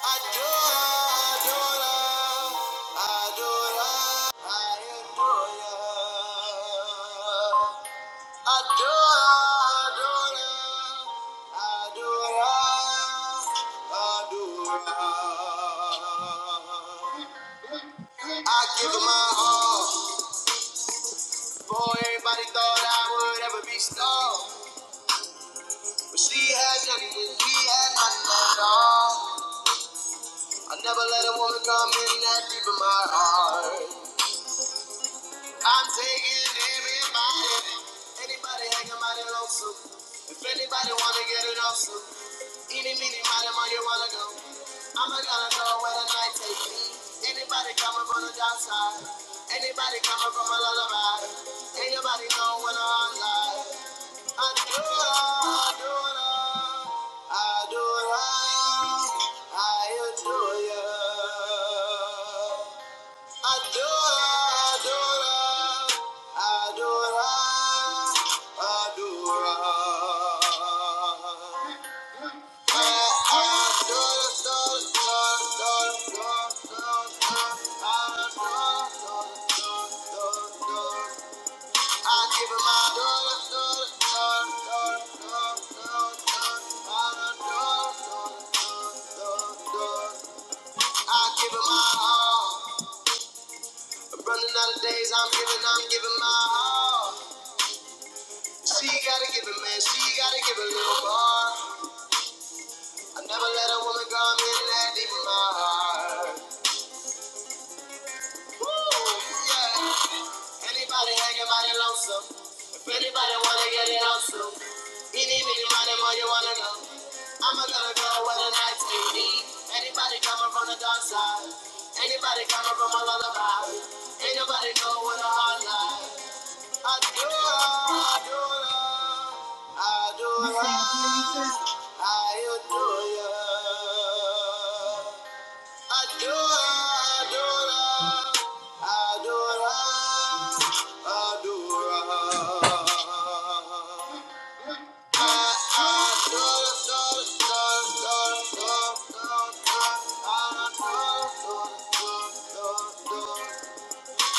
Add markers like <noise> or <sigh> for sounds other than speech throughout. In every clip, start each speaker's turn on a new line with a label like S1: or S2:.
S1: Adora, adora, adora, I adore ya. Adora, adora, adora, adora. I give her my all. Boy, everybody thought I would ever be strong. But she had nothing, and he had nothing at all. I never let a woman come in that deep in my heart. I'm taking everybody. Anybody hanging out in Losu? If anybody wanna get it off so Any meaning, mighty man, you wanna go. I'm not gonna go where the night take me. Anybody coming from the dark side? Anybody coming from a lullaby? Anybody know when I'm live? I do it, all, I do it, all, I do it, all, I adore you. I give it my all. I'm running out of days, I'm giving, I'm giving my all. She gotta give it, man, she gotta give it a little more. I never let a woman go, I'm in that deep in my heart. Woo, yeah. Anybody hanging mighty lonesome. If anybody wanna get it on slow, Any, many, money, more you wanna know. I'ma gonna go where the night take me. Anybody coming from the dark side? Anybody coming from a lullaby? Ain't nobody know what a hard life. Adora,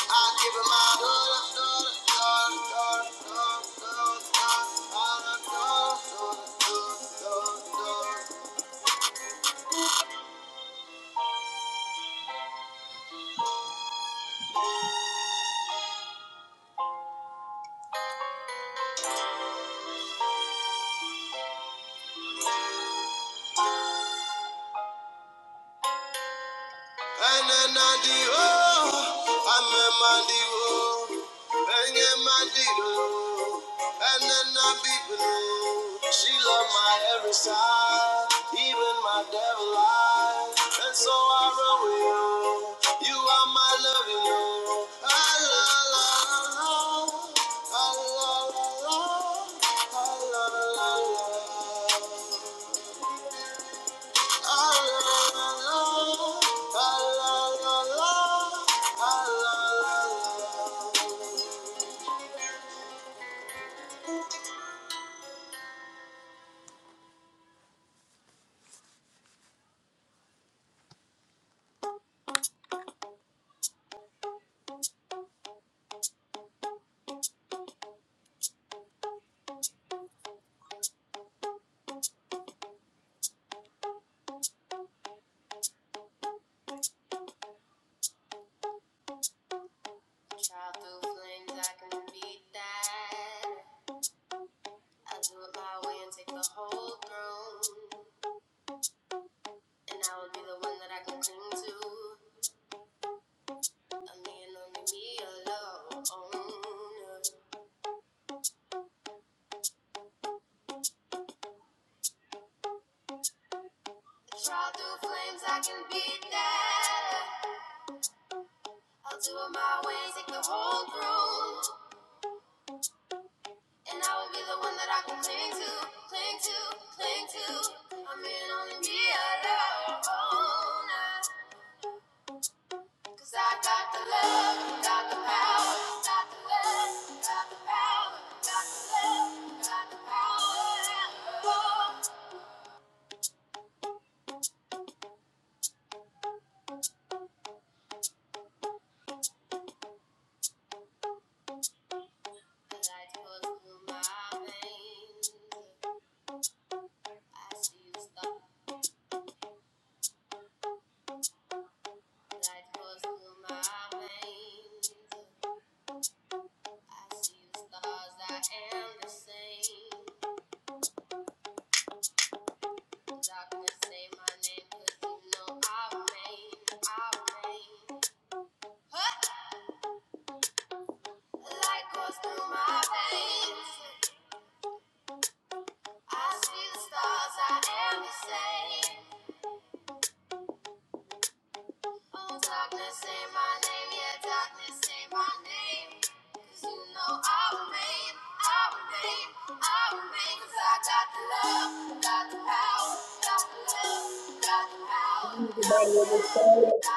S1: I give it my all, Enenadi o, amemadi o, enyemadi o, enenabibne. She loved my every side, even my devil eyes. And so I run with you. You are my loving o. Ah, la, la, la, la. Ah, la, la, la. Ah, la, la, la.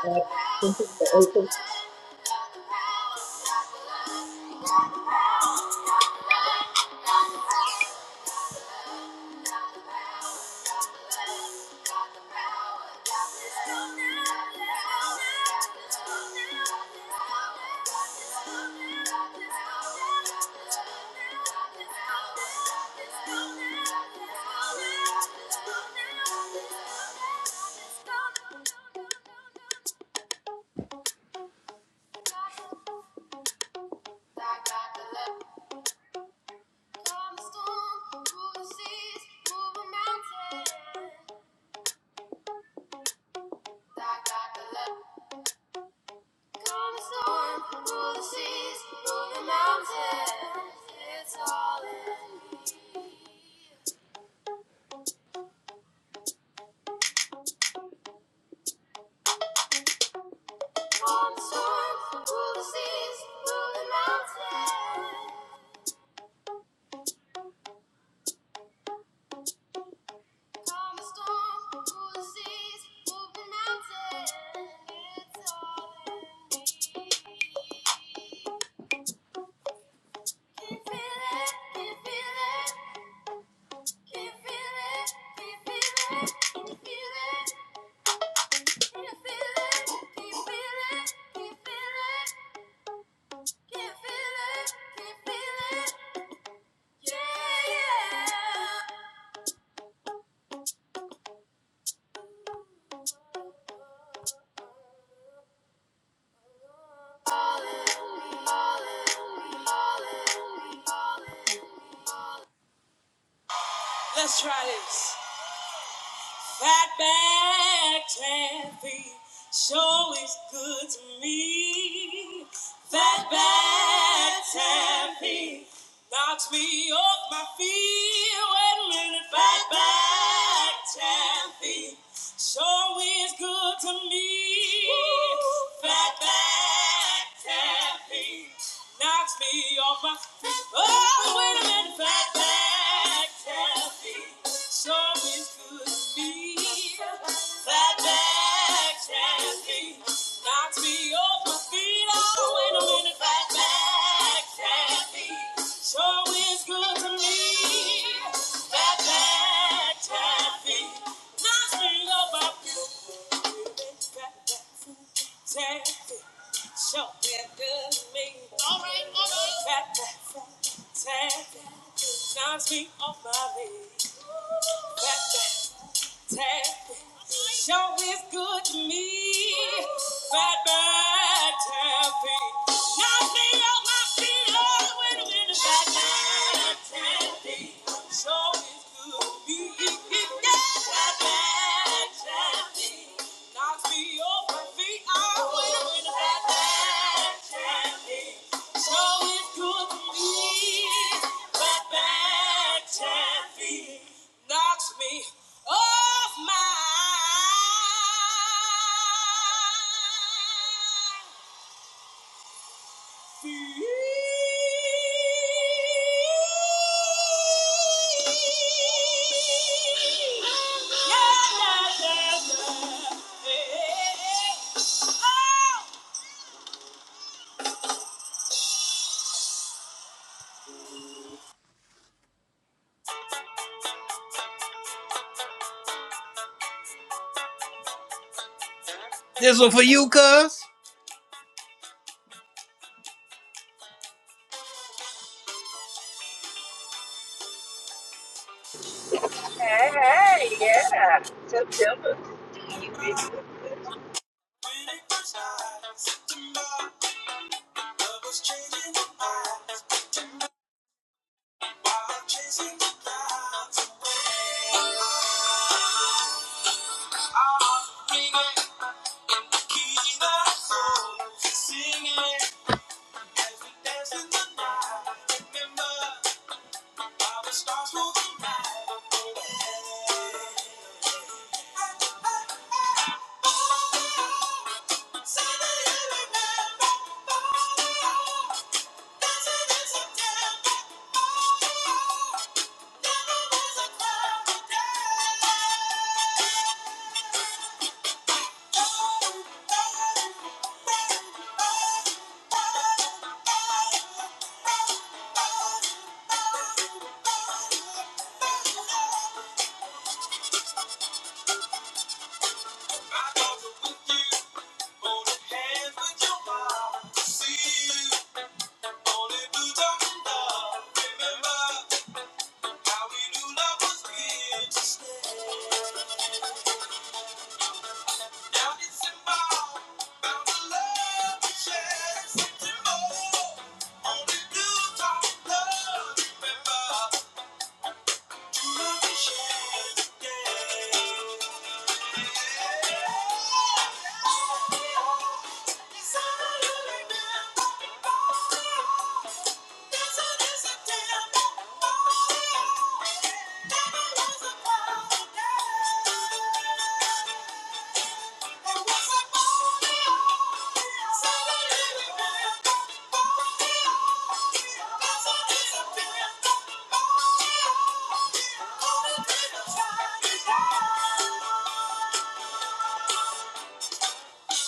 S2: Uh,
S1: Let's try this. That back taffy show is good to me. That knocks me off my feet. Wait a minute, taffy sure is good to me. Taffy Knocks me off my feet. Oh, wait a minute, that back taffy. Knocks me off my feet. Back, back. Show is good to me. Bad, bad taffy. Knock me off my feet. Oh, wait a minute. Bad, bad taffy. Show is good to me. Bad, bad taffy. Knocks me off my feet. Oh, wait a minute. Bad, bad taffy. Show is good to me. Bad, bad taffy knocks me off my feet. This one for you, cuz.
S3: Hey, hey, yeah. September. You big-
S1: Remember how we knew love was real. Yeah.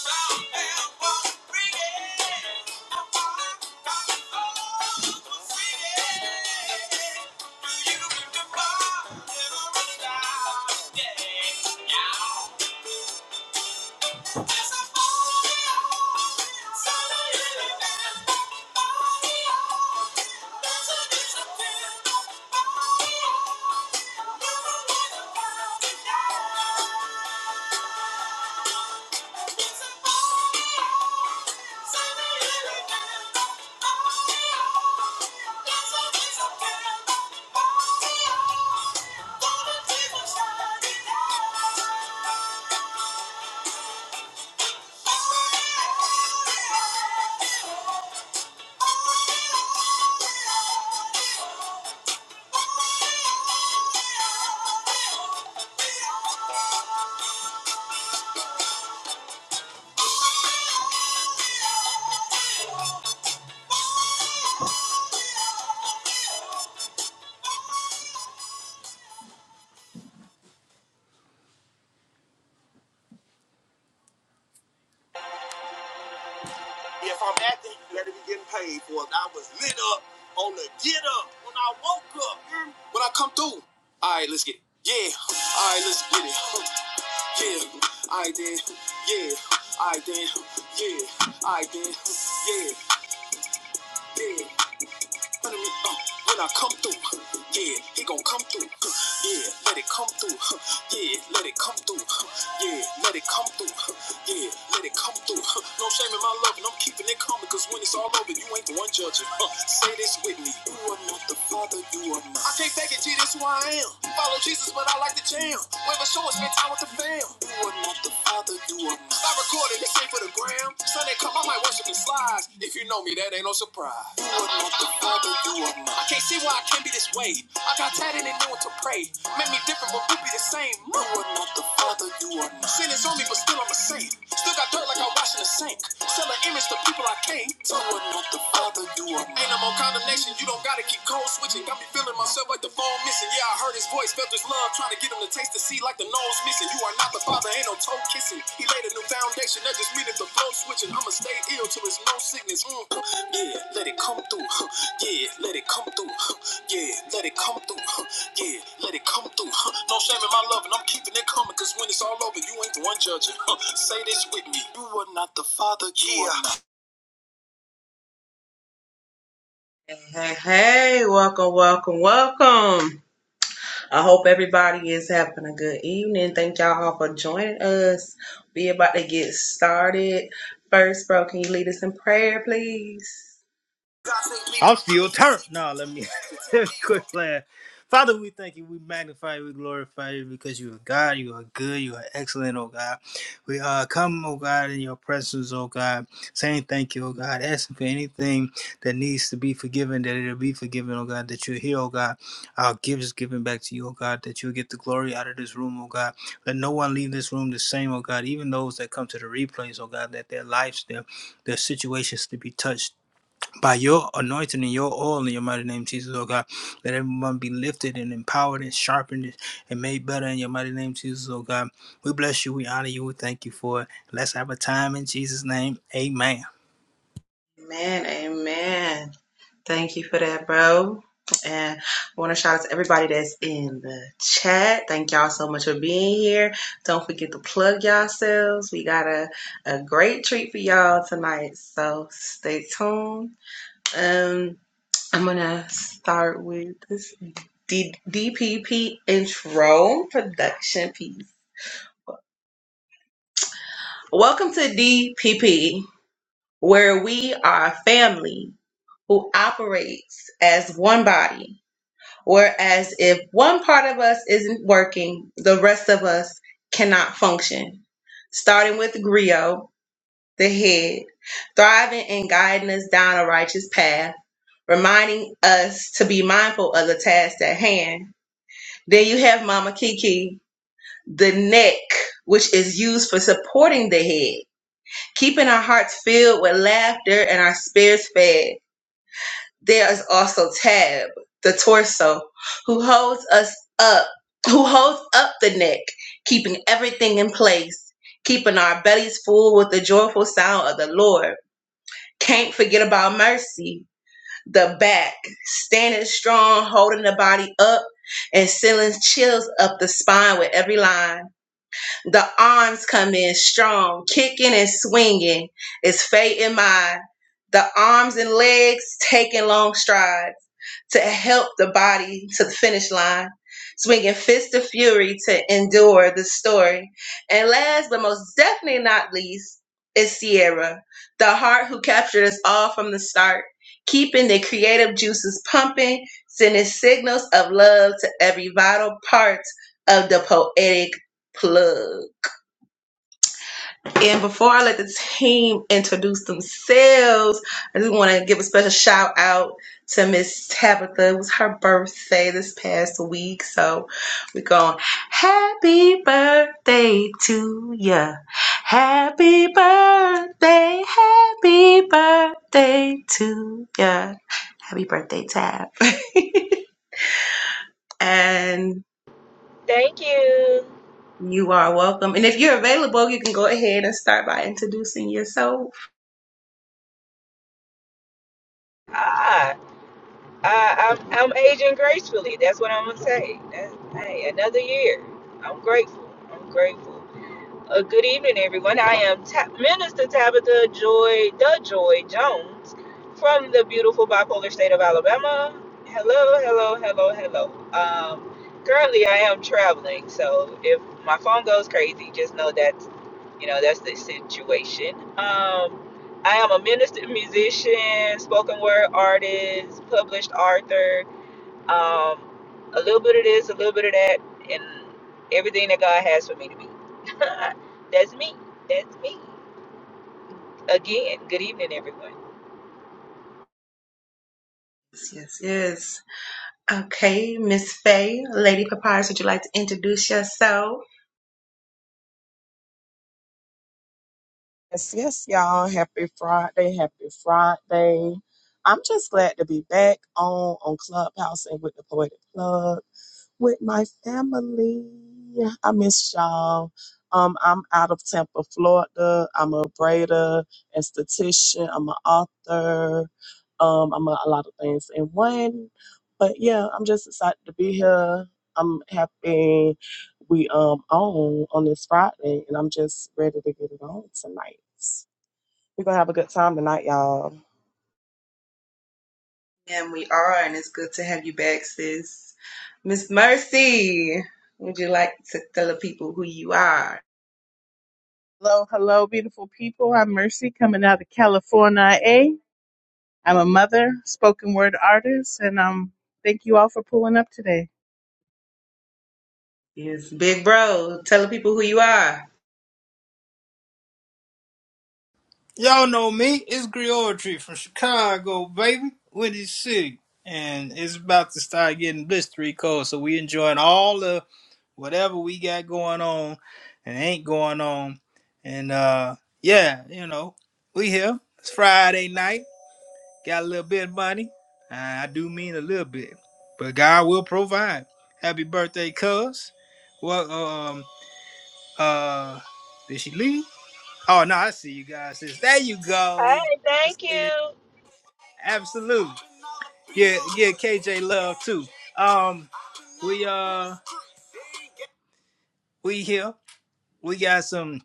S1: Yeah. If I'm acting, you better be getting paid for it. I was lit up on the get up when I woke up. When I come through. All right, let's get it. Yeah. All right, let's get it. Yeah. All right then. Yeah. All right then. Yeah. All right then. Yeah. Yeah. When I, uh, when I come through, huh, yeah, he gon' come through. huh, Yeah, let it come through. huh, Yeah, let it come through. huh, Yeah, let it come through. huh, Yeah, let it come through. huh. No shame in my love, and I'm keeping it coming, cause when it's all over, you ain't the one judging. Uh, say this with me. You are not the father, you are not. I can't fake it, G, that's who I am. Follow Jesus, but I like to jam. Wherever show, I spend time with the fam. You are not the father, you are not, I recorded this shit for the gram. Sunday come, I might worship in slides. If you know me, that ain't no surprise. Wouldn't want the father, you are mine. I can't see why I can't be this way. I got tatted and knew what to pray. Made me different, but we be the same. You are not the father, you are mine. Sin is on me, but still I'm a saint. Still got dirt like I wash in the sink. Sell an image to people I can't. You are not the father, you are mine. Ain't no more condemnation, you don't gotta keep cold switching. Got me feeling myself like the phone missing. Yeah, I heard his voice, felt his love, trying to get him to taste the sea like the nose missing. You are not the father, ain't no toe kissing. He laid a new foundation, that just means the flow switching. I'ma stay ill till it's no sickness. Mm, yeah, let it come through. <laughs> Yeah, let it come through. <laughs> Yeah, let it come through. <laughs> Yeah, let it come through. <laughs> No shame in my love, and I'm keeping it coming, cause when it's all over, you ain't the one judging. <laughs> Say this with me. You are not the father, you yeah. are
S2: Hey, hey, welcome, welcome, welcome. I hope everybody is having a good evening. Thank y'all all for joining us. We about to get started. First, bro, can you lead us in prayer, please?
S1: I'm still turned. No, let me <laughs> let me quit playing. Father, we thank you. We magnify you. We glorify you because you are God. You are good. You are excellent, oh God. We uh, come, oh God, in your presence, oh God, saying thank you, oh God, asking for anything that needs to be forgiven, that it'll be forgiven, oh God, that you're here, oh God. Our gifts given back to you, oh God, that you'll get the glory out of this room, oh God. Let no one leave this room the same, oh God, even those that come to the replays, oh God, that their lives, their, their situations to be touched by your anointing and your oil in your mighty name, Jesus, oh God. Let everyone be lifted and empowered and sharpened and made better in your mighty name, Jesus, oh God. We bless you, we honor you, we thank you for it. Let's have a time in Jesus' name. Amen.
S2: Amen, amen. Thank you for that, bro. And I want to shout out to everybody that's in the chat. Thank y'all so much for being here. Don't forget to plug yourselves. We got a, a great treat for y'all tonight. So stay tuned. Um, I'm going to start with this D- DPP intro production piece. Welcome to DPP, where we are a family who operates as one body Whereas if one part of us isn't working, the rest of us cannot function. Starting with Griot, the head, thriving and guiding us down a righteous path, reminding us to be mindful of the task at hand. Then you have Mama Kiki, the neck, which is used for supporting the head, keeping our hearts filled with laughter and our spirits fed. There is also Tab, the torso, who holds us up, who holds up the neck, keeping everything in place, keeping our bellies full with the joyful sound of the Lord. Can't forget about mercy, the back, standing strong, holding the body up. And sending chills up the spine with every line. The arms come in strong, kicking and swinging. It's fate in mind. The arms and legs taking long strides to help the body to the finish line, swinging fists of fury to endure the story. And last but most definitely not least is Sierra, the heart who captured us all from the start, keeping the creative juices pumping, sending signals of love to every vital part of the poetic plug. And before I let the team introduce themselves, I just want to give a special shout out to Miss Tabitha. It was her birthday this past week. So we're going, Happy birthday to ya. Happy birthday. Happy birthday to ya. Happy birthday, Tab. <laughs> and
S3: Thank you.
S2: you are welcome. And if you're available, you can go ahead and start by introducing yourself.
S3: Ah, I, I'm, I'm aging gracefully. That's what I'm going to say. That- hey, another year. I'm grateful. I'm grateful. Uh, good evening, everyone. I am Ta- Minister Tabitha Joy, the Joy Jones, from the beautiful bipolar state of Alabama. Hello, hello, hello, hello. Um, currently, I am traveling, so if my phone goes crazy, just know that's you know that's the situation. Um, I am a minister, musician, spoken word artist, published author, um, a little bit of this, a little bit of that, and everything that God has for me to be. <laughs> That's me. That's me. Again, good evening, everyone.
S2: Yes, yes. yes. Okay, Miss Faye, Lady Papyrus, would you like to introduce yourself?
S4: Yes, yes, y'all. Happy Friday. Happy Friday. I'm just glad to be back on on Clubhouse and with the Poetic Plug with my family. I miss y'all. Um, I'm out of Tampa, Florida. I'm a braider, esthetician. I'm an author. Um, I'm a, a lot of things in one. But yeah, I'm just excited to be here. I'm happy we um on on this Friday, and I'm just ready to get it on tonight. We're gonna have a good time tonight, y'all.
S2: And we are, and it's good to have you back, sis. Miss Mercy, would you like to tell the people who you are?
S5: Hello, hello, beautiful people. I'm Mercy coming out of California. A. I'm a mother, spoken word artist, and um, thank you all for pulling up today.
S2: Yes, big bro, tell the people who you are.
S1: Y'all know me. It's Griotry from Chicago, baby. Windy City. And it's about to start getting blistery cold. So we enjoying all the whatever we got going on and ain't going on. And uh yeah, you know, we here. It's Friday night. Got a little bit of money. Uh, I do mean a little bit. But God will provide. Happy birthday, cuz. Well um uh did she leave? Oh no, I see you guys. Sis. There you go.
S3: Hi,
S1: I
S3: thank you.
S1: it. Absolute. Yeah, yeah, KJ love too. Um we uh we here. We got some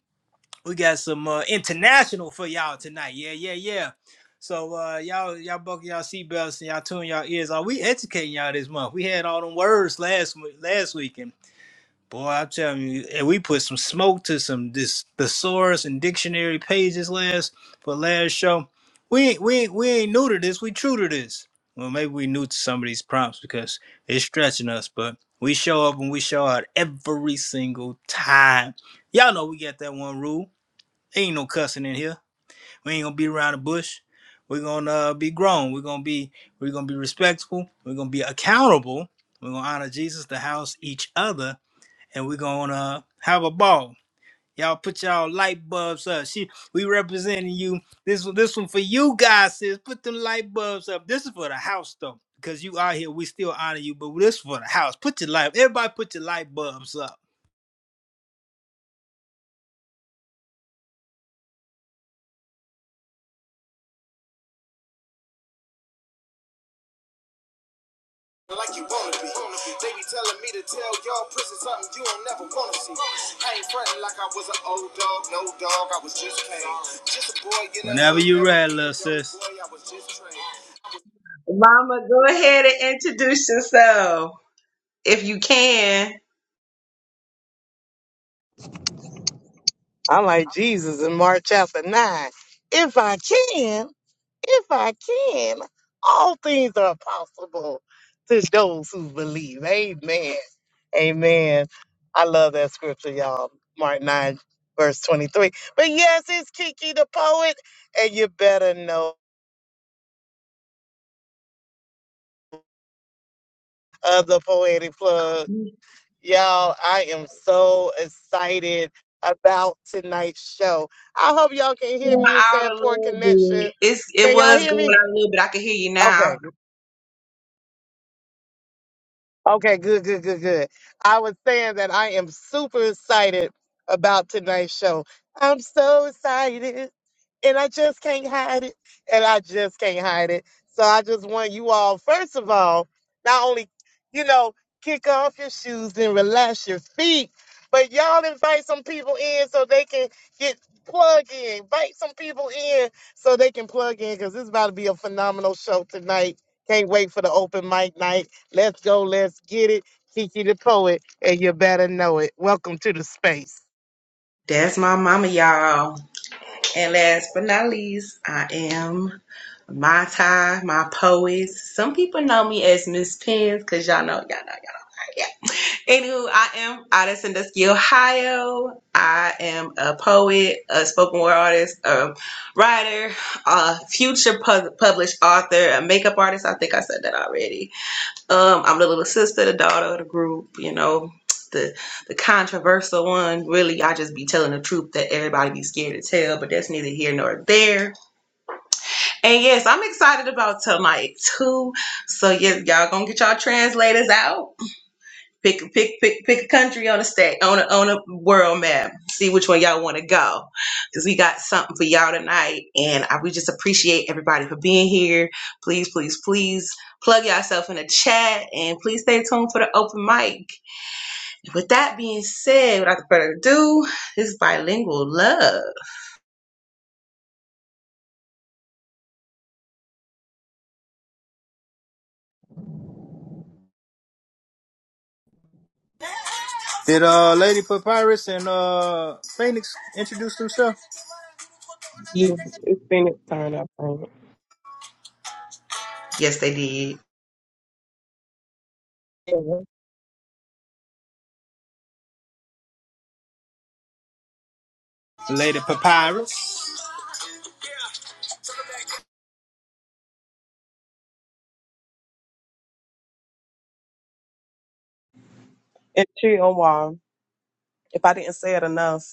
S1: we got some uh international for y'all tonight. Yeah, yeah, yeah. So uh y'all y'all buckle y'all seatbelts and y'all tune y'all ears. Are we educating y'all this month? We had all them words last mo- last week Boy, I'm telling you, and we put some smoke to some this thesaurus and dictionary pages last for last show. We ain't we ain't we ain't new to this. We true to this. Well, maybe we new to some of these prompts because it's stretching us, but we show up and we show out every single time. Y'all know we got that one rule. Ain't no cussing in here. We ain't gonna be around the bush. We're gonna uh, be grown. We're gonna be we're gonna be respectful. We're gonna be accountable. We're gonna honor Jesus, the house, each other and we're gonna uh, have a ball. Y'all put y'all light bulbs up. She, we representing you. This one, this one for you guys, sis. Put them light bulbs up. This is for the house though, because you out here. We still honor you, but this for the house. Put your light. Everybody, put your light bulbs up. Like you wanna be. They be telling me to tell y'all prison something you don't never wanna see. I ain't frontin' like I was an old dog, no dog. I was just came. Just a boy. You know, Whenever you ready, little sis. Boy, I was just trained.
S2: Mama, go ahead and introduce yourself if you can.
S6: I'm like Jesus in Mark chapter nine. If I can, if I can, all things are possible to those who believe. Amen. Amen. I love that scripture, y'all. Mark 9, verse 23. But yes, it's Kiki the poet, and you better know of the poetic plug. Y'all, I am so excited about tonight's show. I hope y'all can hear
S2: going
S6: me. You're
S2: out
S6: saying
S2: a
S6: poor
S2: little bit.
S6: connection.
S2: It's it
S6: Can y'all
S2: was
S6: hear
S2: going
S6: me?
S2: out a little bit. I can hear you now.
S6: Okay. Okay. Good. Good. Good. Good. I was saying that I am super excited about tonight's show. I'm so excited, and I just can't hide it, and I just can't hide it. So I just want you all, first of all, not only you know, kick off your shoes and relax your feet, but y'all invite some people in so they can get plugged in. Invite some people in so they can plug in because this is about to be a phenomenal show tonight. Can't wait for the open mic night. Let's go. Let's get it. Kiki the poet, and you better know it. Welcome to the space.
S2: That's my mama, y'all. And last but not least, I am my tie, my poet. Some people know me as Miss Pence because y'all know, y'all know, y'all know. Yeah. Anywho, I am out of Sandusky, Ohio. I am a poet, a spoken word artist, a writer, a future pu- published author, a makeup artist. I think I said that already um, I'm the little sister, the daughter of the group, you know, the the controversial one. Really, I just be telling the truth that everybody be scared to tell, but that's neither here nor there. And yes, I'm excited about tonight too. So yes, y'all gonna get y'all translators out. Pick pick pick pick a country on a state on a on a world map. See which one y'all want to go, because we got something for y'all tonight. And I we just appreciate everybody for being here. Please please please plug yourself in the chat and please stay tuned for the open mic. With that being said, without further ado, this is bilingual love.
S1: Did uh Lady Papyrus and uh Phoenix introduce themselves?
S6: Yeah.
S4: It's Phoenix turn, I think.
S2: Yes, they did.
S1: Lady Papyrus.
S4: And Chihuahua. If I didn't say it enough,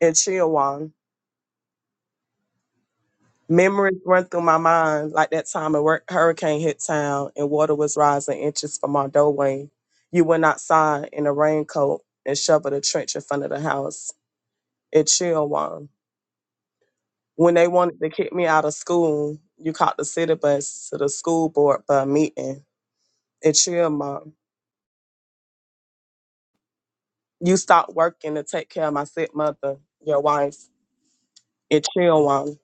S4: and Chihuahua. Memories run through my mind like that time a wor- hurricane hit town and water was rising inches from our doorway. You went outside in a raincoat and shoveled a trench in front of the house. It chilled one. When they wanted to kick me out of school, you caught the city bus to the school board for a meeting. It chilled mom. You stopped working to take care of my sick mother, your wife. It chilled one.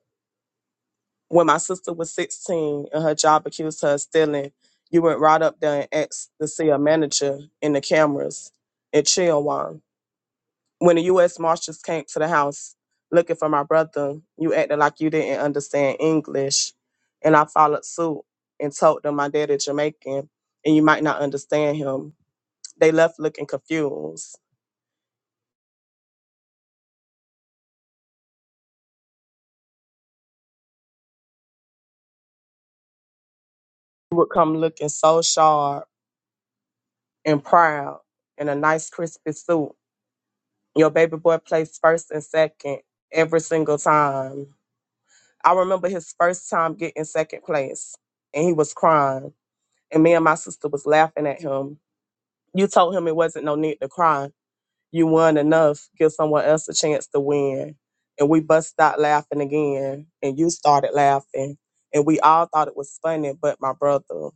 S4: when my sister was 16 and her job accused her of stealing, you went right up there and asked to see a manager in the cameras in Chilwan. When the U.S. Marshals came to the house looking for my brother, you acted like you didn't understand English. And I followed suit and told them my dad is Jamaican and you might not understand him. They left looking confused. You would come looking so sharp and proud in a nice, crispy suit Your baby boy placed first and second every single time. I remember his first time getting second place and he was crying. And me and my sister was laughing at him. You told him it wasn't no need to cry. You won enough. Give someone else a chance to win. And we bust out laughing again. And you started laughing. And we all thought it was funny, but my brother.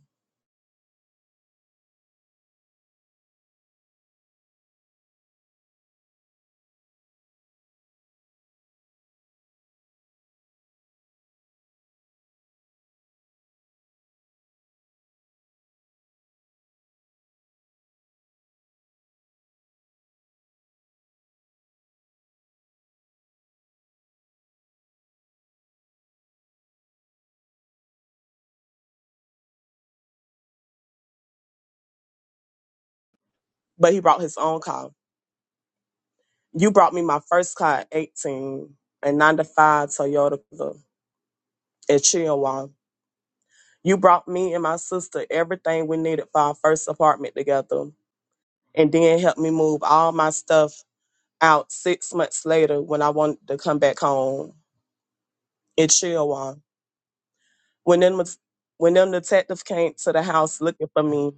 S4: But he brought his own car. You brought me my first car at 18, a 9 to 5 Toyota at Chilliwack You brought me and my sister everything we needed for our first apartment together, and then helped me move all my stuff out six months later when I wanted to come back home in Chilliwack. When them when them detectives came to the house looking for me,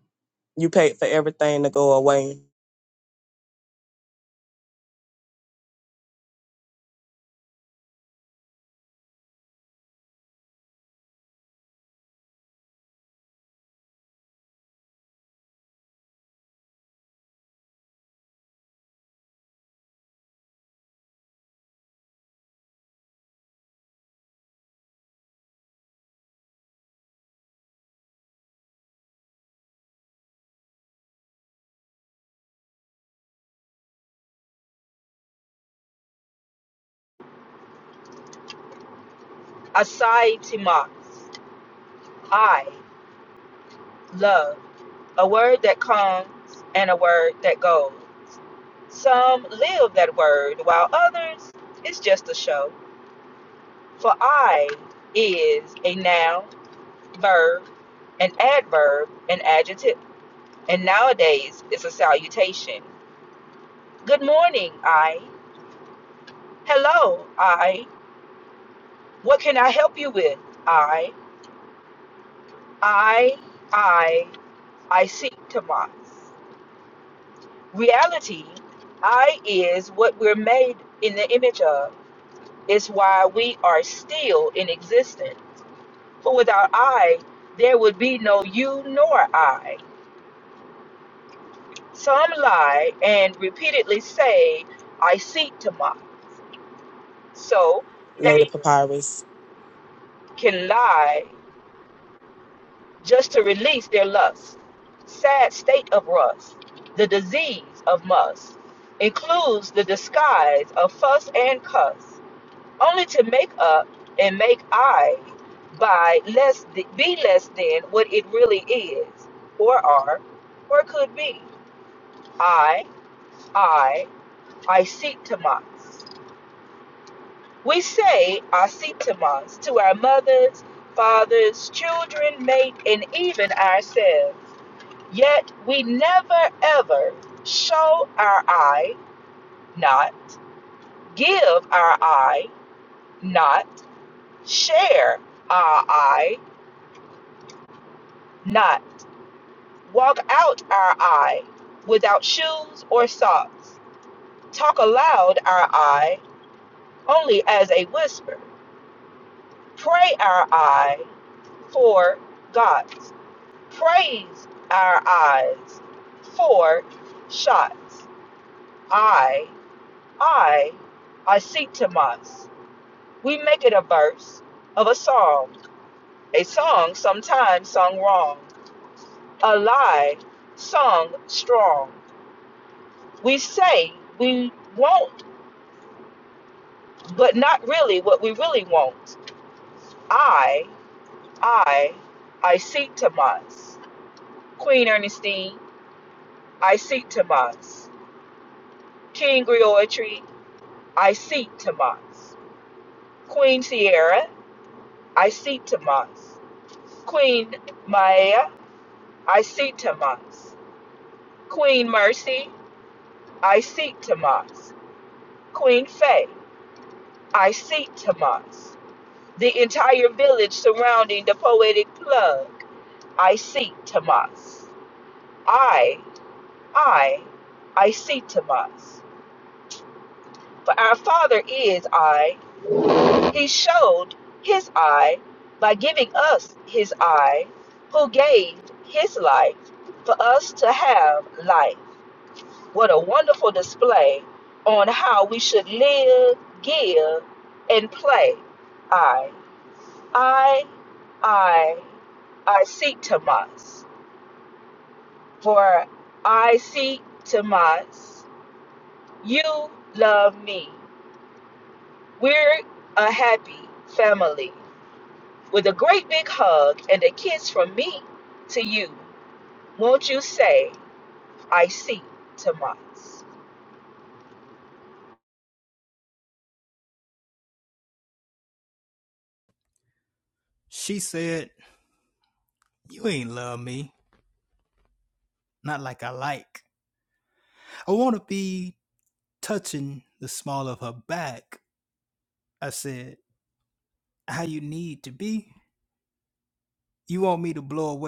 S4: you paid for everything to go away.
S3: Asai Timas. I love. A word that comes and a word that goes. Some live that word, while others, it's just a show. For I is a noun, verb, an adverb, an adjective. And nowadays, it's a salutation. Good morning, I. Hello, I. What can I help you with? I. I. I. I seek Tamas. Reality, I is what we're made in the image of. It's why we are still in existence. For without I, there would be no you nor I. Some lie and repeatedly say, I seek Tamas. So
S4: Lady
S3: they
S4: Papyrus.
S3: can lie just to release their lust. Sad state of rust. The disease of must includes the disguise of fuss and cuss, only to make up and make I by less th- be less than what it really is, or are, or could be. I, I, I seek Tamas. We say I seek Tamas to our mothers, fathers, children, mate, and even ourselves. Yet we never ever show our eye, not give our eye, not share our eye, not walk out our eye without shoes or socks, talk aloud our eye only as a whisper, pray our eye for God's, praise our eyes for shots. I, I, I seek to us. we make it a verse of a song, a song sometimes sung wrong, a lie sung strong. We say we won't, but not really what we really want. I, I, I seek Tomas. Queen Ernestine, I seek Tomas. King Griotry, I seek Tomas. Queen Sierra, I seek Tomas. Queen Maya, I seek Tomas. Queen Mercy, I seek Tamas. Queen Faye, I seek Tamas. The entire village surrounding the poetic plug, I seek Tamas. I, I, I seek Tamas. For our Father is I. He showed his I by giving us his I, who gave his life for us to have life. What a wonderful display on how we should live, give, and play. I, I, I, I seek Tomas. For I seek Tomas. You love me. We're a happy family. With a great big hug and a kiss from me to you, won't you say, I see Tomas?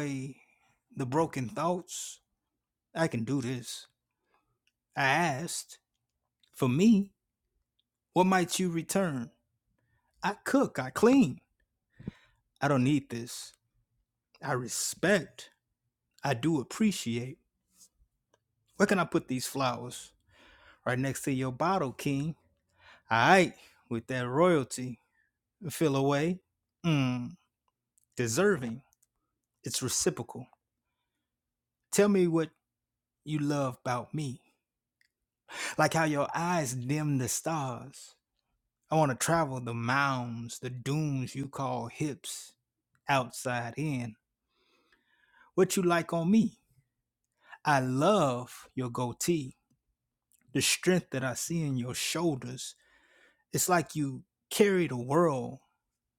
S1: Hey, the broken thoughts. I can do this. I asked, For me, what might you return? I cook, I clean. I don't need this. I respect. I do appreciate. Where can I put these flowers? Right next to your bottle, King. Aight, with that royalty. Feel away. Mmm, deserving. It's reciprocal. Tell me what you love about me. like how your eyes dim the stars. I want to travel the mounds, the dunes you call hips, outside in. What you like on me? I love your goatee, the strength that I see in your shoulders. It's like you carry the world,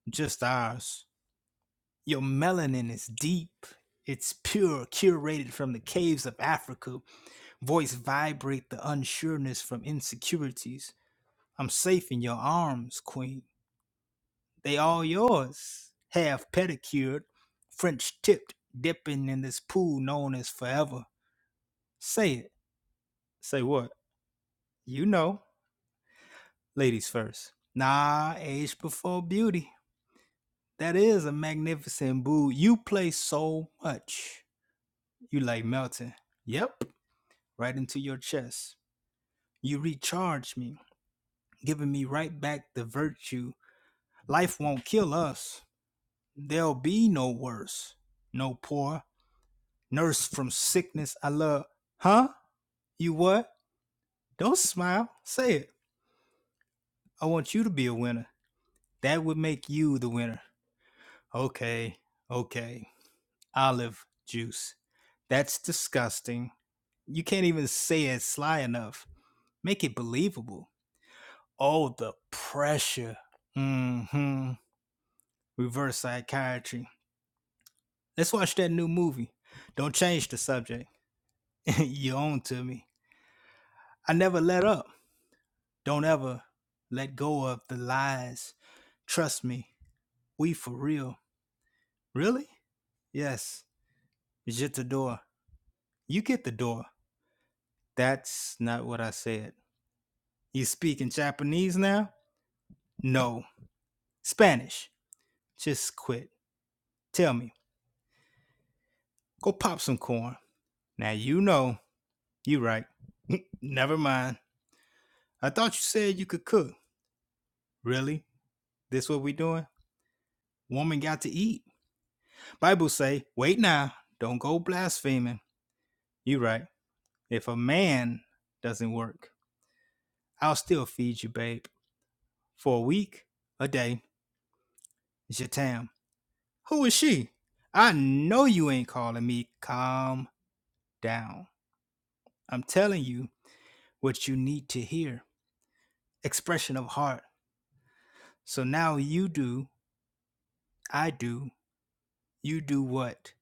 S1: just ours. Your melanin is deep. It's pure, curated from the caves of Africa. Voice vibrate the unsureness from insecurities. I'm safe in your arms, queen. They all yours, half pedicured, French tipped, dipping in this pool known as forever. Say it. Say what? You know. Ladies first. Nah, age before beauty. That is a magnificent boo. You play so much. You like melting. Yep. Right into your chest. You recharge me, giving me right back the virtue. Life won't kill us. There'll be no worse, no poor, nurse from sickness. I love, huh? You what? Don't smile. Say it. I want you to be a winner. That would make you the winner. Okay, okay. Olive juice. That's disgusting. You can't even say it sly enough. Make it believable. Oh, the pressure. Mm hmm. Reverse psychiatry. Let's watch that new movie. Don't change the subject. <laughs> you own to me. I never let up. Don't ever let go of the lies. Trust me, we for real. Really? Yes. Je te door. You get the door. That's not what I said. You speaking Japanese now? No. Spanish. Just quit. Tell me. Go pop some corn. Now you know. You right. <laughs> Never mind. I thought you said you could cook. Really? This what we doing? Woman got to eat. Bible say, wait now. Don't go blaspheming. You right. If a man doesn't work, I'll still feed you, babe, for a week, a day. It's your time. Who is she? I know you ain't calling me. Calm down. I'm telling you what you need to hear. Expression of heart. So now you do, I do, you do what?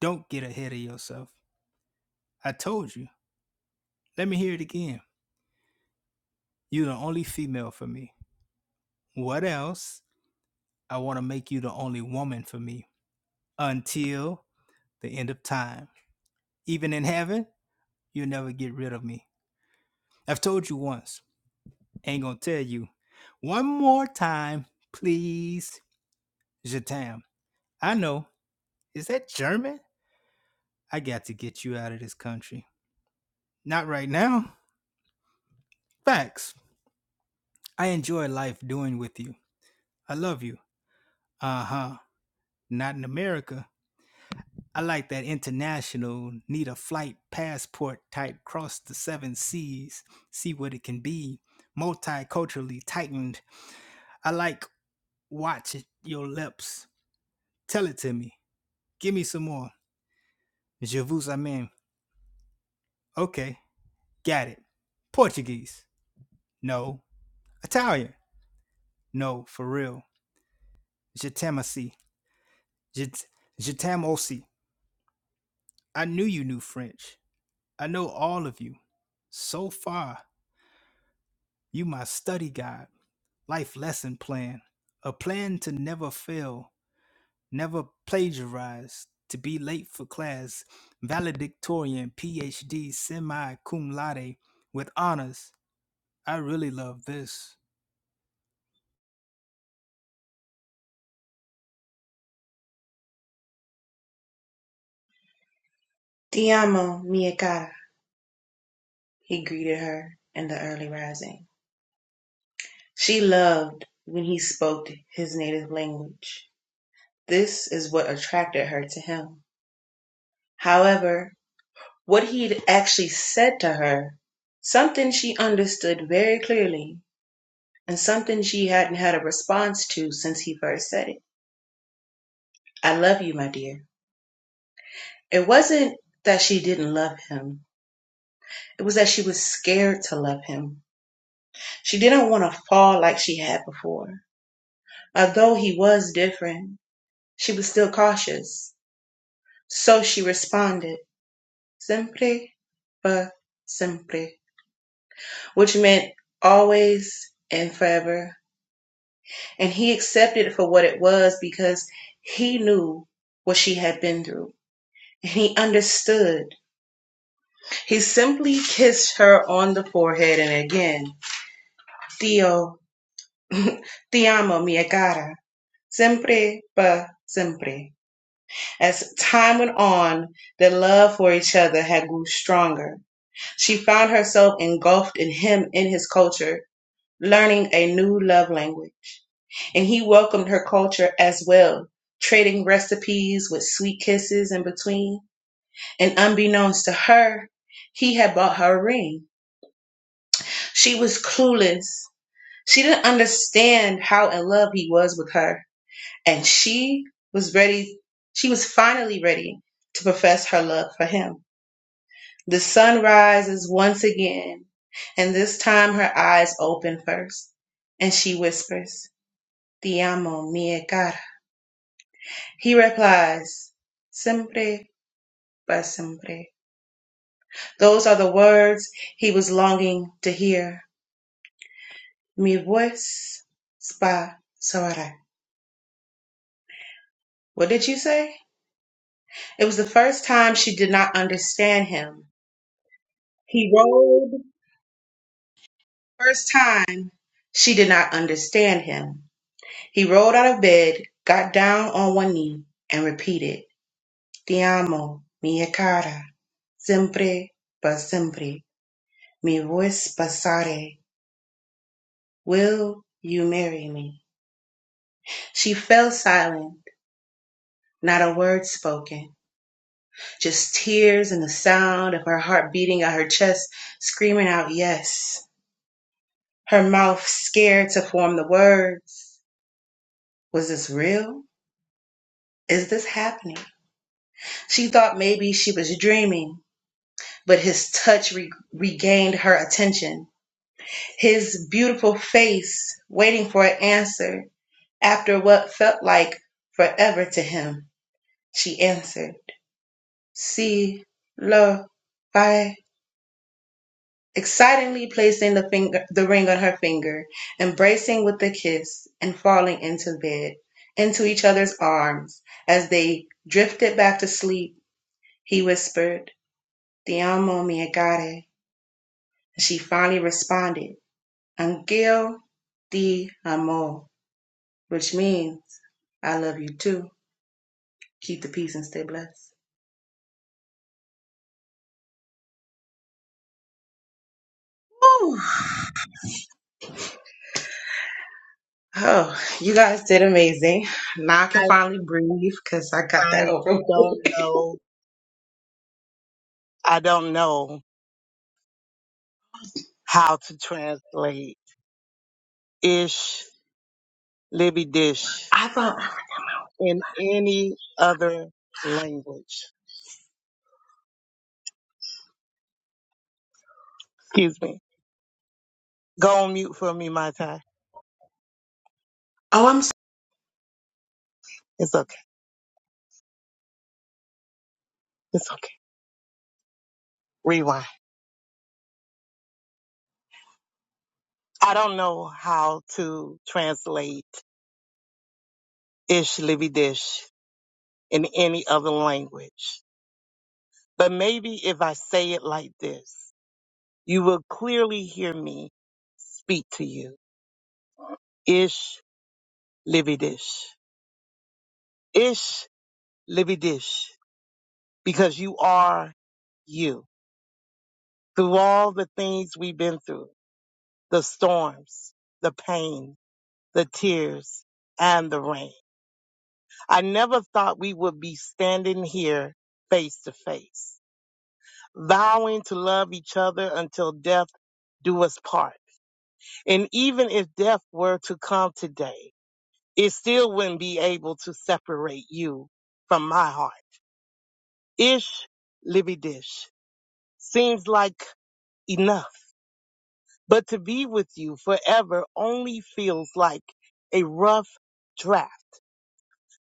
S1: Don't get ahead of yourself. I told you. Let me hear it again. You're the only female for me. What else? I want to make you the only woman for me until the end of time. Even in heaven, you'll never get rid of me. I've told you once, ain't gonna tell you. One more time, please. Jatam. I know. Is that German? I got to get you out of this country. Not right now. Facts. I enjoy life doing with you. I love you. Uh huh. Not in America. I like that international, need a flight passport type, cross the seven seas, see what it can be, multiculturally tightened. I like Watch your lips. Tell it to me. Give me some more. Je vous amène. Okay, got it. Portuguese. No. Italian. No, for real. Je t'aime aussi. Je, je t'aime aussi. I knew you knew French. I know all of you. So far, you my study guide, life lesson plan, a plan to never fail. never plagiarized. to be late for class, valedictorian, PhD, semi cum laude, with honors. I really love this.
S2: Ti amo, mia cara. He greeted her in the early rising. She loved when he spoke his native language. This is what attracted her to him. However, what he'd actually said to her, something she understood very clearly, and something she hadn't had a response to since he first said it I love you, my dear. It wasn't that she didn't love him, it was that she was scared to love him. She didn't want to fall like she had before. Although he was different, she was still cautious. So she responded, Simple, but siempre." which meant always and forever. And he accepted it for what it was because he knew what she had been through. And he understood. He simply kissed her on the forehead and again, Tio, ti amo, mia cara, siempre pa siempre. As time went on, their love for each other had grew stronger. She found herself engulfed in him in his culture, learning a new love language. and he welcomed her culture as well, trading recipes with sweet kisses in between. And unbeknownst to her, he had bought her a ring. She was clueless. She didn't understand how in love he was with her. And she was ready, she was finally ready to profess her love for him. The sun rises once again, and this time her eyes open first, and she whispers, Ti amo, mia cara." He replies, Siempre pa siempre. Those are the words he was longing to hear. Mi voz pa soará. What did you say? It was the first time she did not understand him. He rolled. First time she did not understand him. He rolled out of bed, got down on one knee, and repeated, Te amo, mia cara, siempre pa siempre. Mi voz pasare. Will you marry me? She fell silent, not a word spoken, just tears and the sound of her heart beating at her chest, screaming out yes. Her mouth scared to form the words. Was this real? Is this happening? She thought maybe she was dreaming, but his touch re- regained her attention. His beautiful face waiting for an answer after what felt like forever to him. She answered. See lo, by excitingly placing the finger, the ring on her finger, embracing with a kiss, and falling into bed, into each other's arms, as they drifted back to sleep. He whispered, "Ti amo, mi agare," she finally responded, "Angel ti amo," which means, "I love you too." Keep the peace and stay blessed. Woo! Oh, you guys did amazing. Now I can
S7: I,
S2: finally breathe because I got that
S7: I
S2: over. with.
S7: don't know. I don't know how to translate ish, Libby dish
S2: I thought,
S7: in any other language. Excuse me. Go on mute for me, my time.
S2: oh, I'm so-
S7: It's okay. It's okay. Rewind. I don't know how to translate ish, Libby dish in any other language. But maybe if I say it like this, you will clearly hear me speak to you. Ish, Libby dish. Ish Libidish, because you are you. Through all the things we've been through, the storms, the pain, the tears, and the rain. I never thought we would be standing here face to face, vowing to love each other until death do us part. And even if death were to come today, it still wouldn't be able to separate you from my heart. Ish Libidish. Seems like enough. But to be with you forever only feels like a rough draft,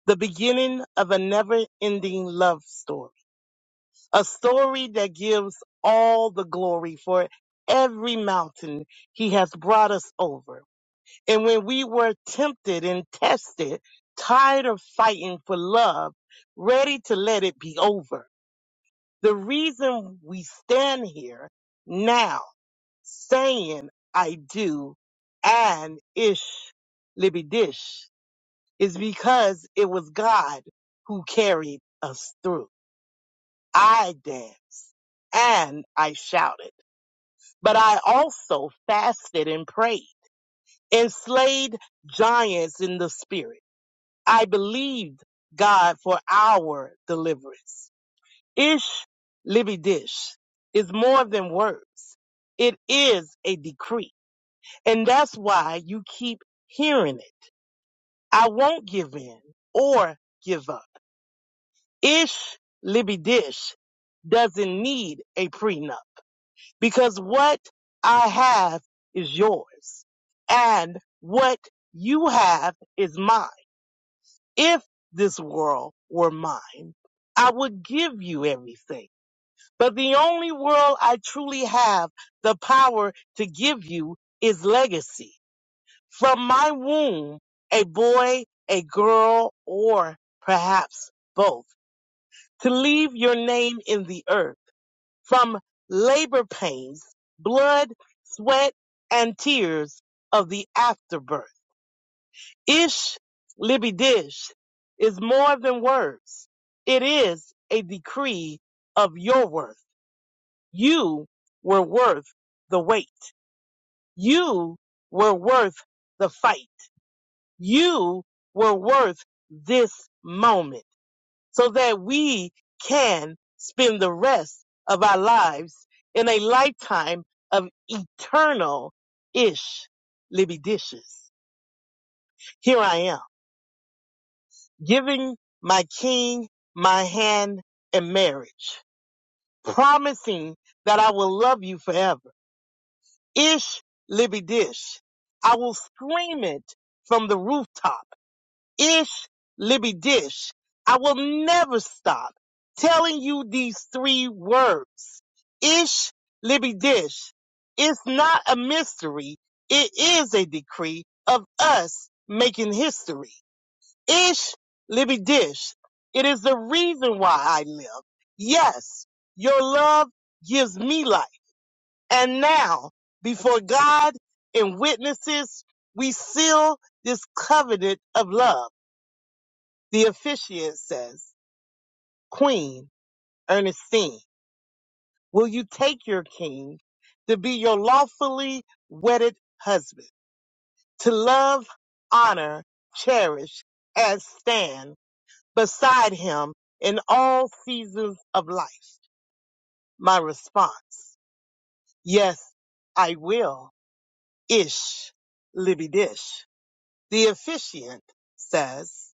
S7: the beginning of a never ending love story, a story that gives all the glory for every mountain he has brought us over. And when we were tempted and tested, tired of fighting for love, ready to let it be over, the reason we stand here now saying I do and ish libby dish is because it was God who carried us through. I danced and I shouted, but I also fasted and prayed and slayed giants in the spirit. I believed God for our deliverance. Ish libby dish is more than words. It is a decree And that's why you keep hearing it. I won't give in or give up. Ish Libby Dish doesn't need a prenup because what I have is yours and what you have is mine. If this world were mine, I would give you everything. But the only world I truly have the power to give you is legacy From my womb, a boy, a girl, or perhaps both, to leave your name in the earth. From labor pains, blood, sweat, and tears of the afterbirth. Ish, Libby Dish, is more than words. It is a decree of your worth. You were worth the wait. You were worth the fight. You were worth this moment so that we can spend the rest of our lives in a lifetime of eternal ish libidishes. Here I am giving my king my hand in marriage, promising that I will love you forever. Ish libidish. I will scream it from the rooftops Ish Libby Dish. I will never stop telling you these three words. Ish Libby Dish. It's not a mystery. It is a decree of us making history. Ish Libby Dish. It is the reason why I live. Yes, your love gives me life. And now, before God and witnesses, we seal this covenant of love. The officiant says, Queen Ernestine, will you take your king to be your lawfully wedded husband, to love, honor, cherish, and stand beside him in all seasons of life? My response, yes, I will. Ish, Libby Dish. The officiant says,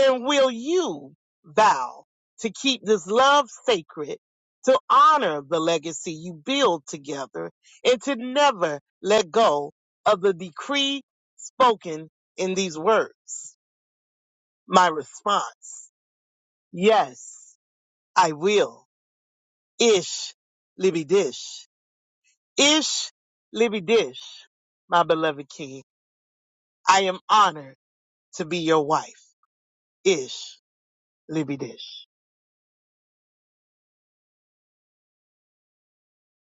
S7: And will you vow to keep this love sacred, to honor the legacy you build together, and to never let go of the decree spoken in these words? My response, yes, I will. Ish, Libby Dish. Ish, Libby Dish, my beloved king. I am honored to be your wife. Ish, Libby Dish.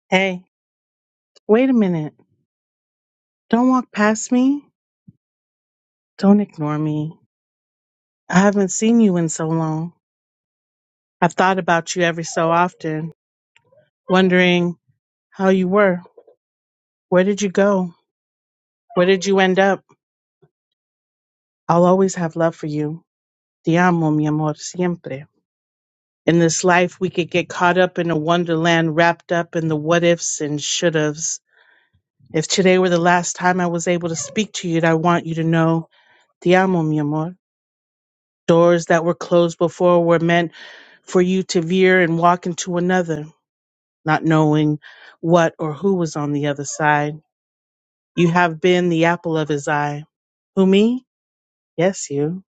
S5: Hey, wait a minute. Don't walk past me. Don't ignore me. I haven't seen you in so long. I've thought about you every so often, wondering how you were. Where did you go? Where did you end up? I'll always have love for you. Te amo, mi amor, siempre. In this life, we could get caught up in a wonderland wrapped up in the what ifs and should haves. If today were the last time I was able to speak to you, I want you to know, te amo, mi amor. Doors that were closed before were meant for you to veer and walk into another, not knowing what or who was on the other side. You have been the apple of his eye. Who, me? Yes, you.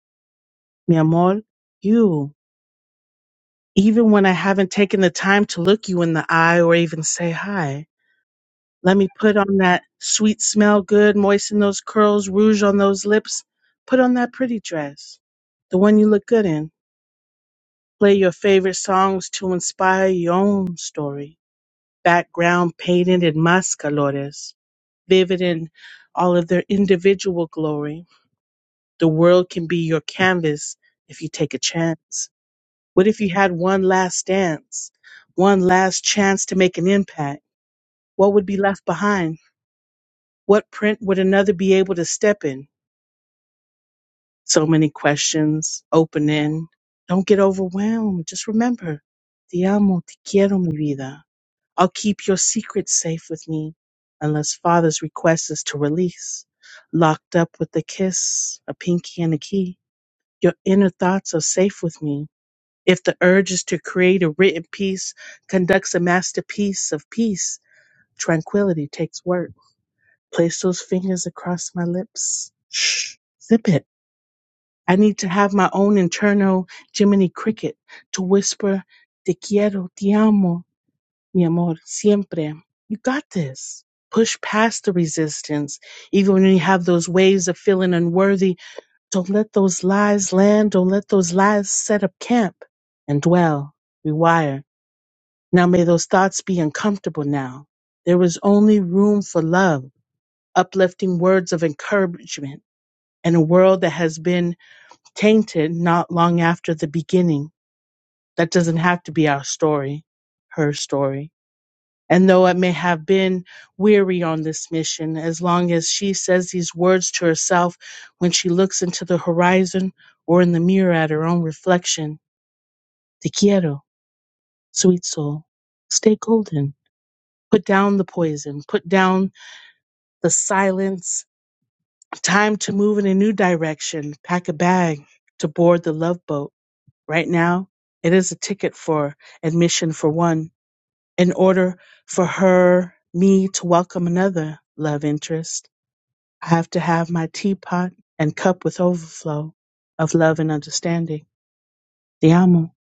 S5: Mi amor, you. Even when I haven't taken the time to look you in the eye or even say hi. Let me put on that sweet smell good, moisten those curls, rouge on those lips. Put on that pretty dress, the one you look good in. Play your favorite songs to inspire your own story. Background painted in mascalores, vivid in all of their individual glory. The world can be your canvas if you take a chance. What if you had one last dance, one last chance to make an impact? What would be left behind? What print would another be able to step in? so many questions, opening. Don't get overwhelmed. Just remember, te amo, te quiero, mi vida. I'll keep your secret safe with me unless father's request is to release. Locked up with a kiss, a pinky, and a key. Your inner thoughts are safe with me. If the urge is to create a written piece, conducts a masterpiece of peace, tranquility takes work. Place those fingers across my lips. Shh, zip it. I need to have my own internal Jiminy Cricket to whisper, Te quiero, te amo, mi amor, siempre. You got this. Push past the resistance. Even when you have those waves of feeling unworthy, don't let those lies land. Don't let those lies set up camp and dwell, rewire. Now may those thoughts be uncomfortable now. There is only room for love, uplifting words of encouragement, and a world that has been tainted not long after the beginning. That doesn't have to be our story, her story. And though it may have been weary on this mission, as long as she says these words to herself when she looks into the horizon or in the mirror at her own reflection, te quiero, sweet soul, stay golden. Put down the poison, put down the silence. Time to move in a new direction, pack a bag to board the love boat Right now, it is a ticket for admission for one in order for her, me to welcome another love interest. I have to have my teapot and cup with overflow of love and understanding. The amo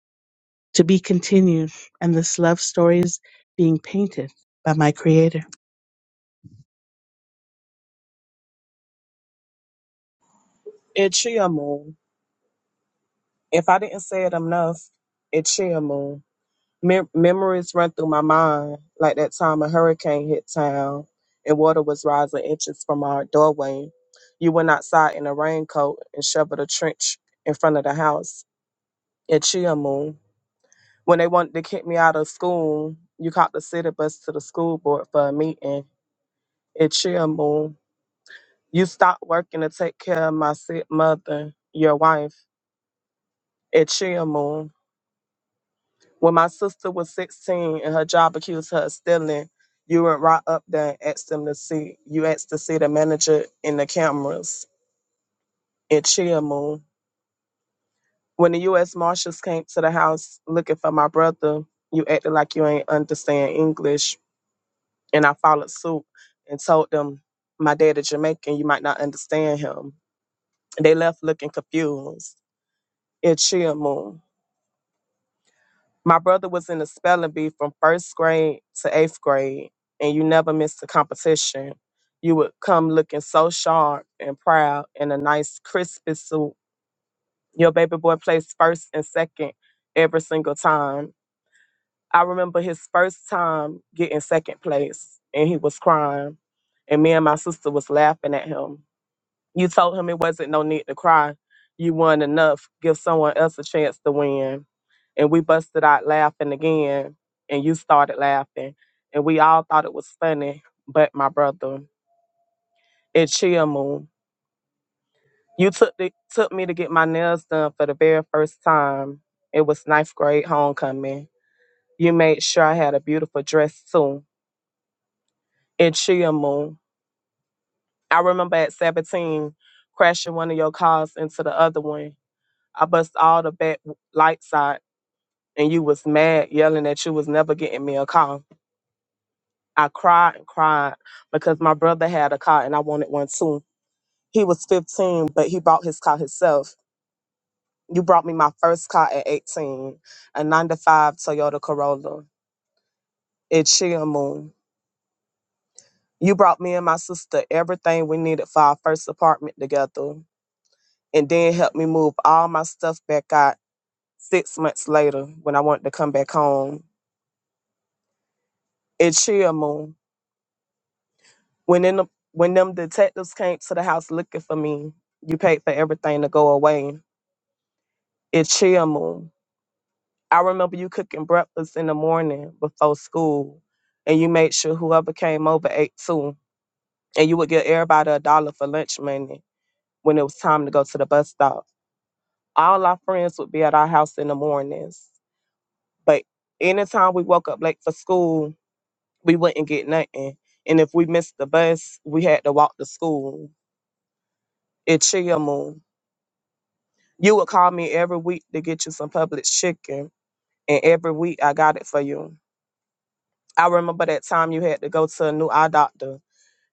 S5: to be continued. And this love story is being painted by my creator.
S4: It chill moon. If I didn't say it enough, it chill moon. mem- memories run through my mind, like that time a hurricane hit town and water was rising inches from our doorway. You went outside in a raincoat and shoveled a trench in front of the house at Chia Moon. When they wanted to kick me out of school, you caught the city bus to the school board for a meeting at Chia Moon. You stopped working to take care of my sick mother, your wife, at Chia Moon. When my sister was 16 and her job accused her of stealing, you went right up there and asked them to see. You asked to see the manager in the cameras in Chia Moon. When the U.S. Marshals came to the house looking for my brother, you acted like you ain't understand English, and I followed suit and told them my dad is Jamaican. You might not understand him. They left looking confused. in Chia Moon. My brother was in the spelling bee from first grade to eighth grade, and you never missed a competition. You would come looking so sharp and proud in a nice, crisp suit. Your baby boy placed first and second every single time. I remember his first time getting second place, and he was crying, and me and my sister was laughing at him. You told him it wasn't no need to cry. You won enough. Give someone else a chance to win. And we busted out laughing again. And you started laughing. And we all thought it was funny, but my brother. It chill moon. You took the, took me to get my nails done for the very first time. It was ninth grade homecoming. You made sure I had a beautiful dress too. It chill moon. I remember at 17 crashing one of your cars into the other one I bust all the back lights out and you was mad yelling that you was never getting me a car. I cried and cried because my brother had a car and I wanted one too. He was 15, but he bought his car himself. You brought me my first car at 18, a 9 to 5 Toyota Corolla. It chill moon. You brought me and my sister everything we needed for our first apartment together and then helped me move all my stuff back out six months later when I wanted to come back home. It chill moon. When in the, when them detectives came to the house looking for me, you paid for everything to go away. It's chill moon. I remember you cooking breakfast in the morning before school, and you made sure whoever came over ate too, and you would give everybody a dollar for lunch money when it was time to go to the bus stop. All our friends would be at our house in the mornings, but anytime we woke up late for school, we wouldn't get nothing. And if we missed the bus, we had to walk to school. It's chill moon. You would call me every week to get you some Publix chicken, and every week I got it for you. I remember that time you had to go to a new eye doctor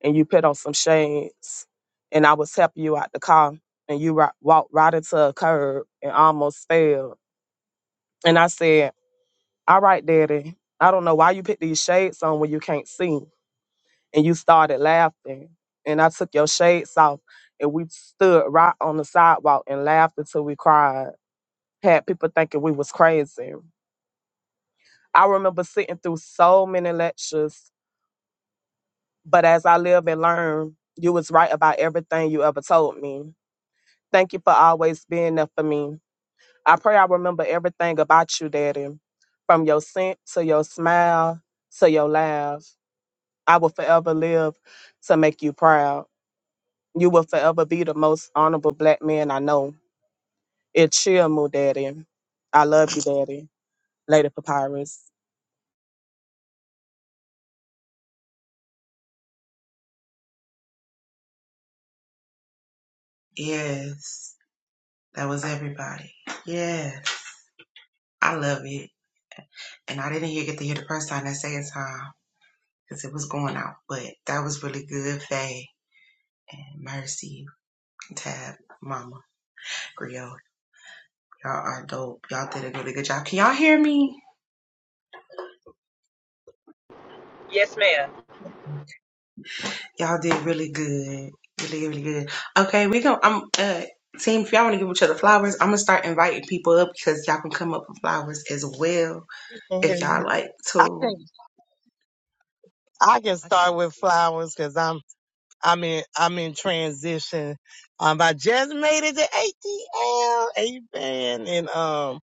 S4: and you put on some shades, and I was helping you out the car, and you ri- walked right into a curb and almost fell. And I said, All right, Daddy, I don't know why you put these shades on when you can't see. And you started laughing, and I took your shades off, and we stood right on the sidewalk and laughed until we cried. Had people thinking we was crazy. I remember sitting through so many lectures, but as I live and learn, you was right about everything you ever told me. Thank you for always being there for me. I pray I remember everything about you, Daddy, from your scent to your smile to your laugh. I will forever live to make you proud. You will forever be the most honorable black man I know. It chill me, Daddy. I love you, Daddy. Lady Papyrus.
S2: yes, that was everybody. Yes, I love it. And I didn't hear get to hear the first time that second time because it was going out, but that was really good. Faye and Mercy, Tab, Mama, Griot, y'all are dope. Y'all did a really good job. Can y'all hear me?
S3: Yes, ma'am.
S2: Y'all did really good. Really, really good. Okay, we go. I'm uh team, if y'all wanna give each other flowers, I'm gonna start inviting people up because y'all can come up with flowers as well
S7: I Can hear
S2: if y'all
S7: you.
S2: like
S7: I can
S2: to.
S7: I can start with flowers because I'm I'm in I'm in transition. Um, I just made it to ATL, amen, and um,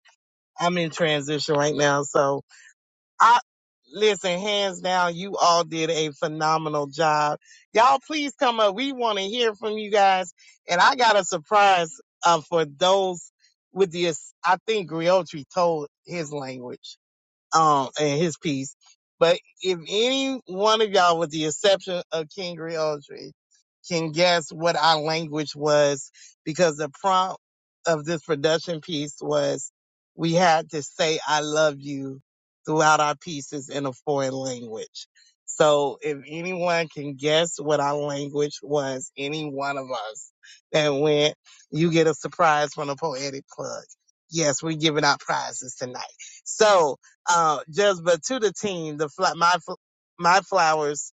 S7: I'm in transition right now. So I listen, hands down, you all did a phenomenal job. Y'all, please come up. We want to hear from you guys, and I got a surprise uh, for those with the. I think Griotri told his language um, and his piece. But if any one of y'all, with the exception of King Griotry, can guess what our language was, because the prompt of this production piece was we had to say "I love you" throughout our pieces in a foreign language. So if anyone can guess what our language was, any one of us that went, you get a surprise from the poetic plug. Yes, we're giving out prizes tonight. So uh, just but to the team, the fl- my fl- my flowers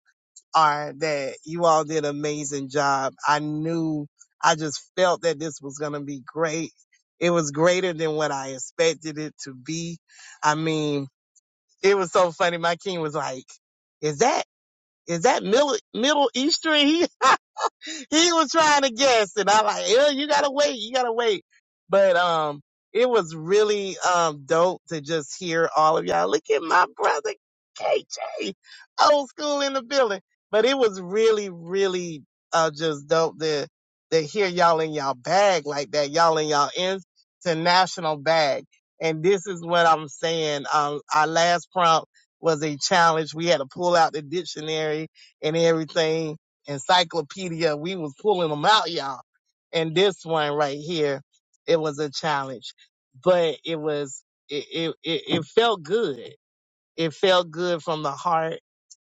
S7: are that you all did an amazing job. I knew, I just felt that this was gonna be great. It was greater than what I expected it to be. I mean, it was so funny. My king was like, "Is that is that middle Middle Eastern?" <laughs> he was trying to guess, and I'm like, "Ew, you gotta wait, you gotta wait. But um, it was really um dope to just hear all of y'all. Look at my brother KJ, old school in the building. But it was really, really uh just dope to to hear y'all in y'all bag like that, y'all in y'all international bag. And this is what I'm saying. Um, our last prompt was a challenge. We had to pull out the dictionary and everything encyclopedia. We was pulling them out, y'all. And this one right here, it was a challenge, but it was it it it, it felt good. It felt good from the heart,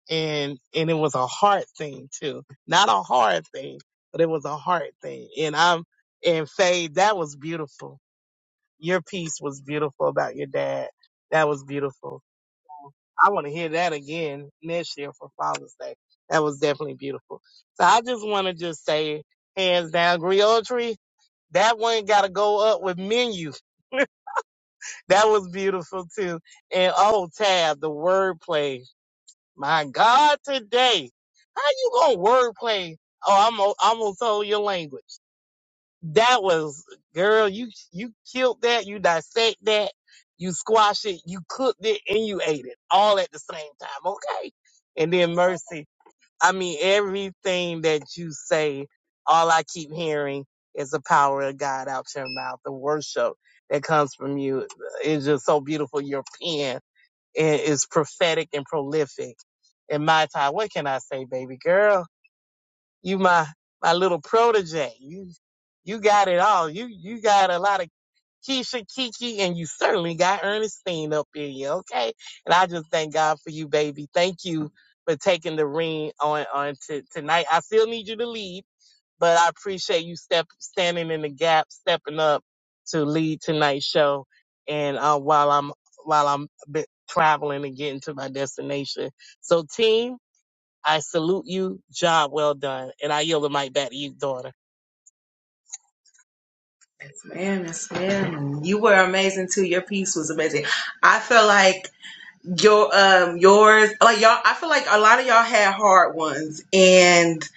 S7: and and it was a heart thing too, not a hard thing, but it was a heart thing. And I'm and Faye, that was beautiful. Your piece was beautiful about your dad. That was beautiful. I want to hear that again next year for Father's Day. That was definitely beautiful. So I just want to just say, hands down, Griotry, that one got to go up with menu. <laughs> that was beautiful too. And oh, Tab, the wordplay. My God, today, how you gonna wordplay? Oh, I'm o- I almost told your language. That was, girl, you, you killed that, you dissect that, you squash it, you cooked it, and you ate it all at the same time. Okay. And then mercy. I mean, everything that you say, all I keep hearing is the power of God out your mouth, the worship that comes from you. is just so beautiful. Your pen i- is prophetic and prolific. And my time, what can I say, baby girl? you my my little protege. You you got it all. You you got a lot of Keisha Kiki and you certainly got Ernestine up in you, okay? And I just thank God for you, baby. Thank you for taking the ring on on to tonight. I still need you to lead, but I appreciate you step standing in the gap, stepping up to lead tonight's show. And uh, while I'm while I'm b- traveling and getting to my destination, so team. I salute you. Job well done. And I yield the mic back to you, daughter.
S2: Yes, ma'am, yes, ma'am. You were amazing too. Your piece was amazing. I feel like your um yours like y'all i feel like a lot of y'all had hard ones and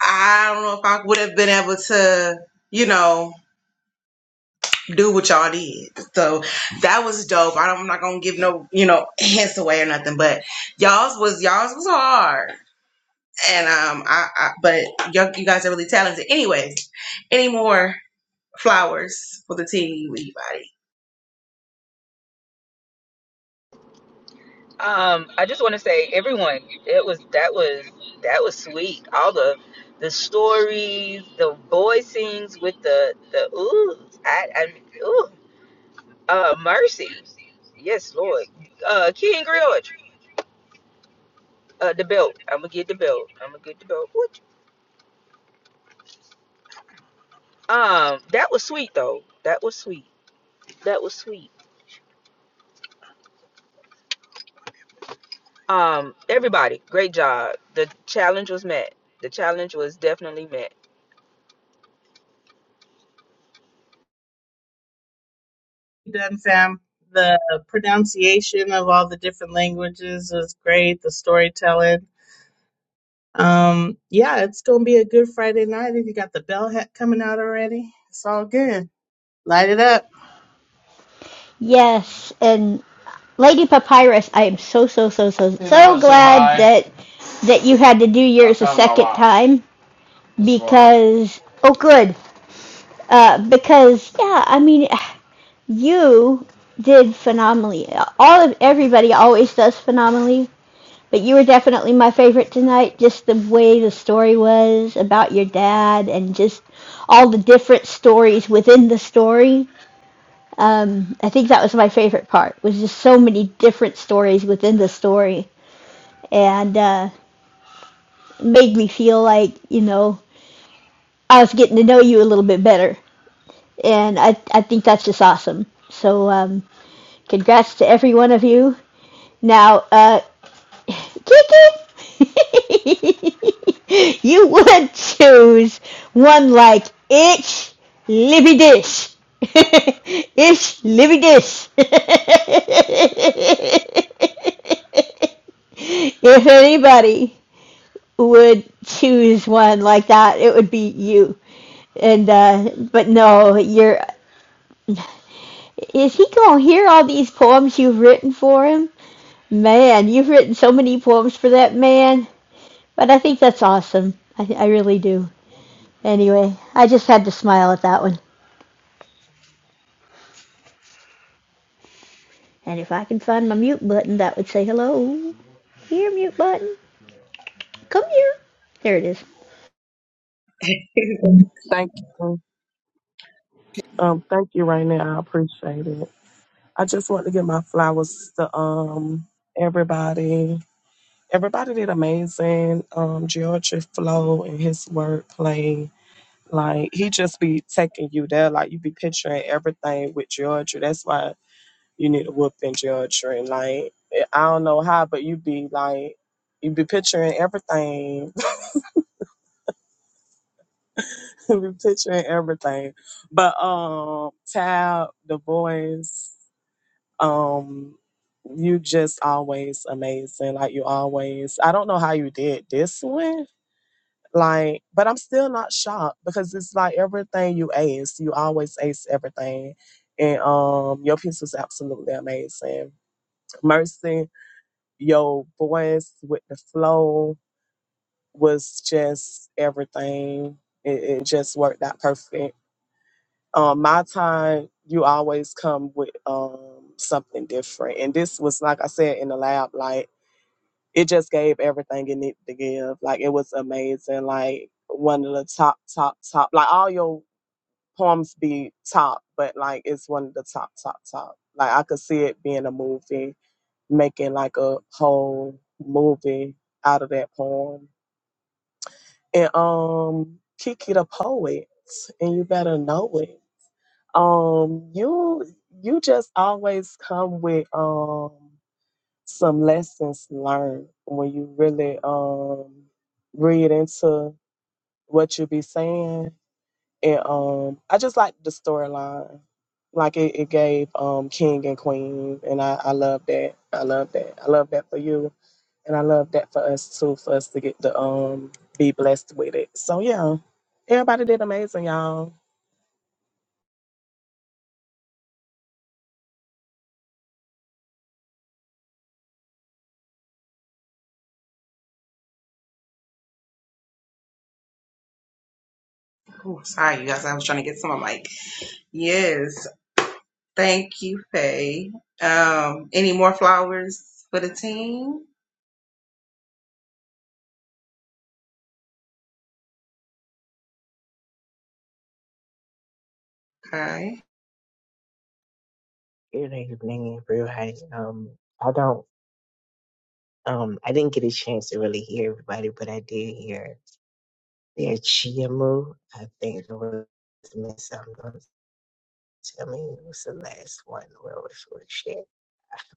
S2: i don't know if i would have been able to you know do what y'all did so that was dope I don't, i'm not gonna give no you know hints away or nothing but y'all's was y'all's was hard and um i, I but y'all, you guys are really talented anyways any more flowers for the team, anybody.
S3: Um, I just want to say, everyone, it was that was that was sweet. All the the stories, the voicings with the the ooh, I, I ooh, uh, mercy. Yes, Lord. Uh, King George, uh, the belt. I'm gonna get the belt. I'm gonna get the belt. What? Um, that was sweet though. That was sweet. That was sweet. Um, everybody, great job. The challenge was met. The challenge was definitely met.
S5: done, Sam. The pronunciation of all the different languages is great. The storytelling. Um, yeah, it's gonna be a good Friday night. If you got the bell hat coming out already, it's all good. Light it up.
S8: Yes, and Lady Papyrus, I am so so so so so You wanna glad so that that you had to do yours a second time because oh good uh, because yeah I mean <sighs> you did phenomenally all of everybody always does phenomenally but you were definitely my favorite tonight just the way the story was about your dad and just all the different stories within the story um, I think that was my favorite part, was just so many different stories within the story, and uh, made me feel like you know I was getting to know you a little bit better, and I I think that's just awesome. So um, congrats to every one of you. Now, uh, Kiki, <laughs> you would choose one like itch, lippy dish. <laughs> itch, lippy dish. <laughs> if anybody would choose one like that, it would be you. And uh, but no, you're. Is he gonna hear all these poems you've written for him? Man, you've written so many poems for that man. But I think that's awesome. I, I really do. Anyway, I just had to smile at that one. And if I can find my mute button, that would say hello. Here, mute button. Come here. There it is.
S4: Thank you. Um, thank you right now. I appreciate it. I just want to give my flowers to um everybody. Everybody did amazing. Um, Georgia Flo and his wordplay. Like he just be taking you there. Like you be picturing everything with Georgia. That's why you need a whooping Georgia. And like I don't know how, but you be like you be picturing everything. <laughs> you be picturing everything. But um Tab, the voice. Um, you just always amazing. Like you always. I don't know how you did this one. Like, but I'm still not shocked because it's like everything you ace, you always ace everything. And um, your piece was absolutely amazing. Mercy, your voice with the flow was just everything. It, it just worked out perfect. um, my time, you always come with um, something different. And this was, like I said, in the lab, like it just gave everything it needed to give. Like it was amazing. Like one of the top, top, top. Like all your poems be top, but like it's one of the top, top, top. Like I could see it being a movie, making like a whole movie out of that poem. And um, Kiki the poet, and you better know it. Um, you you just always come with um some lessons learned when you really um read into what you be saying. And um I just like the storyline. Like it, it gave um King and Queen and I, I love that. I love that. I love that for you. And I love that for us too, for us to get the um be blessed with it. So yeah. Everybody did amazing, y'all.
S2: Oh, sorry, you guys. I was trying to get some. I'm like, yes, thank you, Faye. Um, any more flowers for the team? Okay.
S9: Good evening, everybody. Um, I don't, um, I didn't get a chance to really hear everybody, but I did hear their Chiamu. I think it was Miss. I'm gonna tell me it was the last one. Where was where she?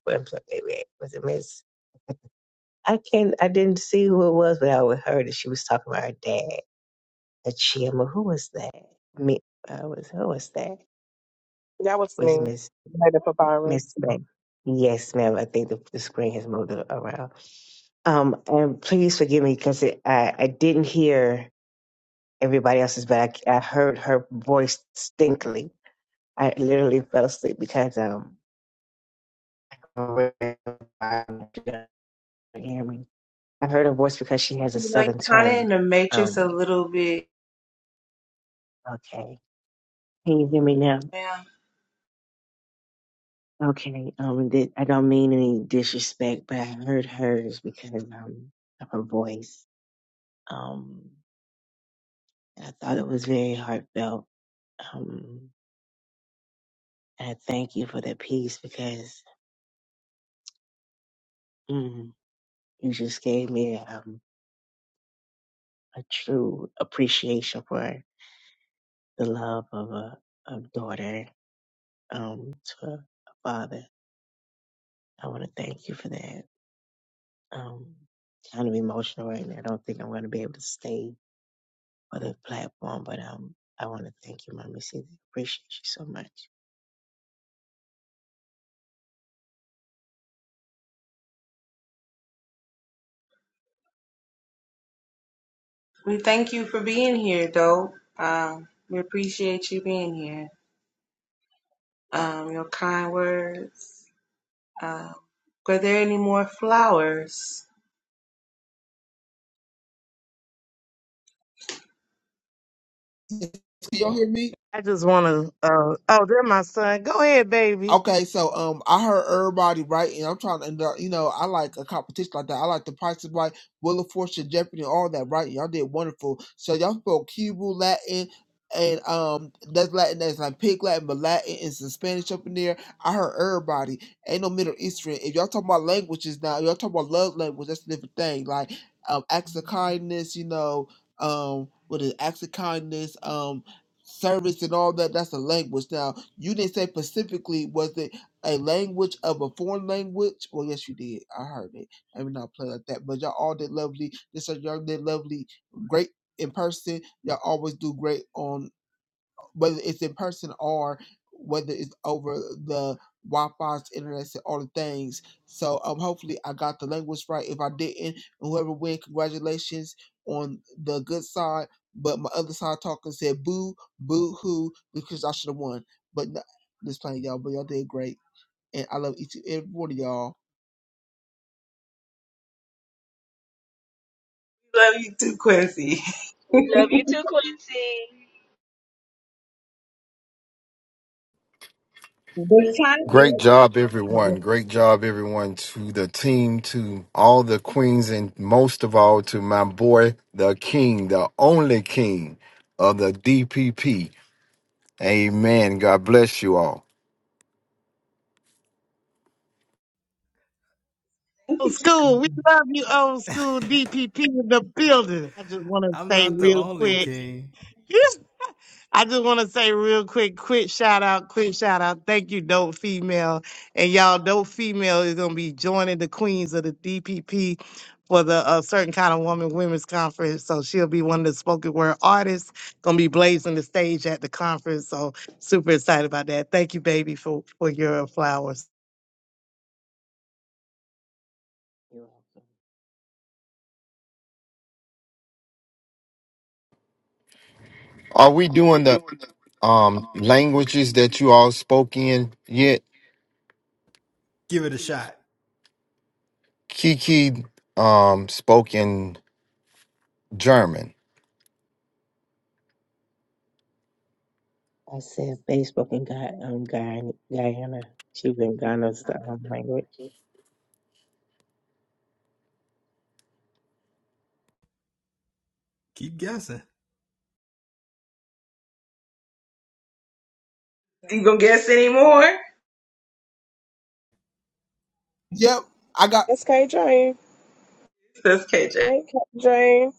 S9: But maybe was it Miss? I can't. I didn't see who it was, but I would heard that she was talking about her dad. A Chiamu. Who was that? Me. I was. Who was that?
S4: That was
S9: Was
S4: me.
S9: Miss
S4: Later for Byron.
S9: Miss Spring? Yes, ma'am. I think the, the screen has moved around. Um, and please forgive me because I, I didn't hear everybody else's, but I, I heard her voice distinctly. I literally fell asleep because um, I couldn't hear me. I heard her voice because she has a
S2: You know, you're
S9: southern
S2: kind of in
S9: twang.
S2: the matrix a
S9: Um,
S2: little bit.
S9: okay, can you hear me now?
S2: ma'am.
S9: Okay, um, did, I don't mean any disrespect, but I heard hers because um, of her voice. Um, I thought it was very heartfelt. Um, And I thank you for that peace because mm, you just gave me um, a true appreciation for the love of a of daughter um, to a father. I want to thank you for that. Um, kind of emotional right now. I don't think I'm going to be able to stay on the platform, but um, I want to thank you, Mommy C. Appreciate you so much.
S2: We thank you for being here, though. Um, we appreciate you being here. Um, your kind words. Um, were there any more flowers?
S10: Can y'all hear me?
S6: I just want to. Uh, oh, there, my son. Go ahead, baby.
S10: Okay, so um, I heard everybody right, and I'm trying to, and, uh, you know, I like a competition like that. I like the Price is Right, Will of Fortune, Jeopardy, and all that, right? Y'all did wonderful. So y'all spoke Hebrew, Latin, and um, that's Latin, that's like Pig Latin, but Latin and some Spanish up in there. I heard everybody. Ain't no Middle Eastern. If y'all talking about languages now, y'all talking about love language. That's a different thing. Like um, acts of kindness, you know, um, what is acts of kindness, um. service and all that that's a language now you didn't say specifically was it a language of a foreign language well yes you did i heard it i mean not play like that but y'all all did lovely this young did lovely great in person y'all always do great on whether it's in person or whether it's over the Wi-Fi's, internet, and all the things. So um, hopefully I got the language right. If I didn't, whoever win, congratulations on the good side. But my other side talking said boo, boo hoo, because I should have won. But no, just playing y'all, but y'all did great, and I love each and every one of y'all.
S2: Love you too, Quincy.
S3: We love you too, Quincy.
S2: We're trying
S11: Great
S2: to
S11: job, everyone.
S2: do
S11: Great job, everyone, to the team, to all the queens, and most of all to my boy, the king, the only king of the DPP. Amen. God bless you all.
S6: Old school. We love you, old school DPP in the building. I just want to
S1: I'm
S6: say
S1: not the
S6: real
S1: only
S6: quick.
S1: king.
S6: <laughs> I just want to say real quick, quick shout out, quick shout out. Thank you, Dope Female. And y'all, Dope Female is going to be joining the Queens of the DPP for the uh, Certain Kind of Woman Women's Conference. So she'll be one of the spoken word artists, going to be blazing the stage at the conference. So super excited about that. Thank you, baby, for, for your flowers.
S9: You're welcome.
S11: Are we doing the um, languages that you all spoke in yet?
S1: Give it a shot.
S11: Kiki um, spoke in German.
S9: I said Facebook and Guy, um, Guyana. Guyana. She's in Ghana's the um, language.
S1: Keep guessing.
S2: You gonna guess any more?
S10: Yep, I got
S4: That's K Jane.
S2: That's KJ.
S4: Hey, K Jane.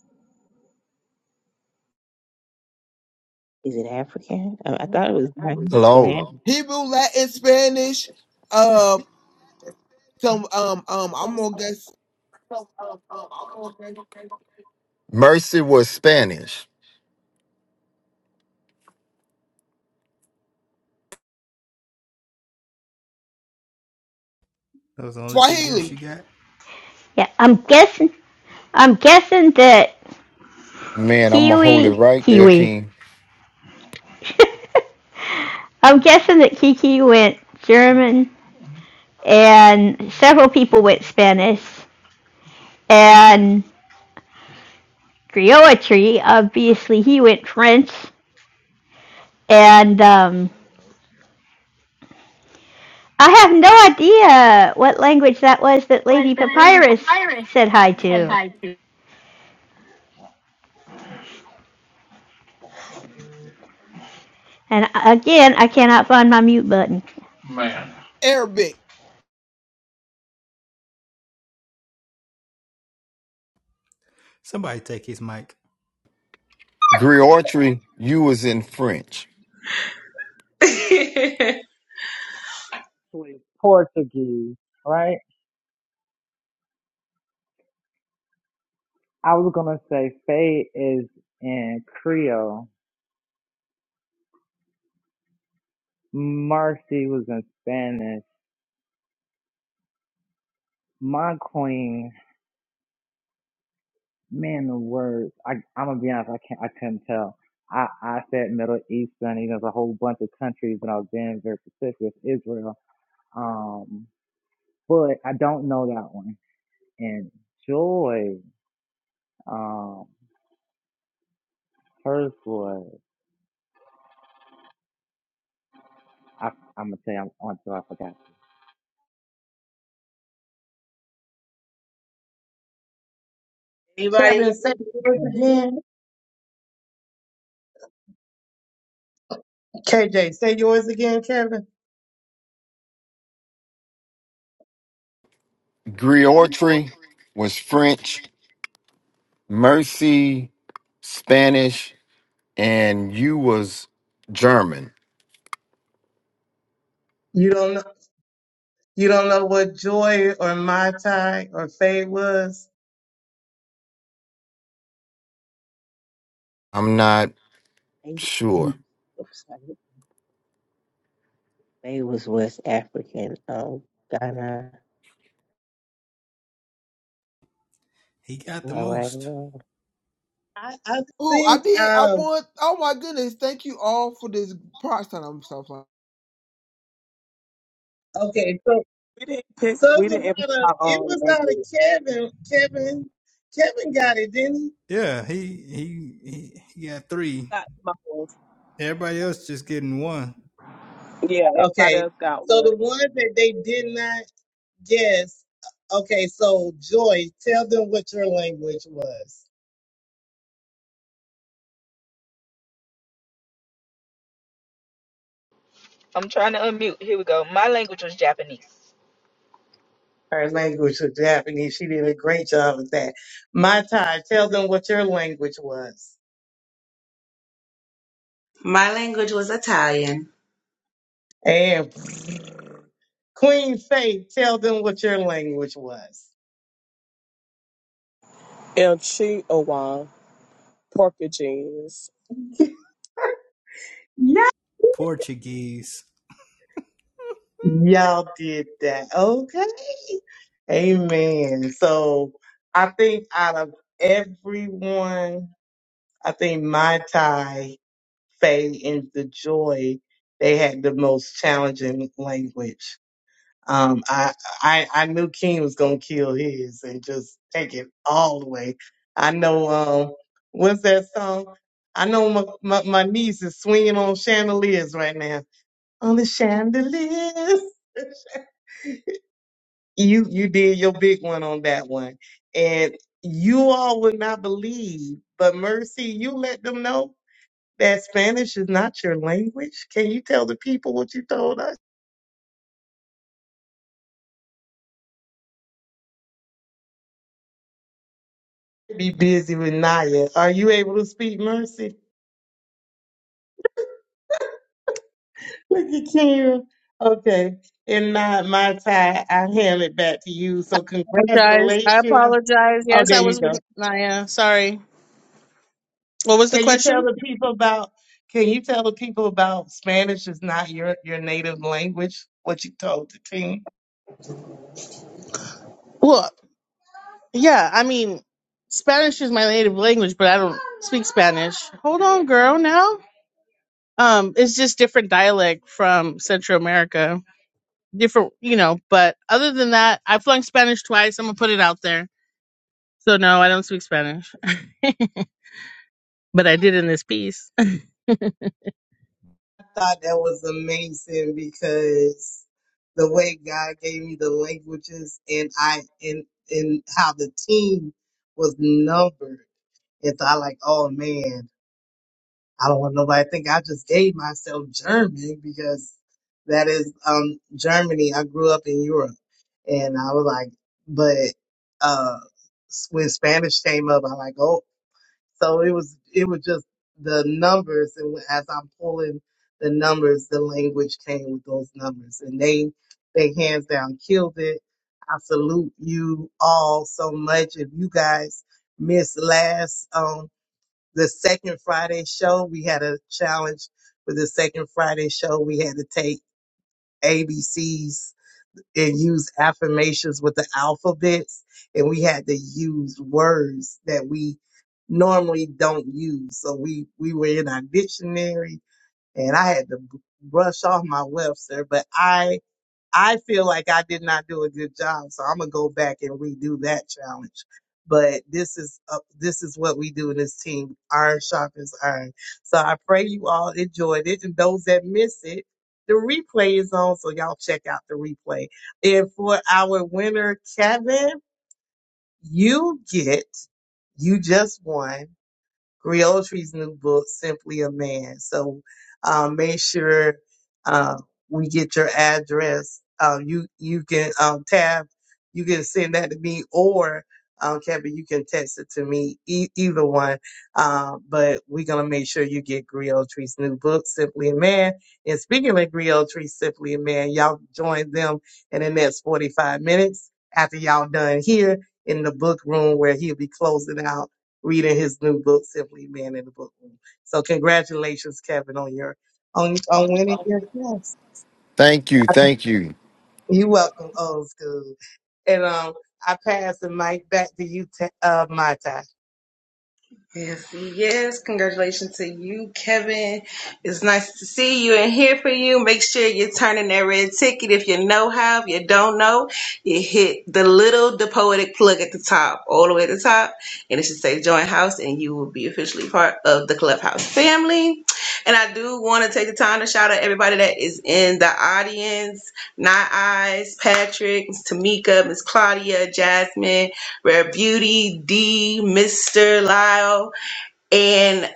S9: Is it African? I, I thought it was Ghan- Guyana.
S11: Hello.
S10: Hebrew, Latin, Spanish, uh, some um um I'm gonna guess
S11: Mercy was Spanish.
S1: Those are the only two guesses you
S10: Swahili,
S1: got.
S8: Yeah, I'm guessing. I'm guessing that
S11: Man, I'm going to hold it
S8: Kiwi,
S11: right there,
S8: Kiwi.
S11: King.
S8: I'm guessing that Kiki went German, and several people went Spanish, and Griotry, obviously he went French, and um, I have no idea what language that was that Lady Papyrus said hi to. And again, I cannot find my mute button.
S10: Arabic.
S1: Somebody take his mic.
S11: Griotry, you was in French.
S2: <laughs>
S12: actually Portuguese, right? I was gonna say Faye is in Creole. Mercy was in Spanish. My queen, man, the words. I, I'm gonna be honest. I can't. I couldn't tell. I, I said Middle Eastern. You know, there's a whole bunch of countries, and I was being very specific with Israel. Um, but I don't know that one. And Joy, um, hers was. I, I'm gonna say I'm on to. I forgot.
S2: Anybody?
S6: Kevin, say yours again. KJ, say yours again, Kevin.
S11: Griotry was French, Mercy, Spanish, and you was German.
S6: You don't know, you don't know what joy or my tie or Faye was.
S11: I'm not
S9: They,
S11: sure.
S9: They was West African. Um, Ghana.
S1: He got
S9: Am
S1: the
S9: I right
S1: most.
S9: or
S6: I, I
S10: Oh, I
S6: think
S10: did.
S6: out
S10: I
S6: of
S10: want. Oh my goodness! Thank you all for this props that I'm so fun.
S6: okay, so
S4: We didn't pick.
S6: so it
S4: We
S6: was
S4: didn't even pick
S6: out of
S4: our
S6: it
S4: own
S6: was out of
S4: language.
S6: Kevin. Kevin Kevin got it, didn't he?
S1: Yeah, he he he, he got three.
S4: Got muffled.
S1: Everybody else just getting one.
S4: Yeah, everybody
S6: Okay.
S4: else got
S6: So the
S4: one.
S6: one that they did not guess. Okay, so Joy, tell them what your language was.
S3: I'm trying to unmute. Here we go. My language was Japanese.
S6: Her language was Japanese. She did a great job of that. My tie, tell them what your language was.
S2: My language was Italian.
S6: And Queen Faith, tell them what your language was.
S4: El Chihuahua, Porky Jeans.
S1: Portuguese.
S6: Y'all did that. Okay. Amen. So I think out of everyone, I think my tie, Faye, and the joy, they had the most challenging language. Um, I, I, I knew King was going to kill his and just take it all the way. I know, um, what's that song? I know my, my, my niece is swinging on chandeliers right now. On the chandeliers. <laughs> You you did your big one on that one. And you all would not believe, but Mercy, you let them know that Spanish is not your language. Can you tell the people what you told us? Be busy with Naya. Are you able to speak Mercy? Look at you. Okay. And not my tie, I hand it back to you. So
S5: Apologize. I
S6: congratulations.
S5: apologize.
S6: Oh,
S5: Yes, I
S6: there you
S5: was
S6: go.
S5: with Naya. Sorry. What was the
S6: Can you tell
S5: question?
S6: the people about can you tell the people about Spanish is not your your native language, what you told the team?
S5: Well, yeah, I mean, Spanish is my native language, but I don't speak Spanish. Hold on, girl. Now, um, it's just different dialect from Central America. different, you know. But other than that, I flunked Spanish twice. I'm gonna put it out there. So no, I don't speak Spanish, <laughs> but I did in this piece. <laughs> Hear
S6: I thought that was amazing because the way God gave me the languages and I and and how the team was numbered. And so I like, oh man. I don't want nobody to think I just gave myself German because that is um Germany. I grew up in Europe and I was like, but uh s- when Spanish came up, I'm like, oh, so it was it was just the numbers and when- as I'm pulling the numbers, the language came with those numbers and they they hands down killed it. I salute you all so much. If you guys missed last um the second Friday show, we had a challenge for the second Friday show. We had to take ABCs and use affirmations with the alphabets, and we had to use words that we normally don't use. So we we were in our dictionary, and I had to b- brush off my Webster, but I I feel like I did not do a good job, so I'm gonna go back and redo that challenge. But this is uh, this is what we do in this team: iron sharpens iron. So I pray you all enjoyed it, and those that miss it, the replay is on, so y'all check out the replay. And for our winner, Kevin, you get you just won Griotri's new book, Simply a Man. So um, make sure uh, we get your address. Um, you you can um, tab, you can send that to me, or um, Kevin, you can text it to me. E- either one. Uh, but we're gonna make sure you get Griotry's new book, Simply a Man. And speaking of Griotry, Simply a Man, y'all join them in the next forty five minutes after y'all done here in the book room where he'll be closing out reading his new book, Simply Man in the Book Room. So congratulations, Kevin, on your on on winning your yes.
S11: Thank you, thank you.
S6: You're welcome, old school. And um I pass the mic back to you, Ta- uh, my time.
S2: Yes, yes. Congratulations to you, Kevin. It's nice to see you and hear from you. Make sure you're turning that red ticket. If you know how, if you don't know, you hit the little, the poetic plug at the top, all the way at the top, and it should say join house, and you will be officially part of the Clubhouse family. And I do want to take the time to shout out everybody that is in the audience. Not Eyes, Patrick, Miss Tamika, Miss Claudia, Jasmine, Rare Beauty, D, Mr. Lyle and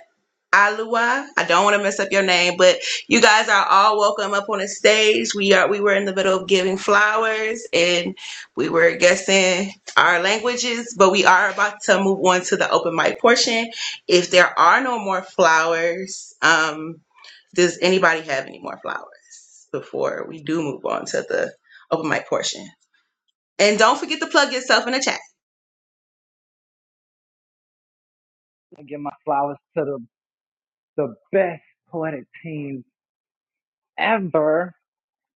S2: Alua. I don't want to mess up your name, but you guys are all welcome up on the stage. We are we were in the middle of giving flowers and we were guessing our languages, but we are about to move on to the open mic portion. If there are no more flowers, um, does anybody have any more flowers before we do move on to the open mic portion? And don't forget to plug yourself in the chat.
S12: I give my flowers to the the best poetic team ever.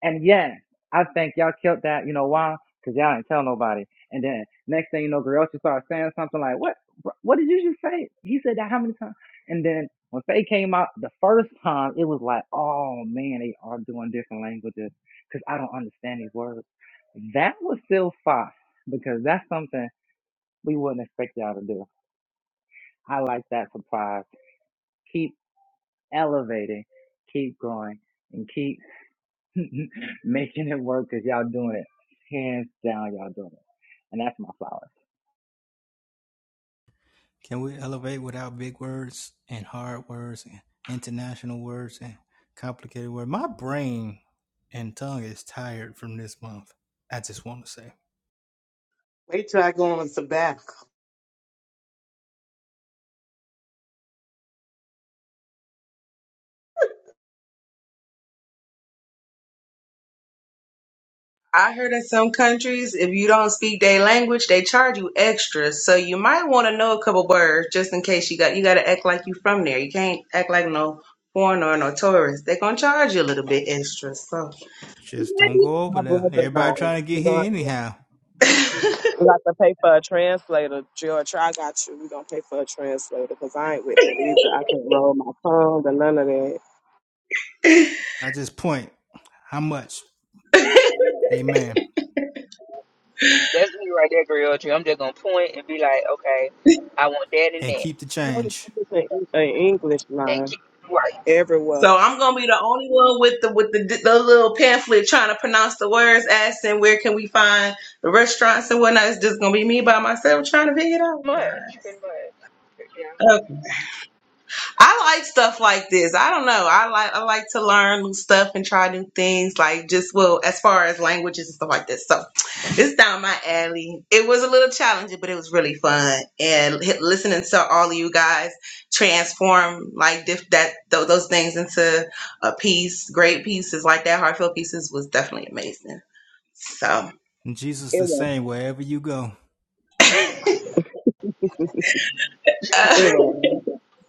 S12: And yes, I think y'all killed that. You know why? Because y'all didn't tell nobody. And then next thing you know, Grouchy started saying something like, "What? What did you just say?" He said that how many times? And then when Faye came out the first time, it was like, "Oh man, they are doing different languages because I don't understand these words." That was still fire because that's something we wouldn't expect y'all to do. I like that surprise. Keep elevating, keep growing, and keep <laughs> making it work because y'all doing it hands down. Y'all doing it, and that's my flower.
S1: Can we elevate without big words and hard words and international words and complicated words? My brain and tongue is tired from this month. I just want to say,
S6: Wait till I go on some back.
S2: I heard in some countries, if you don't speak their language, they charge you extra. So you might want to know a couple words just in case you got you got to act like you from there. You can't act like no foreigner or no tourist. They're gonna charge you a little bit extra. So, <laughs>
S1: just don't go over
S4: My
S1: there.
S4: brother and I,
S1: Everybody trying to get
S4: we're gonna have
S1: here
S4: to,
S1: anyhow.
S4: we got to pay for a translator. George, I got you. We're gonna pay for a translator because I ain't with it either. I can't roll my tongue or none of that.
S1: I just point how much. Amen.
S3: That's me right there, Griotry. I'm just gonna point and be like, okay, I want that and
S1: And
S3: that.
S1: keep the
S4: No, the
S1: change.
S4: numbers in, Eng- in English
S3: And
S4: line
S3: keep right.
S4: everywhere.
S2: so I'm gonna be the only one with the with the, the little pamphlet trying to pronounce the words, asking where can we find the restaurants and whatnot. It's just gonna be me by myself trying to figure it out.
S3: Much, pretty much. Yeah.
S2: I like stuff like this. I don't know. I like I like to learn new stuff and try new things. Like just well, as far as languages and stuff like this. So it's down my alley. It was a little challenging, but it was really fun. And h- listening to all of you guys transform like diff- that th- those things into a piece, great pieces like that, heartfelt pieces was definitely amazing. So <laughs>
S1: And Jesus the same wherever you go.
S4: It
S2: uh,
S3: Jesus.
S4: was.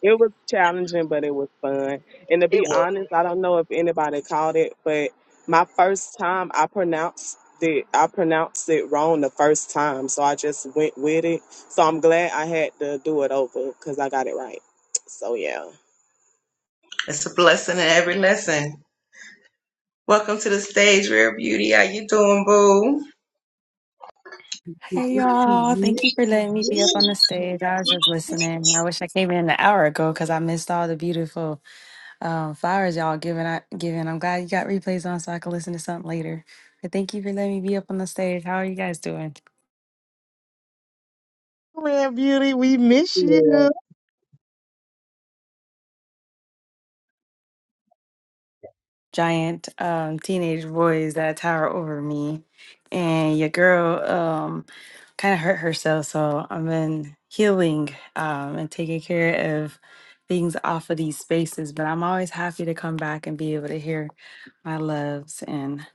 S4: It was challenging, but it was fun. And to be
S3: It
S2: yeah,
S3: was.
S4: honest, I don't know if anybody caught it, but my first time I pronounced it I pronounced it wrong the first time. So I just went with it. So I'm glad I had to do it over because I got it right. So yeah.
S2: it's a blessing in every lesson. Welcome to the stage, Rare Beauty. How you doing, boo?
S13: Hey y'all, thank you for letting me be up on
S2: Thank
S13: the stage. I was just listening. I wish I came in an hour ago because I missed all the beautiful um, flowers y'all giving. I giving. I'm glad you got replays on so I can listen to something later. But thank you for letting me be up on the stage. How are you guys doing?
S6: Man, beauty, we miss
S4: Yeah,
S6: you.
S13: giant um, teenage boys that tower over me. And your girl um, kind of hurt herself. So I've been healing um, and taking care of things off of these spaces. But I'm always happy to come back and be able to hear my loves and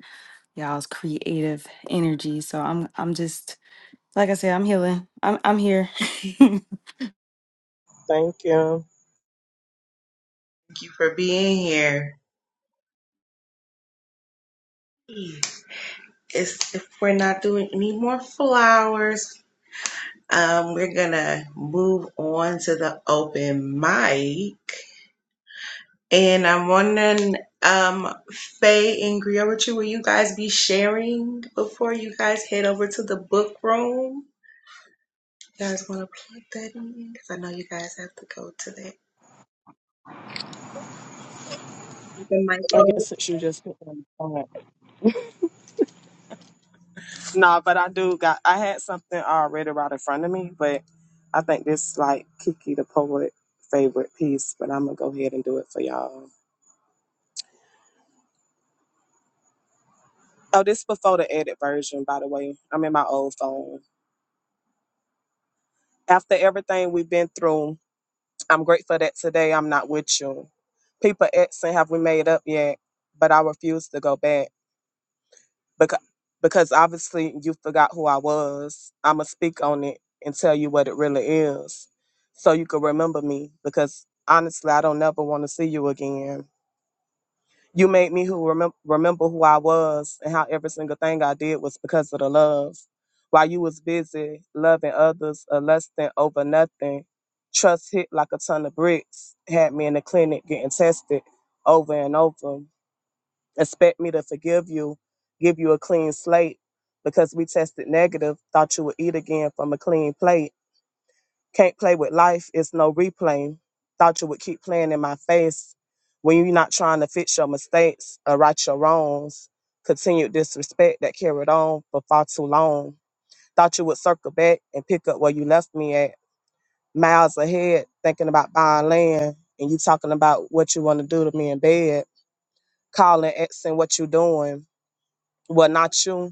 S13: y'all's creative energy. So I'm I'm just like I said, I'm healing. I'm I'm here. <laughs>
S4: thank you.
S2: you for being here. It's, if we're not doing any more flowers, um, we're gonna move on to the open mic. And I'm wondering, um, Faye and Griot, with you, will you guys be sharing before you guys head over to the book room? You guys want to plug that in? Because I know you guys have to go to that. Open mic
S4: I
S2: room.
S4: guess since you just picked on the phone. Nah, but I do got I had something already right in front of me, but I think this like Kiki the poet favorite piece, but I'm gonna go ahead and do it for y'all. Oh, this before the edit version, by the way. I'm in my old phone. After everything we've been through, I'm grateful that today I'm not with you. People asking, have we made up yet? But I refuse to go back. because because obviously you forgot who I was. I'ma speak on it and tell you what it really is, so you can remember me. Because honestly, I don't never want to see you again. You made me who remember remember who I was and how every single thing I did was because of the love. While you was busy loving others or lusting over nothing, trust hit like a ton of bricks. Had me in the clinic getting tested over and over expect me to forgive you, give you a clean slate because we tested negative, thought you would eat again from a clean plate. Can't play with life, it's no replaying. Thought you would keep playing in my face when you're not trying to fix your mistakes or right your wrongs. Continued disrespect that carried on for far too long. Thought you would circle back and pick up where you left me at. Miles ahead, thinking about buying land, and you talking about what you want to do to me in bed, calling, asking what you doing well, not you.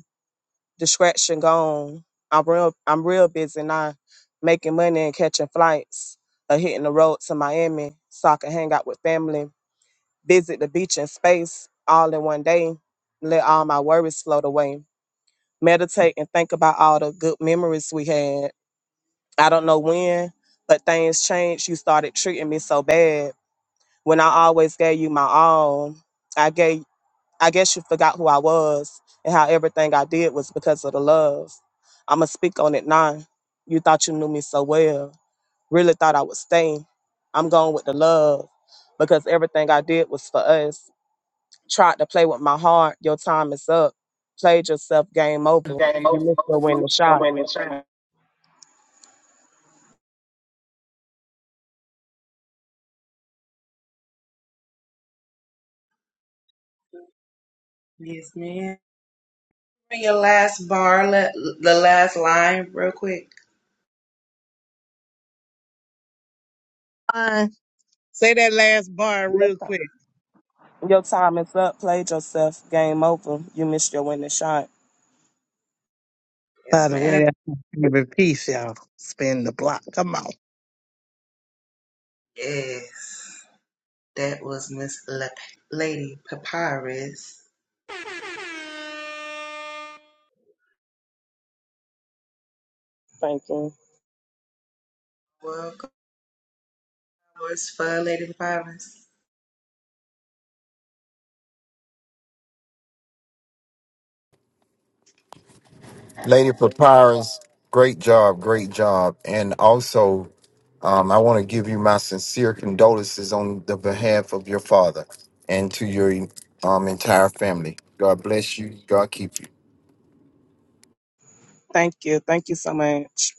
S4: Distraction gone. I'm real. I'm real busy now, making money and catching flights, or hitting the road to Miami so I can hang out with family, visit the beach and space all in one day, let all my worries float away, meditate and think about all the good memories we had. I don't know when, but things changed. You started treating me so bad when I always gave you my all. I gave I guess you forgot who I was and how everything I did was because of the love. I'ma speak on it now. You thought you knew me so well. Really thought I would stay. I'm going with the love because everything I did was for us. Tried to play with my heart. Your time is up. Played yourself. Game over. You missed your winning shot.
S2: Yes, ma'am. Your last bar, le- the last line, real quick.
S6: Uh, say that last bar real quick.
S4: Your time is up. Played yourself. Game over. You missed your winning shot.
S6: By
S2: Yes,
S6: the
S2: ma'am.
S6: way, that's my favorite piece, y'all. Spin the block. Come on.
S2: Yes. That was Miss La- Lady Papyrus.
S4: Thank you.
S2: Welcome flowers for Lady Papyrus.
S11: Lady Papyrus, great job, great job. And also, um, I want to give you my sincere condolences on the behalf of your father and to your um, entire family. God bless you. God keep you.
S4: Thank you. Thank you so much.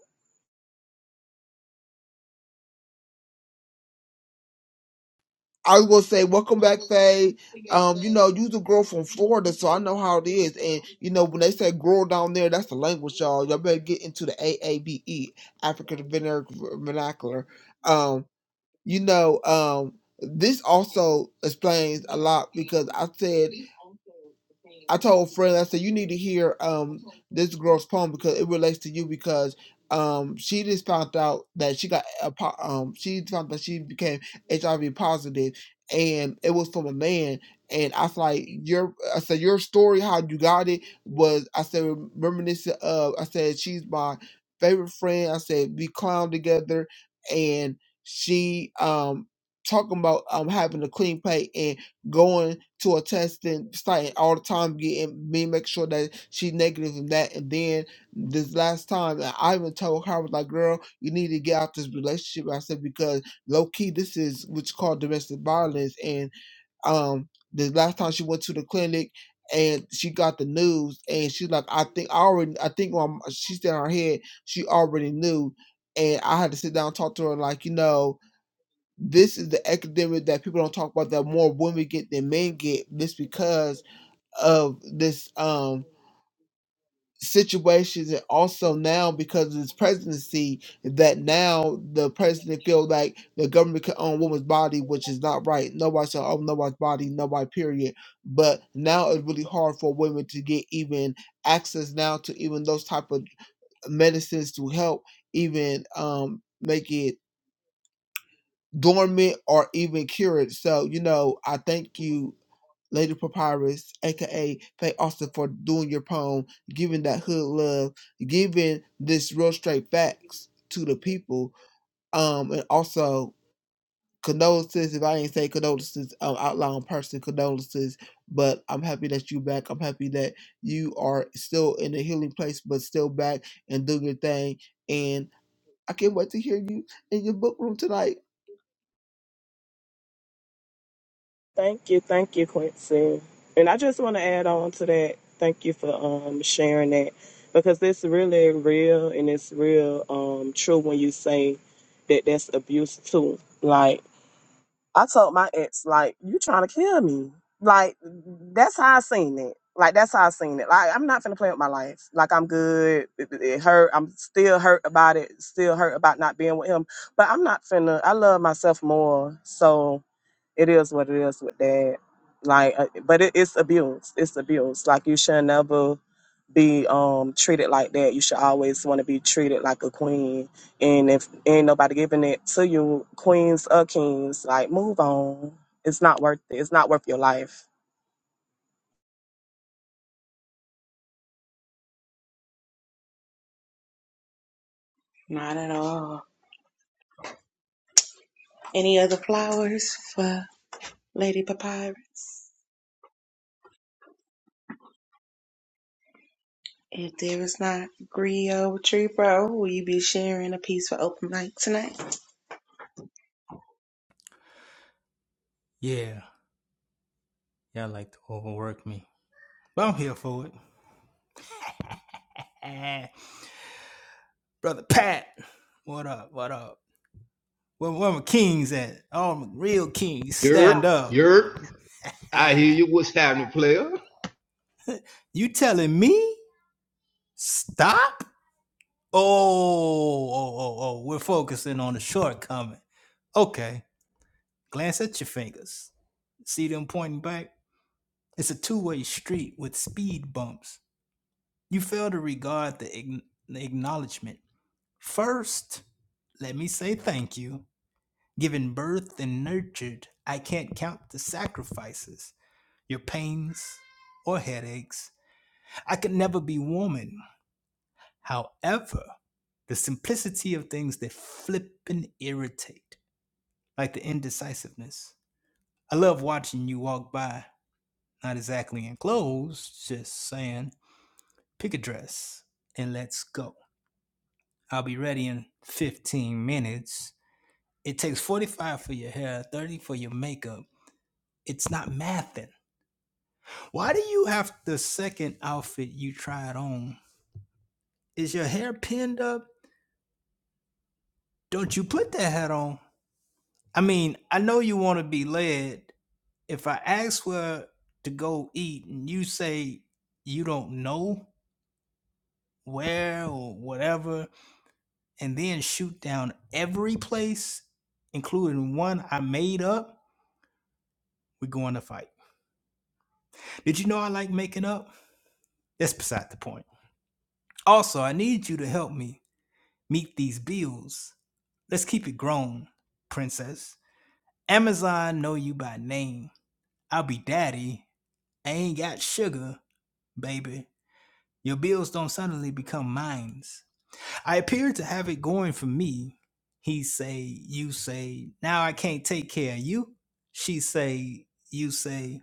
S10: I was gonna say, welcome back, Faye. Um, you know, you's a girl from Florida, so I know how it is. And you know, when they say "girl" down there, that's the language, y'all. Y'all better get into the AABE, African Vernac- Vernacular. Um, you know, um, this also explains a lot because I said. I told a friend. I said, you need to hear um this girl's poem because it relates to you because um she just found out that she got a po- um she found that she became HIV positive and it was from a man and I was like your I said your story how you got it was I said reminiscent of I said she's my favorite friend I said we clown together and she um talking about um having a clean plate and.'" going to a test and starting all the time getting me make sure that she's negative and that and then this last time I even told her I was like girl you need to get out this relationship I said because low key this is what's called domestic violence and um the last time she went to the clinic and she got the news and she's like I think I already I think um, she said in her head she already knew and I had to sit down and talk to her like you know this is the academic that people don't talk about that more women get than men get just because of this um situations and also now because of this presidency that now the president feel like the government can own woman's body which is not right nobody should own nobody's body nobody period but now it's really hard for women to get even access now to even those type of medicines to help even um make it dormant or even cured. So, you know, I thank you, Lady Papyrus, aka Faye Austin, for doing your poem, giving that hood love, giving this real straight facts to the people. Um, and also condolences, if I ain't say condolences, um, out loud in person, condolences. But I'm happy that you back. I'm happy that you are still in a healing place, but still back and doing your thing. And I can't wait to hear you in your book room tonight.
S4: Thank you. Thank you, Quincy. And I just want to add on to that. Thank you for um, sharing that because it's really real and it's real um, true when you say that that's abuse too. Like, I told my ex, like, you trying to kill me. Like, that's how I seen it. Like, that's how I seen it. Like, I'm not finna play with my life. Like, I'm good. It, it- it hurt. I'm still hurt about it. Still hurt about not being with him. But I'm not finna, I love myself more. So, it is what it is with that. Like, uh, but it, it's abuse. It's abuse. Like you should never be um treated like that. You should always want to be treated like a queen. And if ain't nobody giving it to you, queens or kings, like move on. It's not worth it. It's not worth your life.
S2: Not at all. Any other flowers for Lady Papyrus? If there is not Griot Tree Bro, will you be sharing a piece for open mic tonight?
S1: Yeah, y'all like to overwork me. But I'm here for it. <laughs> Eh, Brother Pat, what up? What up? Where, where my kings at? All my real kings stand
S14: Yerp,
S1: up.
S14: yerp. I hear
S1: Ah,
S14: you. What's happening, player?
S1: you telling me stop? Oh, oh, oh, oh, oh, we're focusing on the shortcoming. Okay, glance at your fingers. See them pointing back? It's a two way street with speed bumps. You fail to regard the, ign- the acknowledgement. First, let me say thank you. Given birth and nurtured, I can't count the sacrifices, your pains or headaches. I could never be woman. However, the simplicity of things that flip and irritate, like the indecisiveness. I love watching you walk by, not exactly in clothes, just saying, pick a dress and let's go. I'll be ready in 15 minutes. It takes 45 for your hair, 30 for your makeup. It's not mathing. Why do you have the second outfit you tried on? Is your hair pinned up? Don't you put that hat on? I mean, I know you want to be led. If I ask where to go eat and you say you don't know where or whatever, and then shoot down every place, including one I made up, we're going to fight. Did you know I like making up? That's beside the point. Also, I need you to help me meet these bills. Let's keep it grown, princess. Amazon know you by name. I'll be daddy. I ain't got sugar, baby Your bills don't suddenly become mines. I appear to have it going for me. He say, you say, now I can't take care of you. She say, you say,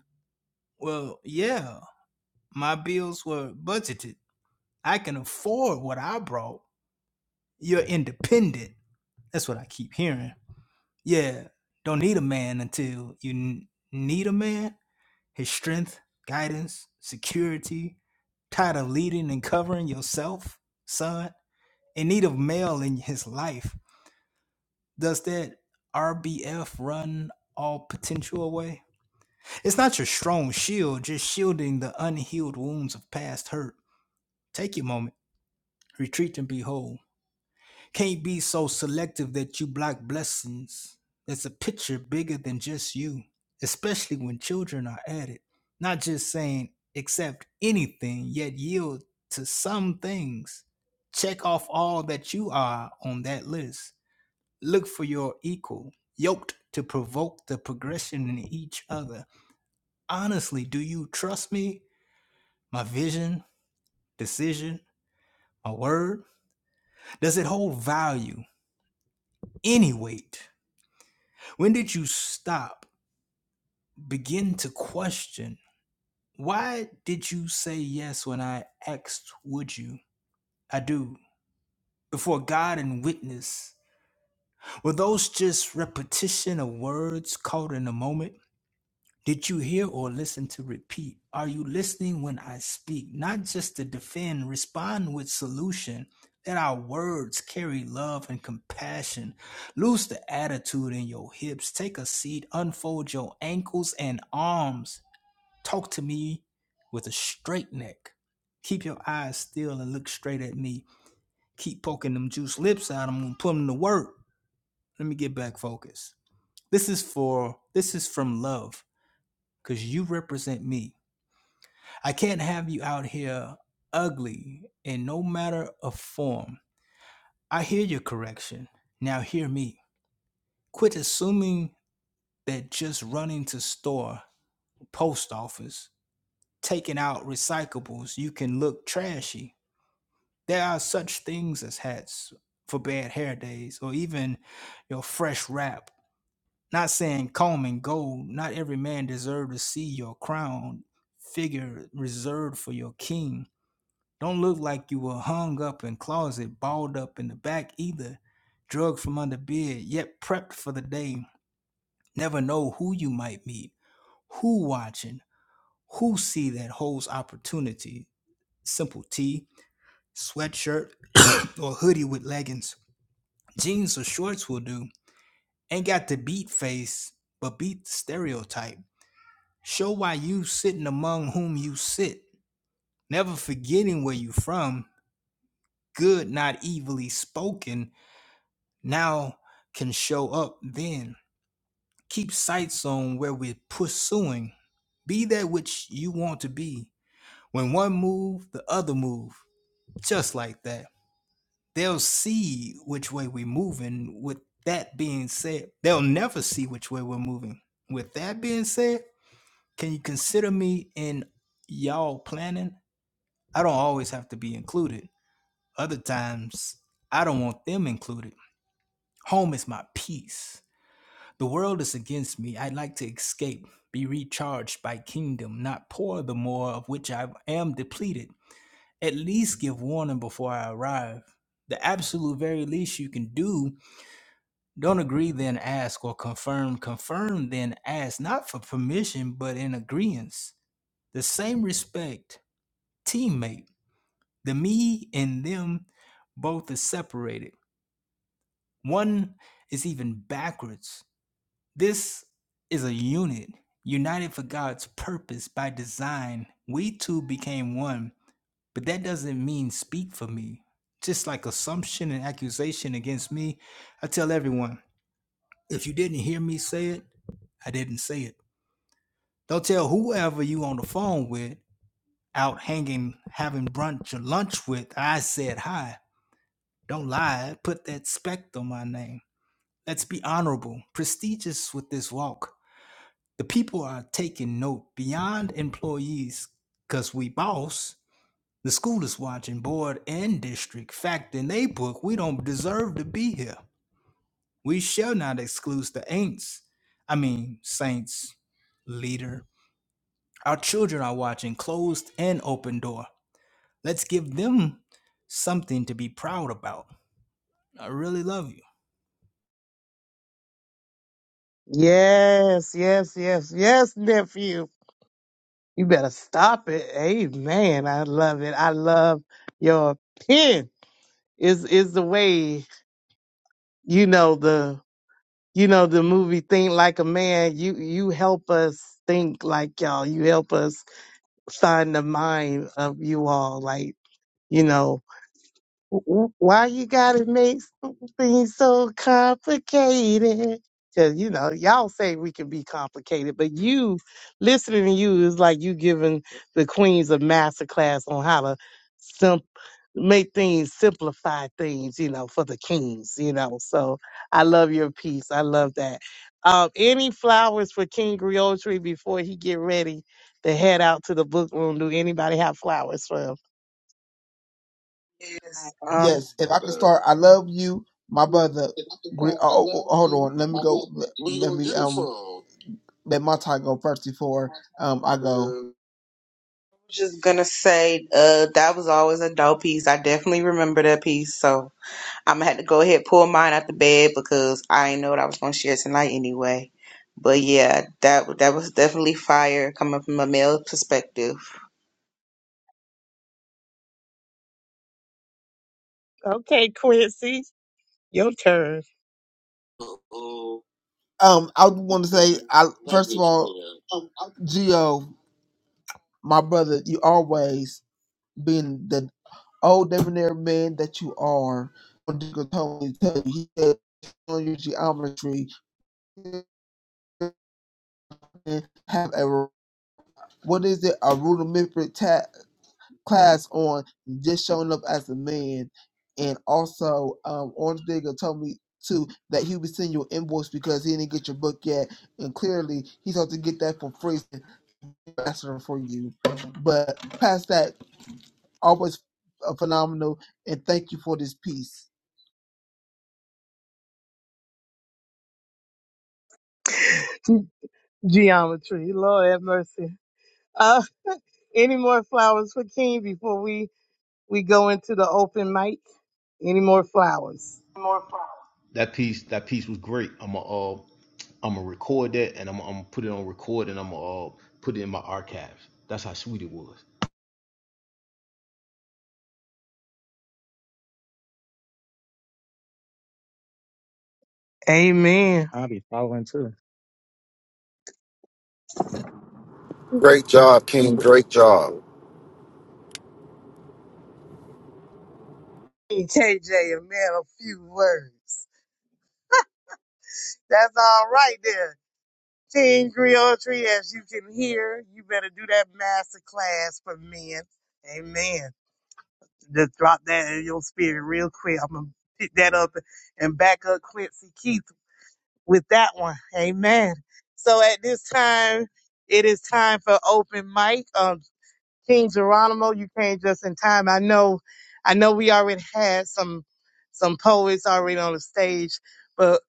S1: well, yeah, my bills were budgeted. I can afford what I brought. You're independent. That's what I keep hearing. Yeah, don't need a man until you n- need a man. His strength, guidance, security. Tired of leading and covering yourself, son? in need of male in his life, does that RBF run all potential away? It's not your strong shield, just shielding the unhealed wounds of past hurt. Take your moment, retreat and be whole. Can't be so selective that you block blessings. That's a picture bigger than just you, especially when children are added. Not just saying accept anything, yet yield to some things. Check off all that you are on that list Look for your equal, yoked to provoke the progression in each other. Honestly, do you trust me? My vision, decision, my word? Does it hold value? Any weight? When did you stop, begin to question? Why did you say yes when I asked, would you? I do. Before God and witness. Were those just repetition of words caught in a moment? Did you hear or listen to repeat? Are you listening when I speak? Not just to defend, respond with solution. That our words carry love and compassion. Loose the attitude in your hips. Take a seat. Unfold your ankles and arms. Talk to me with a straight neck. Keep your eyes still and look straight at me. Keep poking them juice lips out. I'm gonna put them to work. Let me get back focused. This is for this is from love, cause you represent me. I can't have you out here ugly in no matter of form. I hear your correction. Now hear me. Quit assuming that just running to store, post office, taking out recyclables, you can look trashy. There are such things as hats for bad hair days or even your fresh wrap. Not saying comb and gold, not every man deserve to see your crown figure reserved for your king Don't look like you were hung up in closet, balled up in the back either. drugged from under bed, yet prepped for the day. Never know who you might meet, who watching, who see that holds opportunity. Simple tee, sweatshirt, <coughs> or hoodie with leggings. Jeans or shorts will do. Ain't got the beat face, but beat the stereotype. Show why you sitting among whom you sit. Never forgetting where you from. Good, not evilly spoken now can show up then. Keep sights on where we're pursuing. Be that which you want to be. When one move, the other move. Just like that. They'll see which way we're moving. With that being said, they'll never see which way we're moving. With that being said, can you consider me in y'all planning? I don't always have to be included. Other times, I don't want them included. Home is my peace. The world is against me. I'd like to escape, be recharged by kingdom, not pour the more of which I am depleted. At least give warning before I arrive. The absolute very least you can do. Don't agree, then ask, or confirm. Confirm, then ask, not for permission, but in agreeance. The same respect, teammate. The me and them both is separated. One is even backwards This is a unit united for God's purpose by design. We two became one, but that doesn't mean speak for me. Just like assumption and accusation against me, I tell everyone if you didn't hear me say it, I didn't say it. Don't tell whoever you on the phone with, out hanging, having brunch or lunch with, I said hi. Don't lie, put that spect on my name. Let's be honorable, prestigious with this walk. The people are taking note beyond employees because we boss. The school is watching board and district. Fact in they book, we don't deserve to be here. We shall not exclude the ain'ts. I mean, saints, leader. Our children are watching closed and open door. Let's give them something to be proud about. I really love you.
S6: Yes, yes, yes, yes, nephew. You better stop it. Amen. I love it. I love your pen. Is is the way you know the you know the movie Think Like a Man. You you help us think like y'all. You help us find the mind of you all. Like you know W- Why you gotta make some things so complicated? Cause you know, y'all say we can be complicated, but you listening to you is like you giving the queens a master class on how to simp make things simplify things, you know, for the kings, you know. So I love your piece. I love that. Um, any flowers for King Griotry before he get ready to head out to the book room? Do anybody have flowers for him?
S9: wrong?
S2: Yes. Um, I'm
S10: Yes, if I could start, I love you, my brother. Gre- oh, oh, oh, hold on, let me go. Let, let me um, let my tie go first before um I go.
S2: just gonna say, uh, that was always a dope piece. I definitely remember that piece. So I'm gonna have to go ahead and pull mine out the bed because I didn't know what I was gonna share tonight anyway. But yeah, that that was definitely fire coming from a male perspective.
S6: Okay, Quincy, your turn.
S10: Um, I want to say, I first of all, Geo, my brother, you always been the old debonair man that you are. Diego told me to tell you, he said, on your geometry, have a what is it? A rudimentary tap. class on just showing up as a man. And also, um, Orange Digger told me too that he was sending you an invoice because he didn't get your book yet, and clearly he's supposed to get that for free faster for you. But past that, always uh, phenomenal, and thank you for this piece.
S6: Geometry. Lord have mercy. Uh, <laughs> any more flowers for King before we, we go into the open mic? Any more flowers?
S14: That piece, that piece was great. I'm gonna, uh, I'm gonna record that and I'm, I'm gonna put it on record and I'm gonna uh, put it in my archives. That's how sweet it was.
S6: Amen.
S11: Great job, King. Great job.
S6: King KJ, a man of few words. That's all right there. King Griotry, as you can hear, you better do that master class for men. Amen. Just drop that in your spirit real quick. I'm going to pick that up and back up Quincy Keith. with that one. Amen. So at this time, it is time for open mic. Um, King Geronimo, you came just in time. I know, I know we already had some, some poets already on the stage, but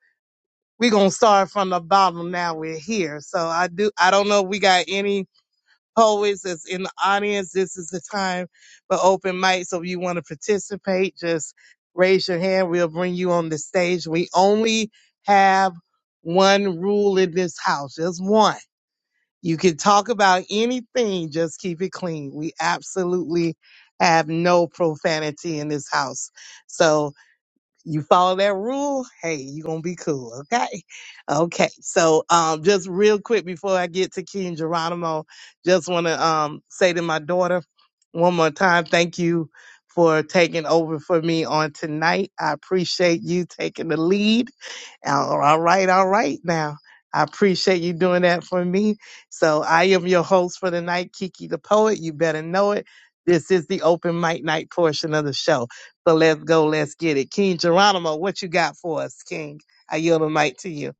S6: we're going to start from the bottom now we're here. So I do, I don't know if we got any Always, that's in the audience, this is the time for open mic. So if you want to participate, just raise your hand. We'll bring you on the stage. We only have one rule in this house, just one. You can talk about anything, just keep it clean. We absolutely have no profanity in this house. So you follow that rule, hey, you're gonna be cool, okay? Okay. So um just real quick before I get to King Geronimo, just wanna um say to my daughter one more time, thank you for taking over for me on tonight. I appreciate you taking the lead. All right, all right now. I appreciate you doing that for me. So I am your host for the night, Kiki the Poet. You better know it. This is the open mic night portion of the show. So let's go, let's get it. King Geronimo, what you got for us, King? I yield the mic to you.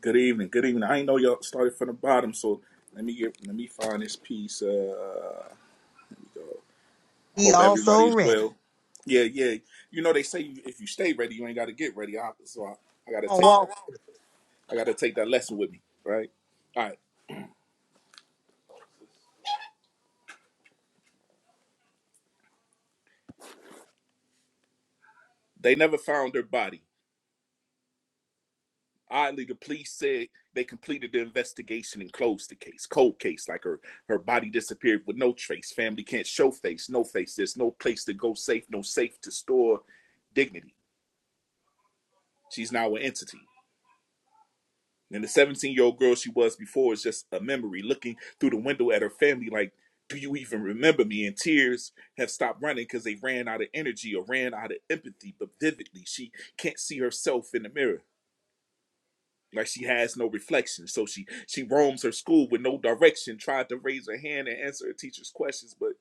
S15: Good evening. Good evening. I ain't know y'all started from the bottom, so let me get let me find this piece. Uh, I
S6: He
S15: hope
S6: also
S15: everybody is
S6: read.
S15: well. Yeah, yeah. You know they say you- if you stay ready, you ain't got to get ready. I, so I, I gotta take
S6: Oh, wow.
S15: that. I gotta take that lesson with me. Right. All right. They never found her body. Oddly, the police said they completed the investigation and closed the case. Cold case, like her her body disappeared with no trace. Family can't show face. No face. There's no place to go safe. No safe to store dignity. She's now an entity. And the 17 year old girl she was before is just a memory looking through the window at her family, like, Do you even remember me? And tears have stopped running because they ran out of energy or ran out of empathy. But vividly, she can't see herself in the mirror. Like she has no reflection. So she she roams her school with no direction, tried to raise her hand and answer her teacher's questions, but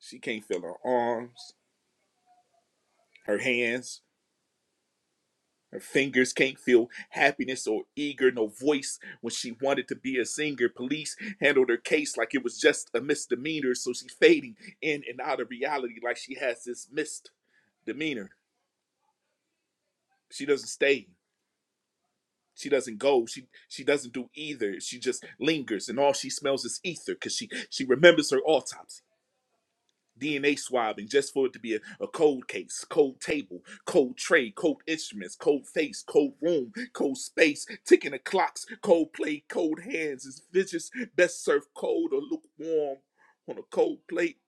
S15: she can't feel her arms, her hands. Her fingers can't feel happiness or eager, no voice when she wanted to be a singer. Police handled her case like it was just a misdemeanor, so she's fading in and out of reality like she has this misdemeanor. She doesn't stay. She doesn't go. She she doesn't do either. She just lingers, and all she smells is ether because she she remembers her autopsy. DNA swabbing just for it to be a, a cold case, cold table, cold tray, cold instruments, cold face, cold room, cold space, ticking the clocks, cold plate, cold hands. Is vicious best served cold or lukewarm on a cold plate?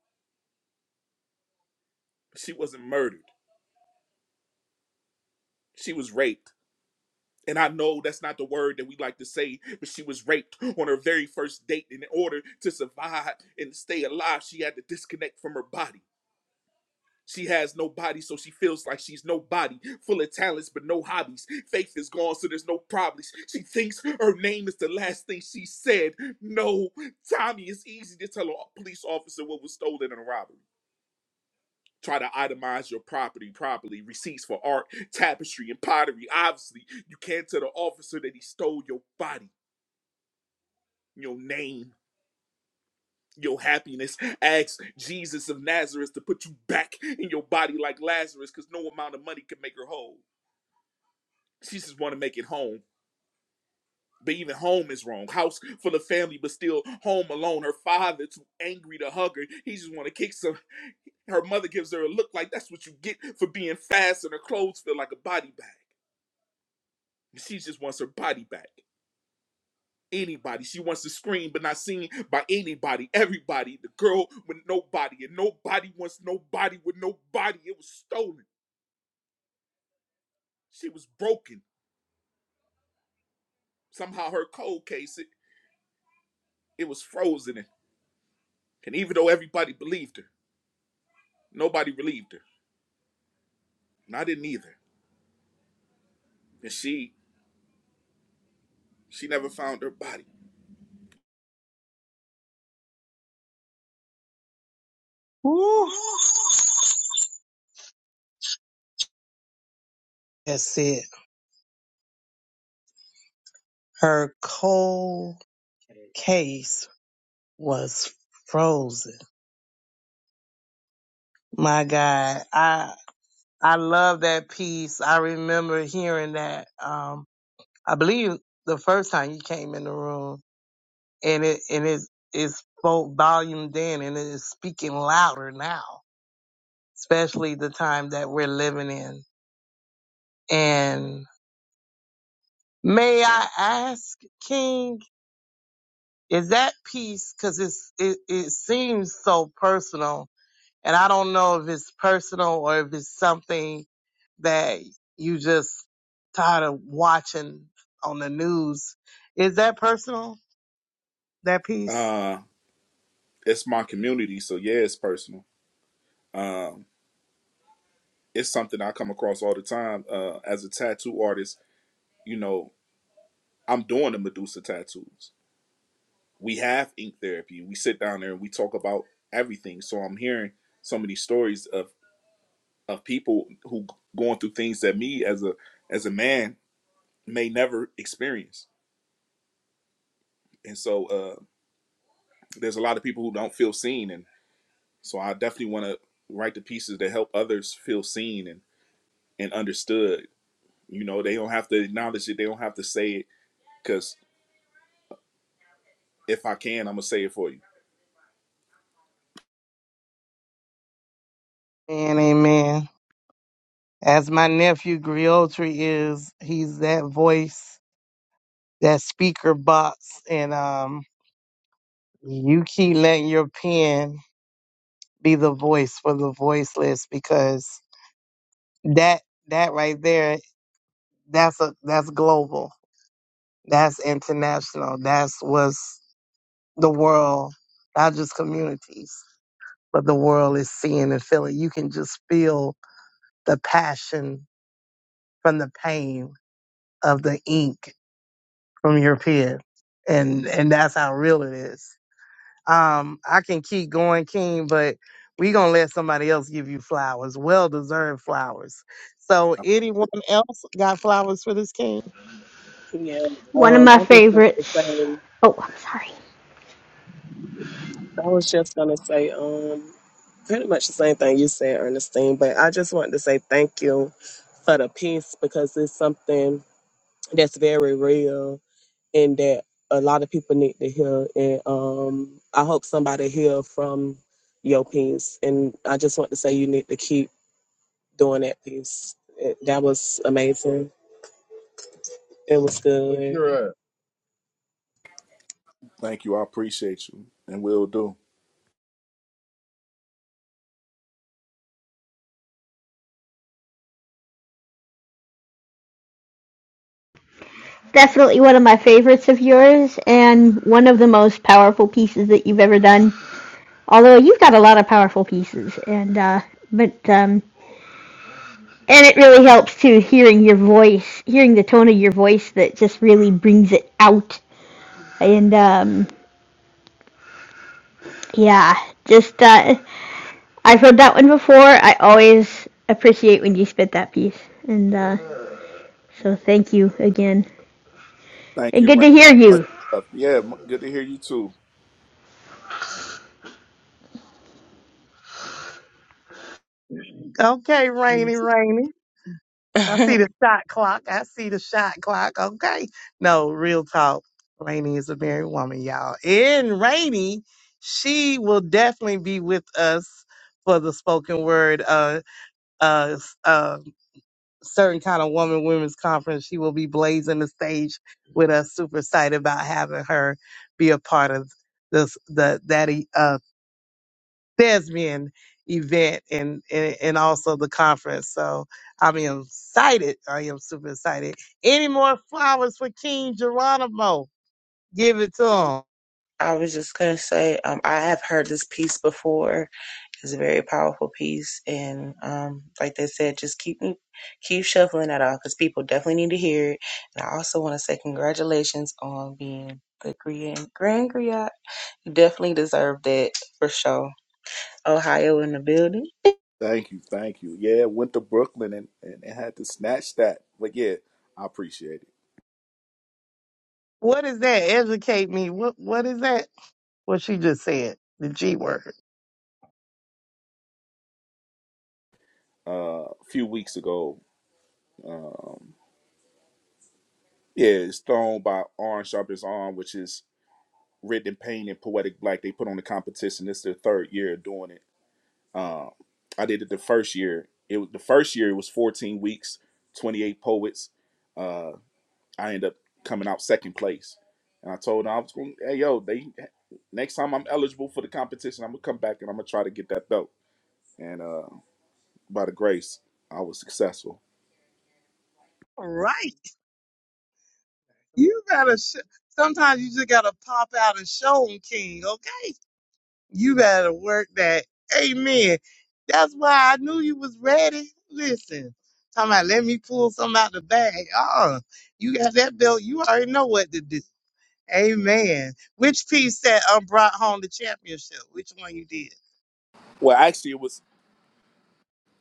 S15: She wasn't murdered. She was raped. And I know that's not the word that we like to say, but she was raped on her very first date. And in order to survive and stay alive, she had to disconnect from her body. She has no body, so she feels like she's nobody. Full of talents, but no hobbies. Faith is gone, so there's no problems. She thinks her name is the last thing she said. No, Tommy, it's easy to tell a police officer what was stolen in a robbery. Try to itemize your property properly. Receipts for art, tapestry, and pottery. Obviously, you can't tell the officer that he stole your body, your name, your happiness. Ask Jesus of Nazareth to put you back in your body like Lazarus, because no amount of money can make her whole. She just want to make it home. But even home is wrong. House for the family, but still home alone. Her father too angry to hug her. He just want to kick some. Her mother gives her a look like that's what you get for being fast, and her clothes feel like a body bag. She just wants her body back. Anybody. She wants to scream, but not seen by anybody. Everybody. The girl with nobody, and nobody wants nobody with nobody. It was stolen. She was broken. Somehow her cold case, it, it was frozen. And and even though everybody believed her, nobody relieved her. and I didn't either. And she she never found her body.
S7: Woo. That's it. Her cold case was frozen. My God, I I love that piece. I remember hearing that. Um, I believe the first time you came in the room, and it and it it spoke volume then, and it is speaking louder now, especially the time that we're living in. And may I ask, King? is that piece because it's it, it seems so personal and i don't know if it's personal or if it's something that you just tired of watching on the news is that personal that piece
S15: Uh, it's my community, so yeah, it's personal. Um, it's something I come across all the time. Uh, as a tattoo artist, you know, I'm doing the Medusa tattoos. We have ink therapy. We sit down there and we talk about everything. So I'm hearing so many stories of of people who going through things that me as a as a man may never experience. And so uh, there's a lot of people who don't feel seen, and. So I definitely want to write the pieces that help others feel seen and, and understood. You know, they don't have to acknowledge it. They don't have to say it. Because if I can, I'm going to say it for you.
S6: And amen. As my nephew Griotri is, he's that voice, that speaker box, and um you keep letting your pen be the voice for the voiceless because that that right there that's a that's global that's international that's what's the world not just communities but the world is seeing and feeling you can just feel the passion from the pain of the ink from your pen and and that's how real it is Um, I can keep going, King, but we gonna let somebody else give you flowers, well deserved flowers. So, anyone else got flowers for this King?
S4: Yeah.
S8: One of
S4: Um,
S8: my
S4: I just want to
S8: favorites.
S4: say
S8: Oh, I'm sorry.
S4: I was just gonna say um pretty much the same thing you said, Ernestine, but I just wanted to say thank you for the peace because it's something that's very real and that a lot of people need to hear. And um, I hope somebody hear from your piece. And I just want to say you need to keep doing that piece. It, that was amazing. It was good.
S15: Thank you. I appreciate you. And will do.
S8: Definitely one of my favorites of yours, and one of the most powerful pieces that you've ever done. Although you've got a lot of powerful pieces, and uh, but um, and it really helps too, hearing your voice, hearing the tone of your voice that just really brings it out. And um, yeah, just uh, I've heard that one before. I always appreciate when you spit that piece. And uh, so thank you again.
S15: Thank
S8: And
S15: you,
S8: good to
S15: Ray.
S8: hear
S15: Much
S8: you.
S15: love. Yeah, m- good to hear you too.
S6: Okay, Rainy, Rainy. I see
S2: <laughs>
S6: the shot clock. I see the shot clock. Okay. No, real talk. Rainy is a married woman, y'all. And Rainy, she will definitely be with us for the spoken word uh uh, uh certain kind of woman women's conference. She will be blazing the stage with us. Super excited about having her be a part of this the that e- uh thespian event and, and and also the conference. So I am excited. I am super excited. Any more flowers for King Geronimo? Give it to him.
S2: I was just gonna say, um, I have heard this piece before, It's a very powerful piece, and um, like they said, just keep me keep shuffling that off because people definitely need to hear it. And I also want to say congratulations on being the grand grand griot. You definitely deserve that for sure. Ohio in the building.
S15: Thank you. Thank you. Yeah, went to Brooklyn and, and, and had to snatch that. But yeah, I appreciate it.
S6: What is that? Educate me. What what is that? What she just said. The G word.
S15: Uh, a few weeks ago, yeah, it's thrown by Arn Sharp's arm, which is Written in Pain and Poetic Black. They put on the competition. This is their third year of doing it. Um, I did it the first year. It was the first year. It was 14 weeks, 28 poets. Uh, I ended up coming out second place, and I told them I was going. Hey, yo, they next time I'm eligible for the competition, I'm gonna come back and I'm gonna try to get that belt. And uh, by the grace, I was successful.
S6: All Right. You gotta. Sh- Sometimes you just gotta pop out and show 'em, King. Okay, you gotta work that. Amen. That's why I knew you was ready. Listen, talking about let me pull something out the bag. Uh, uh you got that belt. You already know what to do. Amen. Which piece that um brought home the championship? Which one you did?
S15: Well, actually, it was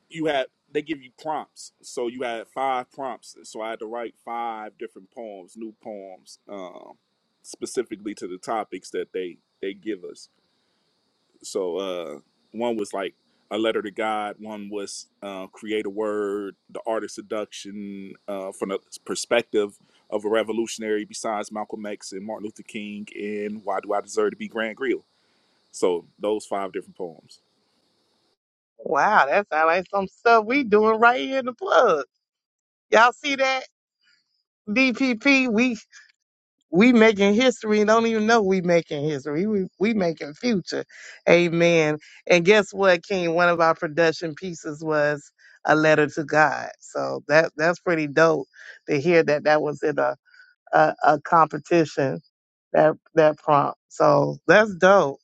S15: you had they give you prompts so you had five prompts so i had to write five different poems new poems um, specifically to the topics that they they give us so uh, one was like a letter to god one was uh, create a word the art of seduction uh, from the perspective of a revolutionary besides malcolm x and martin luther king and why do i deserve to be Grant grill so those five different poems
S6: Wow, that sounds like some stuff we doing right here in the plug. Y'all see that? DPP. We we making history and don't even know we making history. We we making future. Amen. And guess what, King? One of our production pieces was a letter to God. So that that's pretty dope to hear that that was in a a, a competition that that prompt. So that's dope,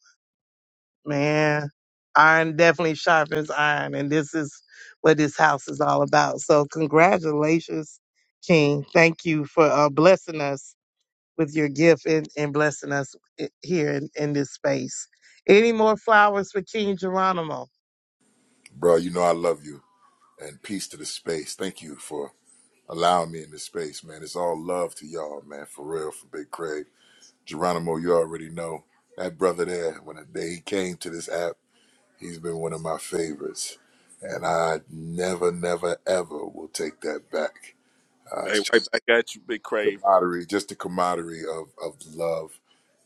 S6: man. Iron definitely sharpens iron, and this is what this house is all about. So congratulations, King. Thank you for uh, blessing us with your gift and, and blessing us i- here in, in this space. Any more flowers for King Geronimo?
S16: Bro, you know I love you and peace to the space. Thank you for allowing me in this space, man. It's all love to y'all, man. For real, for Big Craig. Geronimo, you already know. That brother there, when the day he came to this app, he's been one of my favorites. And I never, never, ever will take that back
S15: hey right back at you big crave
S16: camaraderie, just the camaraderie of of love.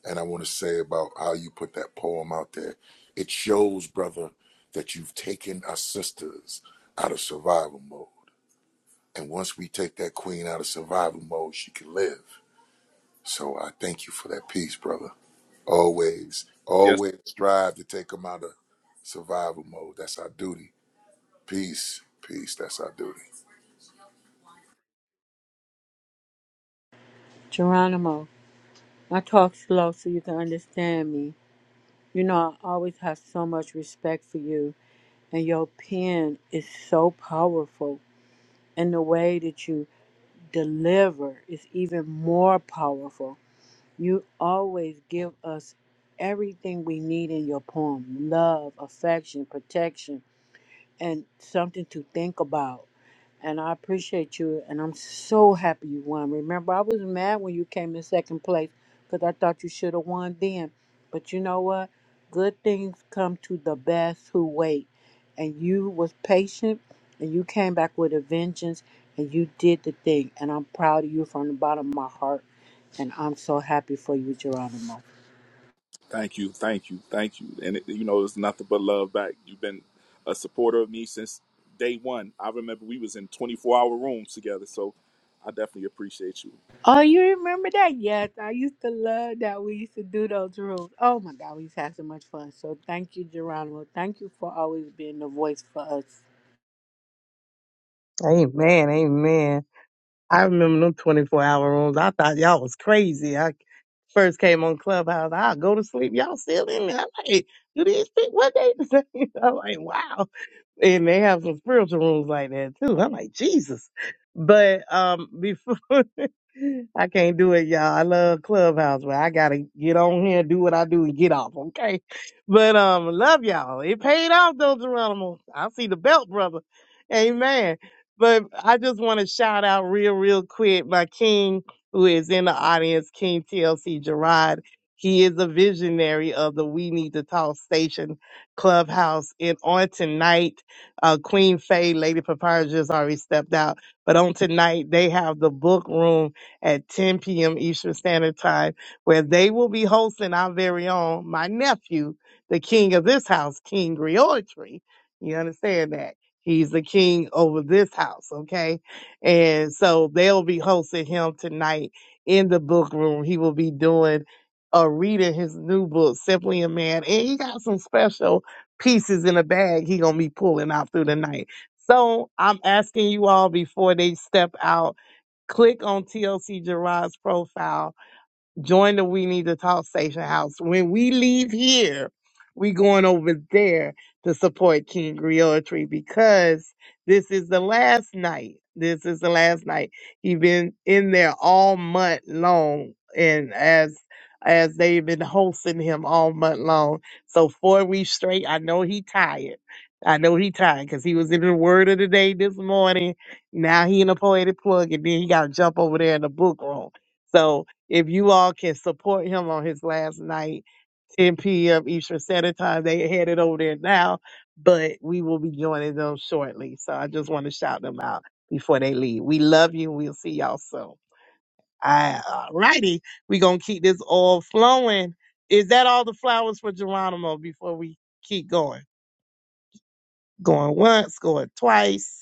S16: And I want to say about how you put that poem out there. It shows, brother, that you've taken our sisters out of survival mode. And once we take that queen out of survival mode, she can live. So I thank you for that piece, brother. Always, always strive to take them out of survival mode. That's our duty. Peace, peace. That's our duty.
S17: Geronimo, I talk slow so you can understand me. You know, I always have so much respect for you, and your pen is so powerful, and the way that you deliver is even more powerful. You always give us everything we need in your poem love, affection, protection, and something to think about. And I appreciate you, and I'm so happy you won. Remember, I was mad when you came in second place because I thought you should have won then. But you know what? Good things come to the best who wait. And you was patient, and you came back with a vengeance, and you did the thing. And I'm proud of you from the bottom of my heart. And I'm so happy for you, Geronimo.
S15: Thank you, thank you, thank you. And it, you know, it's nothing but love back. You've been a supporter of me since day one. I remember we was in 24 hour rooms together, so I definitely appreciate you.
S17: Oh, you remember that? Yes, I used to love that. We used to do those rules. Oh my God, we used to have so much fun. So thank you, Geronimo. Thank you for always being the voice for us.
S6: Amen. Amen. I remember them 24 hour rooms. I thought y'all was crazy. I first came on Clubhouse. I'll go to sleep. Y'all still in there. I'm like, do these people, what they <laughs> say? I'm like, wow. And they have some spiritual rooms like that too. I'm like, Jesus. But um before <laughs> I can't do it, y'all. I love Clubhouse, but I gotta get on here, do what I do, and get off. Okay, but um, love y'all. It paid off though, Geronimo. I see the belt, brother. Amen. But I just want to shout out real, real quick my king who is in the audience, King TLC Gerard. He is a visionary of the We Need to Talk Station Clubhouse. And on tonight, uh, Queen Faye, Lady Papyrus just already stepped out. But on tonight, they have the book room at 10 p.m. Eastern Standard Time, where they will be hosting our very own, my nephew, the king of this house, King Griotry. You understand that? He's the king over this house, okay? And so they'll be hosting him tonight in the book room. He will be doing uh, reading his new book, Simply a Man, and he got some special pieces in a bag he gonna be pulling out through the night. So I'm asking you all before they step out Click on TLC Gerard's profile Join the We Need to Talk Station House. When we leave here, we going over there to support King Griotry because this is the last night. This is the last night. He been in there all month long, and as as they've been hosting him all month long, so four weeks straight. I know he tired. I know he tired because he was in the Word of the Day this morning. Now he in the poetic plug, and then he got to jump over there in the book room. So if you all can support him on his last night, 10 p.m. Eastern Standard Time, they headed over there now, but we will be joining them shortly. So I just want to shout them out before they leave. We love you. We'll see y'all soon. All righty. We're going to keep this all flowing. Is that all the flowers for Geronimo before we keep going? Going once, going twice.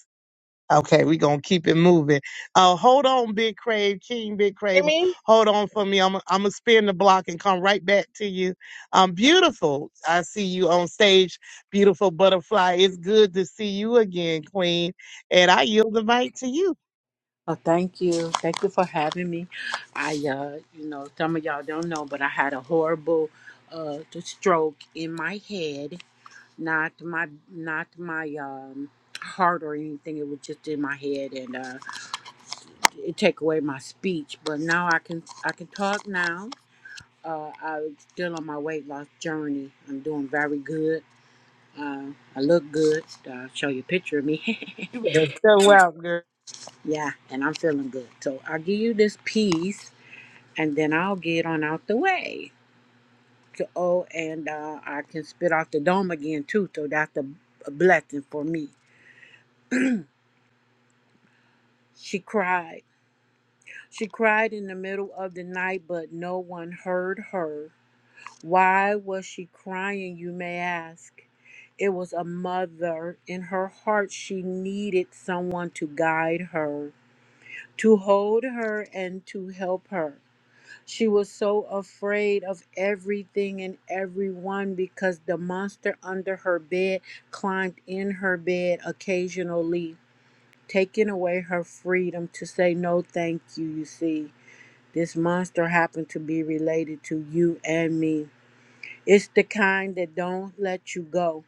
S6: Okay, we're gonna keep it moving. Uh hold on, Big Crave, King Big Crave.
S5: me?
S6: Hold on for me. I'm I'm gonna spin the block and come right back to you. Um, beautiful. I see you on stage, beautiful butterfly. It's good to see you again, Queen. And I yield the mic to you.
S17: Oh, thank you. Thank you for having me. I, uh, you know, some of y'all don't know, but I had a horrible uh stroke in my head. Not my, not my um heart or anything. It was just in my head, and uh, it take away my speech. But now I can, I can talk now Uh, I'm still on my weight loss journey. I'm doing very good. Uh, I look good. I'll show you a picture of me.
S6: You better show out, girl.
S17: <laughs> yeah, and I'm feeling good. So I'll give you this piece and then I'll get on out the way. So, oh, and uh, I can spit off the dome again too. So that's a, a blessing for me. She cried. She cried in the middle of the night, but no one heard her. Why was she crying, you may ask? It was a mother. In her heart, she needed someone to guide her, to hold her, and to help her. She was so afraid of everything and everyone because the monster under her bed climbed in her bed occasionally, taking away her freedom to say no thank you, you see. This monster happened to be related to you and me. It's the kind that don't let you go.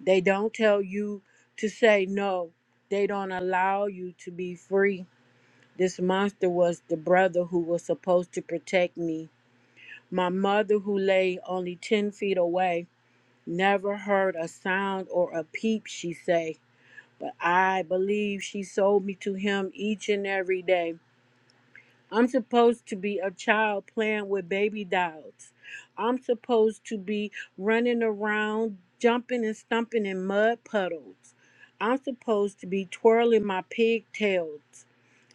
S17: They don't tell you to say no. They don't allow you to be free. This monster was the brother who was supposed to protect me. My mother, who lay only 10 feet away, never heard a sound or a peep, she say. But I believe she sold me to him each and every day. I'm supposed to be a child playing with baby dolls. I'm supposed to be running around, jumping and stumping in mud puddles. I'm supposed to be twirling my pigtails.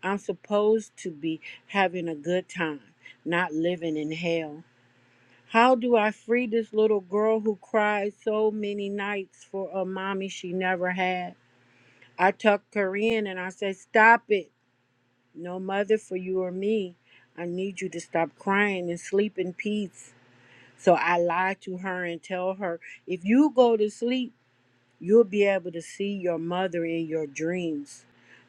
S17: I'm supposed to be having a good time, not living in hell. How do I free this little girl who cried so many nights for a mommy she never had? I tuck her in and I say, Stop it. No mother for you or me. I need you to stop crying and sleep in peace. So I lie to her and tell her, if you go to sleep, you'll be able to see your mother in your dreams.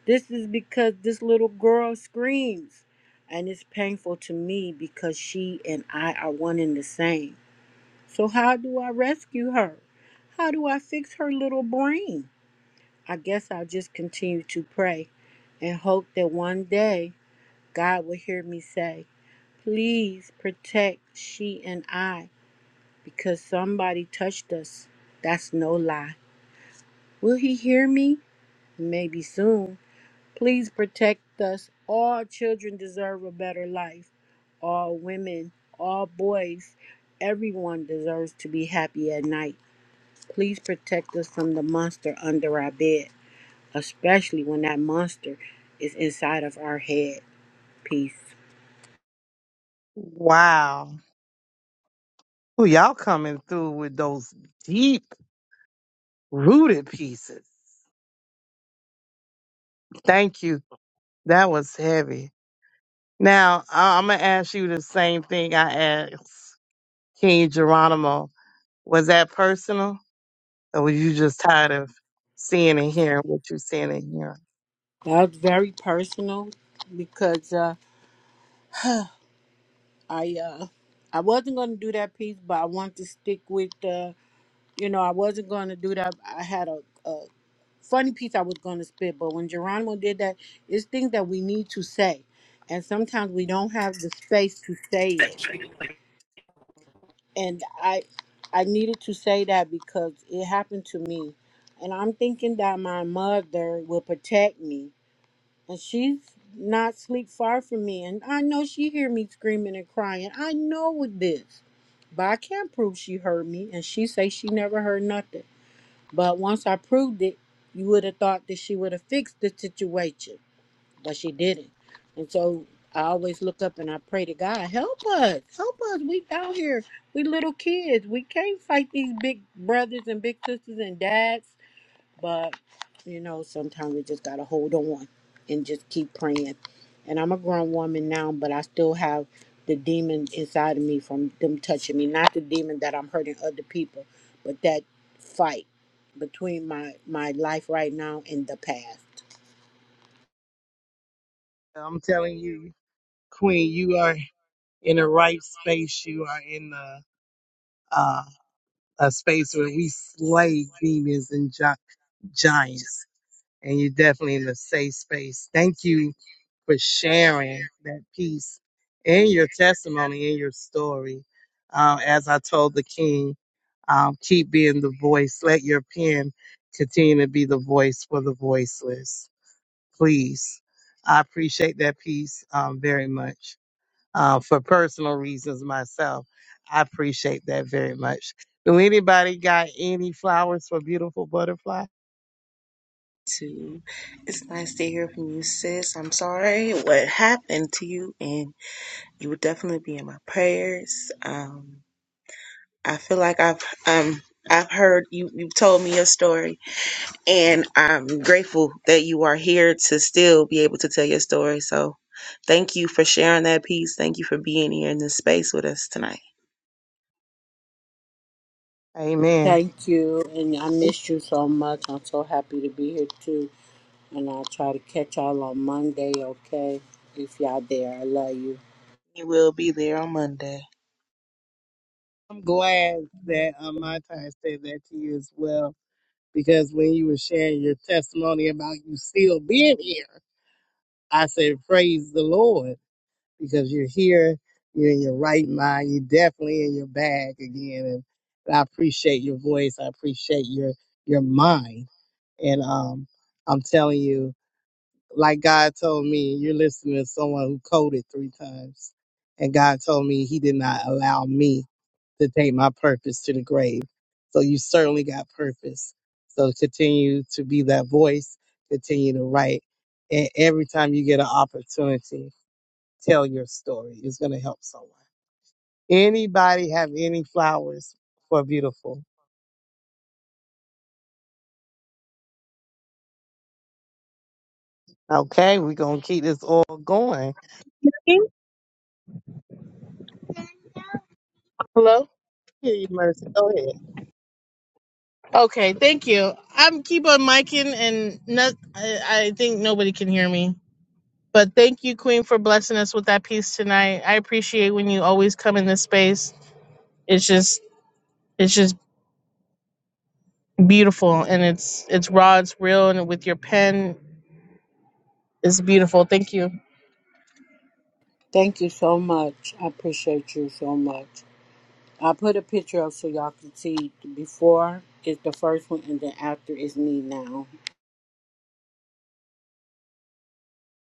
S17: This is because this little girl screams, and it's painful to me because she and I are one and the same. So, how do I rescue her? How do I fix her little brain? I guess I'll just continue to pray and hope that one day God will hear me say, Please protect she and I because somebody touched us. That's no lie. Will he hear me? Maybe soon. Please protect us. All children deserve a better life. All women, all boys, everyone deserves to be happy at night. Please protect us from the monster under our bed, especially when that monster is inside of our head. Peace.
S6: Wow. Ooh, y'all coming through with those deep rooted pieces. Thank you. That was heavy. Now I- I'm gonna ask you the same thing I asked. King Geronimo, was that personal? Or were you just tired of seeing and hearing what you're seeing and hearing?
S17: That's very personal because uh, I uh, I wasn't going to do that piece, but I wanted to stick with uh, you know I wasn't going to do that. I had a, a funny piece I was going to spit, but when Geronimo did that, it's things that we need to say, and sometimes we don't have the space to say it. And I I needed to say that because it happened to me, and I'm thinking that my mother will protect me and she's not sleep far from me and i know she hear me screaming and crying i know it is but i can't prove she heard me and she say she never heard nothing but once i proved it you would have thought that she would have fixed the situation but she didn't and so i always look up and i pray to god help us help us we out here we little kids we can't fight these big brothers and big sisters and dads but, you know, sometimes we just got to hold on and just keep praying. And I'm a grown woman now, but I still have the demon inside of me from them touching me. Not the demon that I'm hurting other people, but that fight between my, my life right now and the past.
S6: I'm telling you, Queen, you are in the right space. You are in the uh, a space where we slay demons and gi- giants. And you're definitely in a safe space. Thank you for sharing that piece in your testimony, in your story. Um, as I told the king, um, keep being the voice. Let your pen continue to be the voice for the voiceless. Please. I appreciate that piece um, very much. Uh, for personal reasons myself, I appreciate that very much. Do anybody got any flowers for beautiful butterfly?
S2: Too. It's nice to hear from you, sis. I'm sorry what happened to you, and you will definitely be in my prayers. Um, I feel like I've um I've heard you. You've told me your story, And I'm grateful that you are here to still be able to tell your story. So thank you for sharing that piece. Thank you for being here in this space with us tonight.
S6: Amen.
S17: Thank you. And I missed you so much. I'm so happy to be here too. And I'll try to catch y'all on Monday, okay? If y'all there, I love you.
S2: You will be there on Monday.
S6: I'm glad that um, my time said that to you as well because when you were sharing your testimony about you still being here, I said, Praise the Lord, because you're here, you're in your right mind, you're definitely in your bag again. And, I appreciate your voice, I appreciate your your mind. And um I'm telling you, like God told me, you're listening to someone who coded three times. And God told me he did not allow me to take my purpose to the grave. So you certainly got purpose. So continue to be that voice, continue to write. And every time you get an opportunity, tell your story. It's going to help someone. Anybody have any flowers for beautiful? Okay, we're going to keep this all going.
S5: Hello.
S6: Here you, Mercy. Go ahead.
S5: Okay, thank you. I'm keep on micing, and not, I, I think nobody can hear me. But thank you, Queen, for blessing us with that piece tonight. I appreciate when you always come in this space. It's just it's just beautiful and it's it's raw, it's real, and with your pen, it's beautiful. Thank you.
S17: Thank you so much. I appreciate you so much. I put a picture up so y'all can see before is the first one and then after is me now.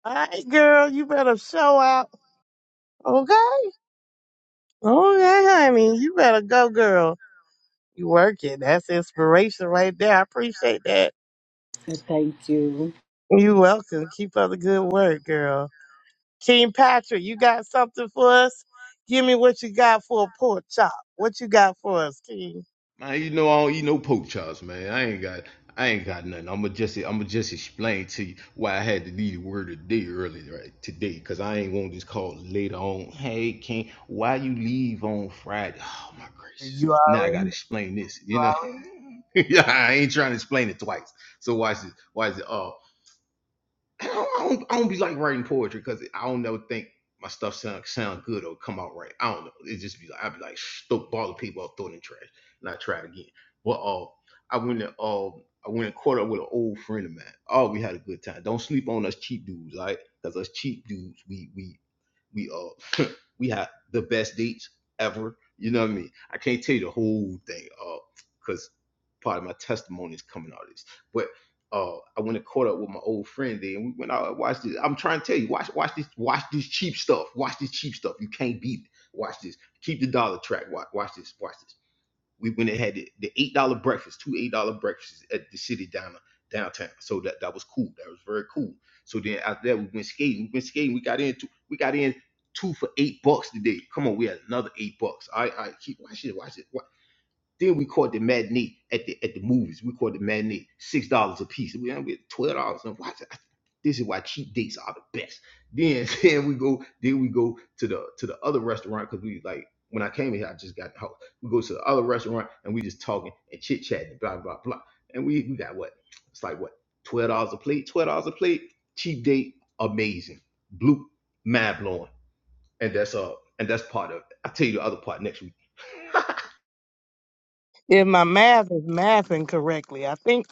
S6: All right, girl, you better show out. Okay? Okay, honey. You better go, girl. You working. That's inspiration right there. I appreciate that.
S17: And thank you.
S6: You are welcome. Keep up the good work, girl. King Patrick, you got something for us? Give me what you got for a pork chop. What you got for us, King?
S14: Man, you know I don't eat no pork chops, man. I ain't got I ain't got nothing. I'ma just I'ma just explain to you why I had to leave the word today early right today, cause I ain't want this call later on. Hey King, why you leave on Friday? Oh my gracious.
S6: You
S14: Now I gotta
S6: already
S14: explain this, you know. <laughs> yeah, I ain't trying to explain it twice. So watch this. Watch it. <coughs> I don't, I don't, I don't be like writing poetry because I don't never think my stuff sound sound good or come out right. I don't know. It just be like I'd be like stoke ball of paper up, throw it in the trash, and I try it again. But uh, I went and uh, I went and caught up with an old friend of mine. Oh, we had a good time. Don't sleep on us cheap dudes, all right? Because us cheap dudes, we we we uh <laughs> we had the best dates ever. You know what I mean? I can't tell you the whole thing, uh, cause part of my testimony is coming out of this. But uh, I went and caught up with my old friend there, and we went out and watched this. I'm trying to tell you, watch, watch this, watch this cheap stuff. Watch this cheap stuff. You can't beat it. Watch this. Keep the dollar track. Watch, watch this. Watch this. We went and had the, the eight dollar breakfast, two eight dollar breakfasts at the city down downtown. So that that was cool. That was very cool. So then after that, we went skating. We went skating. We got in two, we got in two for eight bucks today. Come on, we had another eight bucks. I I keep watch it. Watch it. Then we caught the matinee at the at the movies. We caught the matinee six dollars a piece. We we had twelve dollars. And watch it. This is why cheap dates are the best. Then <laughs> then we go then we go to the to the other restaurant because we like when I came here I just got the house. We go to the other restaurant and we just talking and chit chatting blah blah blah. And we we got what it's like what twelve dollars a plate twelve dollars a plate cheap date amazing blue mind blowing and that's uh and that's part of it. I'll tell you the other part next week. <laughs>
S6: If my math is mathing correctly, I think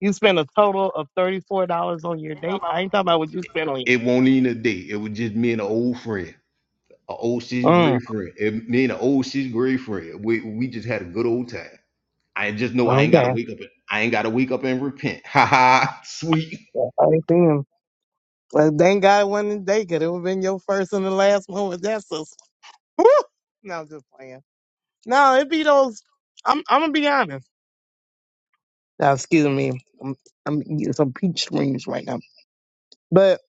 S6: you spent a total of thirty-four dollars on your date. I ain't talking about what you spent on your.
S14: It won't even a date. It was just me and an old friend, an old sixth
S6: Mm,
S14: grade friend, And me and an old sixth grade friend. We we just had a good old time. I just know I ain't gotta
S6: okay.
S14: wake up. and- I ain't gotta wake up and repent. <laughs> Ha ha. Sweet.
S6: I ain't seen him. Well, thank God it wasn't a date, 'cause it would have been your first and the last one with that sister. Woo! No, I'm just playing. No, it be those. I'm. I'm gonna be honest. Now, excuse me, I'm, I'm eating some peach rings right now. But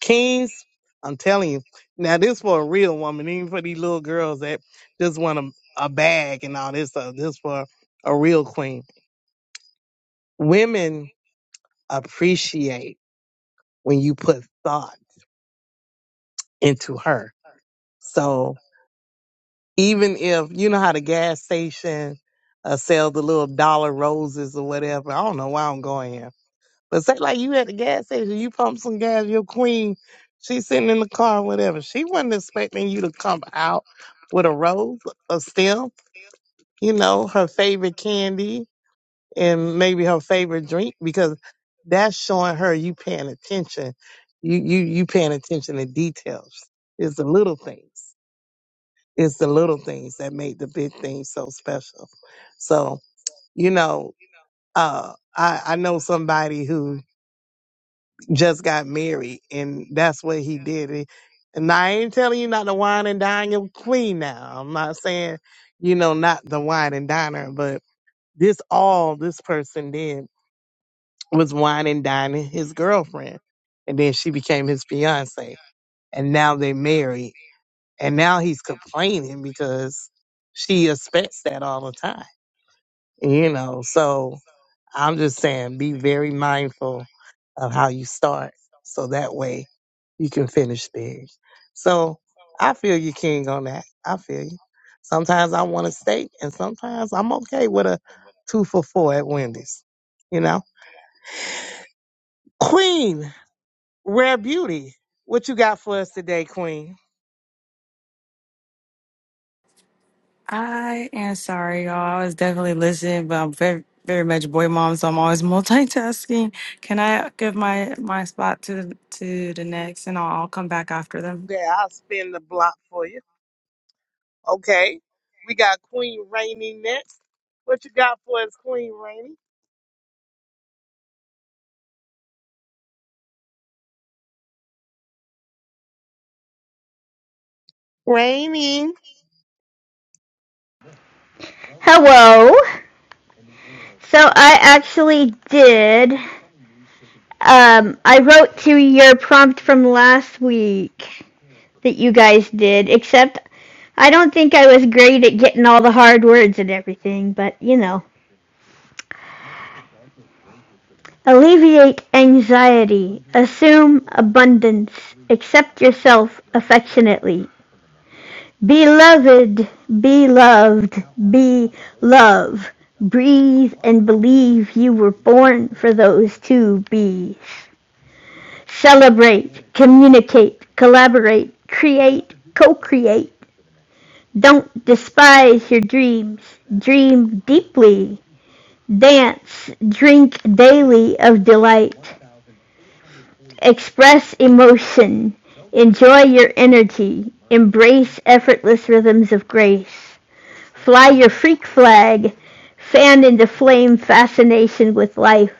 S6: kings, I'm telling you, now this for a real woman, even for these little girls that just want a, a bag and all this stuff. This for a real queen. Women appreciate when you put thought into her. So even if you know how the gas station uh, sells the little dollar roses or whatever, I don't know why I'm going here But say like you at the gas station, you pump some gas, your queen, she's sitting in the car, whatever. She wasn't expecting you to come out with a rose, a stem, you know, her favorite candy and maybe her favorite drink because that's showing her you paying attention. You you you paying attention to details. It's the little things. It's the little things that make the big things so special. So, you know, uh I, I know somebody who just got married, and that's what he did. It- And I ain't telling you not to wine and dine your queen now. I'm not saying, you know, not the wine and diner, but this all this person did was wine and dining his girlfriend. And then she became his fiance. And now they married. And now he's complaining because she expects that all the time, you know. So I'm just saying, be very mindful of how you start, so that way you can finish big. So I feel you, King, on that. I feel you. Sometimes I want a steak, and sometimes I'm okay with a two for four at Wendy's. You know, Queen, rare beauty. What you got for us today, Queen?
S13: I am sorry, y'all. I was definitely listening, but I'm very, very much boy mom, so I'm always <laughs> multitasking. Can I give my my spot to to the next, and I'll, I'll come back after them?
S6: Yeah, I'll spin the block for you. Okay, we got Queen Rainy next. What you got for us, Queen Rainy? Rainy.
S8: Hello. So I actually did. Um, I wrote to your prompt from last week that you guys did, except I don't think I was great at getting all the hard words and everything, but you know. Alleviate anxiety. Assume abundance. Accept yourself affectionately. Beloved, beloved, be love. Breathe and believe you were born for those two B's. Celebrate, communicate, collaborate, create, co-create. Don't despise your dreams. Dream deeply. Dance, drink daily of delight. Express emotion. Enjoy your energy. Embrace effortless rhythms of grace. Fly your freak flag. Fan into flame fascination with life.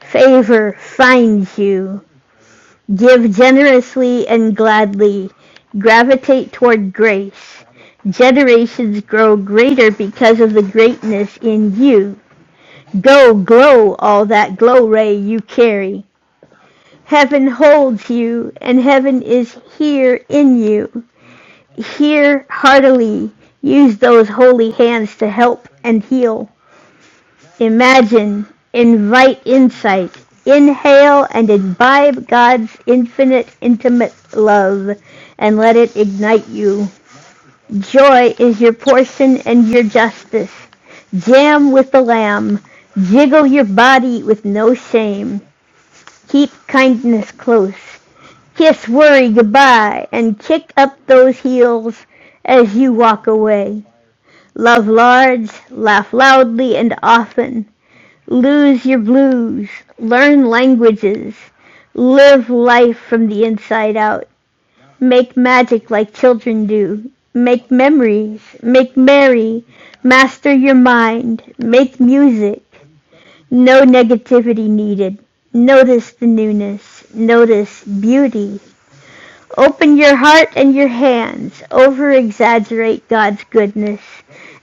S8: Favor finds you. Give generously and gladly. Gravitate toward grace. Generations grow greater because of the greatness in you. Go glow all that glow ray you carry. Heaven holds you, and heaven is here in you. Hear heartily. Use those holy hands to help and heal. Imagine, invite insight, inhale and imbibe God's infinite, intimate love, and let it ignite you. Joy is your portion and your justice. Jam with the lamb. Jiggle your body with no shame. Keep kindness close. Kiss worry goodbye and kick up those heels as you walk away. Love large, laugh loudly and often. Lose your blues. Learn languages. Live life from the inside out. Make magic like children do. Make memories. Make merry. Master your mind. Make music. No negativity needed. Notice the newness. Notice beauty. Open your heart and your hands. Over exaggerate God's goodness.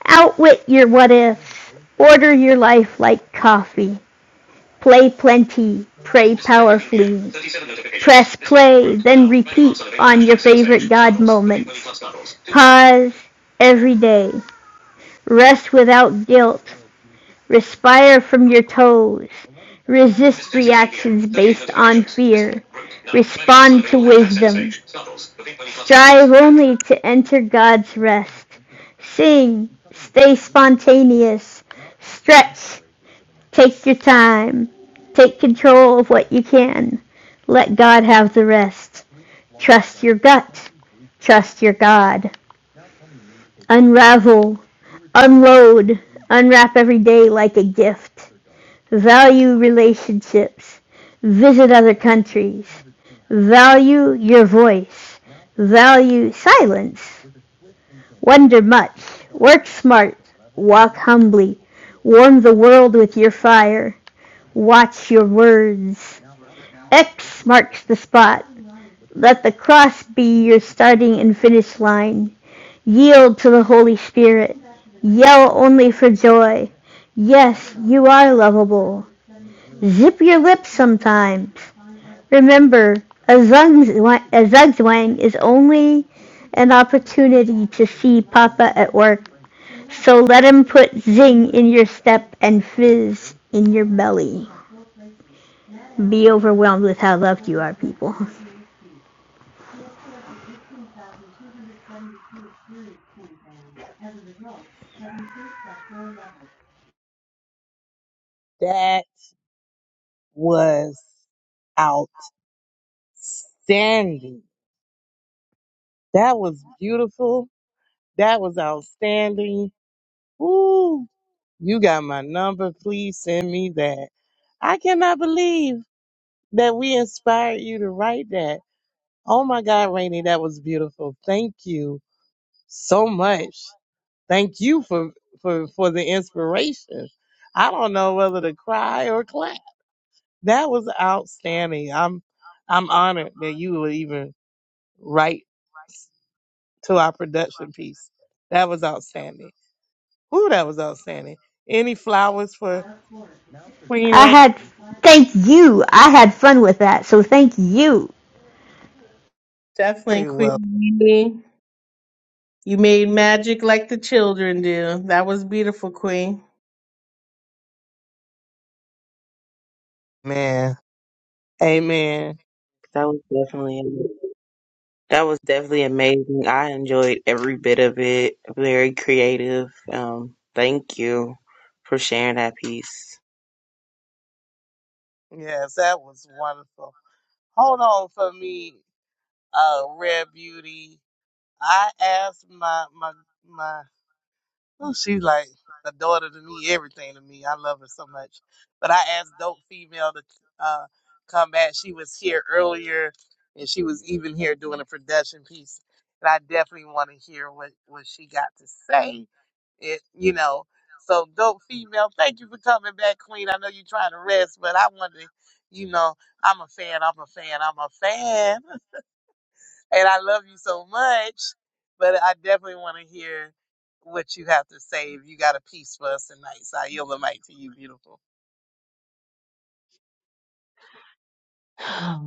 S8: Outwit your what ifs. Order your life like coffee. Play plenty, pray powerfully. Press play, then repeat on your favorite God moments. Pause every day. Rest without guilt. Respire from your toes. Resist reactions based on fear. Respond to wisdom. Strive only to enter God's rest. Sing, stay spontaneous. Stretch, Take your time. Take control of what you can. Let God have the rest. Trust your gut. Trust your God. Unravel. Unload. Unwrap every day like a gift. Value relationships. Visit other countries. Value your voice. Value silence. Wonder much. Work smart. Walk humbly. Warm the world with your fire. Watch your words. X marks the spot. Let the cross be your starting and finish line. Yield to the Holy Spirit. Yell only for joy. Yes, you are lovable. Zip your lips sometimes. Remember, a zugzwang is only an opportunity to see Papa at work. So let him put zing in your step and fizz in your belly. Be overwhelmed with how loved you are, people.
S6: was outstanding. That was beautiful. That was outstanding. Ooh, you got my number. Please send me that. I cannot believe that we inspired you to write that. Oh my God, Rainey, that was beautiful. Thank you so much. Thank you for for for the inspiration. I don't know whether to cry or clap. That was outstanding. I'm I'm honored that you would even write to our production piece. That was outstanding. Ooh, that was outstanding. Any flowers for Queen
S8: I had,
S6: Rainey?
S8: thank you. I had fun with that, so thank you.
S5: Definitely,
S6: Very
S5: Queen.
S6: well,
S5: Mimi. You made magic like the children do. That was beautiful, Queen.
S6: man. Amen.
S2: That was definitely that was definitely amazing. I enjoyed every bit of it. Very creative. Um, thank you for sharing that piece.
S6: Yes, that was wonderful. Hold on for me, uh, Rare Beauty. I asked my my my Well, she's like a daughter to me, everything to me. I love her so much. But I asked Dope Female to uh, come back. She was here earlier, and she was even here doing a production piece. And I definitely want to hear what, what she got to say. It, you know. So, Dope Female, thank you for coming back, Queen. I know you're trying to rest, but I wanted to, you know, I'm a fan. I'm a fan. I'm a fan and I love you so much. But I definitely want to hear what you have to say. If you got a piece for us tonight, so I yield the mic to you, beautiful.
S9: I,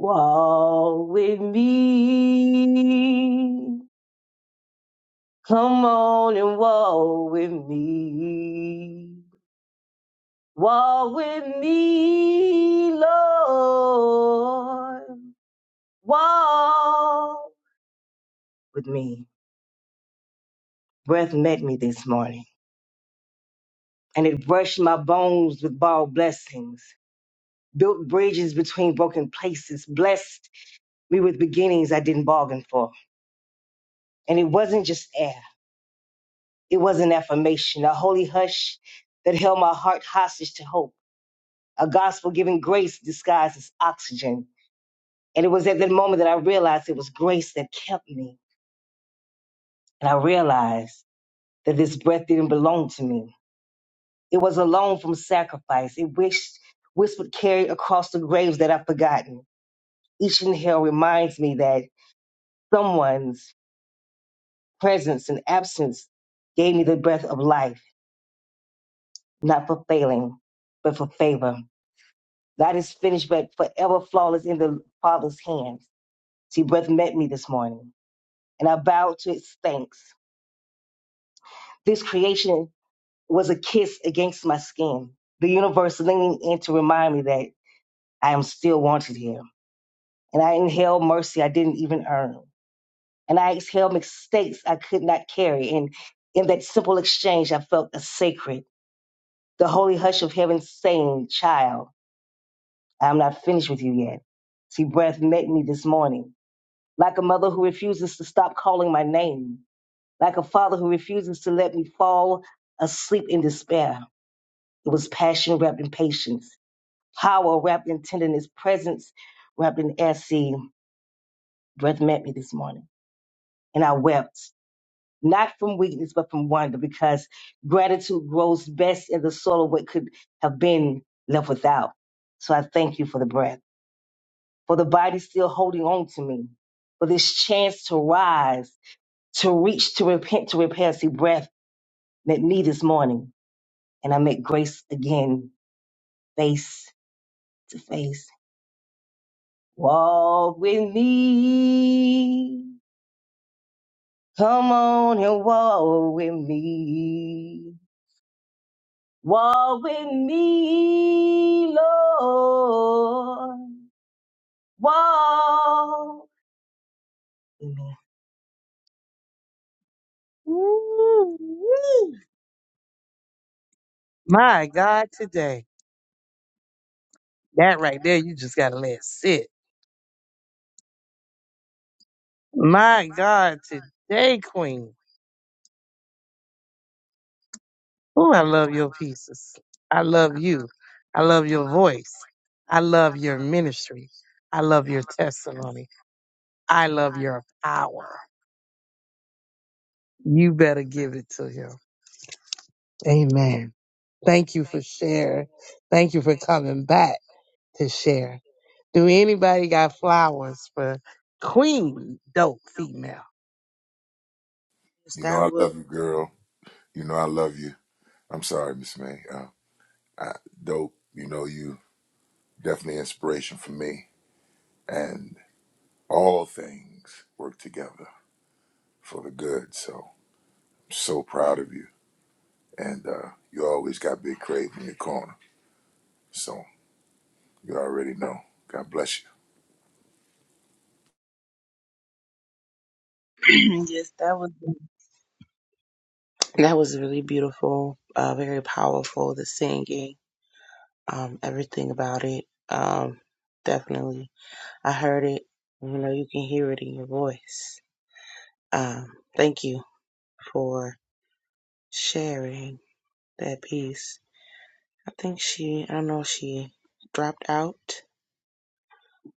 S9: <sighs> walk with me. Come on and walk with me. Walk with me, Lord. Walk with me. Breath met me this morning. and it brushed my bones with borrowed blessings, built bridges between broken places, blessed me with beginnings I didn't bargain for. And it wasn't just air, it was an affirmation, a holy hush that held my heart hostage to hope, a gospel giving grace disguised as oxygen. And it was at that moment that I realized it was grace that kept me. And I realized that this breath didn't belong to me. It was a loan from sacrifice. It wished, whispered, carried across the graves that I've forgotten each inhale reminds me that someone's presence and absence gave me the breath of life, not for failing, but for favor. Not as finished, but forever flawless in the Father's hands. See, breath met me this morning, and I bowed to its thanks. This creation was a kiss against my skin, the universe leaning in to remind me that I am still wanted here. And I inhaled mercy I didn't even earn. and I exhaled mistakes I could not carry. And in that simple exchange, I felt a sacred, the holy hush of heaven saying, Child, I am not finished with you yet. See, breath met me this morning, like a mother who refuses to stop calling my name, like a father who refuses to let me fall asleep in despair. It was passion wrapped in patience, power wrapped in tenderness, presence wrapped in air. See, breath met me this morning, and I wept. not from weakness, but from wonder, because gratitude grows best in the soul of what could have been left without. So I thank you for the breath, for the body still holding on to me, for this chance to rise, to reach, to repent, to repair. See, breath met me this morning, and I met grace again, face to face. Walk with me. Come on and walk with me. Walk with me, Lord. Walk. with me.
S6: Woo-wee. My God, today that right there, you just gotta let sit. My God, today, Queen. Oh, I love your pieces. I love you. I love your voice. I love your ministry. I love your testimony. I love your power. You better give it to him. Amen. Thank you for sharing. Thank you for coming back to share. Do anybody got flowers for Queen Dope Female?
S2: Yes,
S16: You know
S2: that
S16: I
S2: was
S16: love you, girl. You know I love you. I'm sorry, Miss May. Uh, Uh, dope. You know, you definitely inspiration for me. And all things work together for the good. So so proud of you. And uh, you always got Big Crave in your corner. So you already know. God bless you.
S2: <clears throat> yes, that was that was really beautiful. Uh, very powerful. The singing. um, everything about it. Um, definitely, I heard it. You know, you can hear it in your voice. Um, thank you for sharing that piece. I think she, I don't know, if she dropped out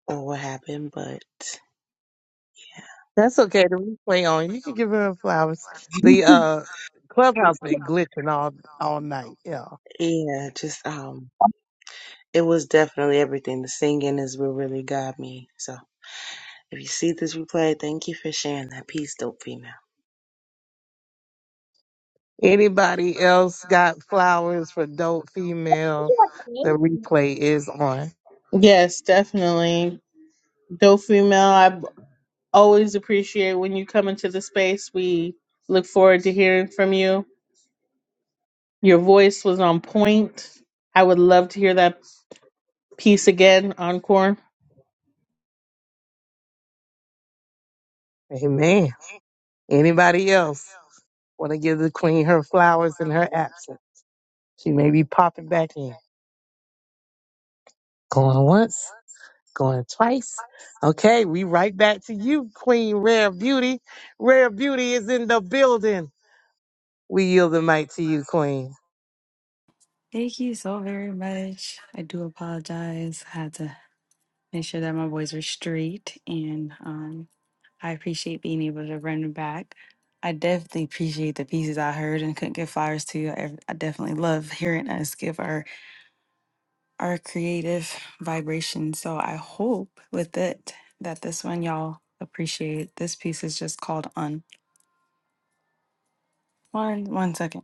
S2: or what happened, but
S6: That's okay. The replay on. You can give her flowers. The uh, clubhouse been glitching all all night. Yeah.
S2: yeah, just um, it was definitely everything. The singing is what really got me. So if you see this replay, thank you for sharing that piece, dope female.
S6: Anybody else got flowers for Dope Female? The replay is on.
S5: Yes, definitely. Dope female. I always appreciate when you come into the space. We look forward to hearing from you. Your voice was on point. I would love to hear that Peace again, encore.
S6: Amen. Anybody else want to give the Queen her flowers in her absence? She may be popping back in. Going once. Going twice. Okay, we right back to you, Queen Rare Beauty. Rare Beauty is in the building. We yield the mic to you, Queen.
S13: Thank you so very much. I do apologize. I had to make sure that my boys were straight, and um, I appreciate being able to run back. I definitely appreciate the pieces I heard and couldn't give flowers to. I, I definitely love hearing us give our our creative vibration. So I hope with it that this one y'all appreciate. This piece is just called Un. One one second.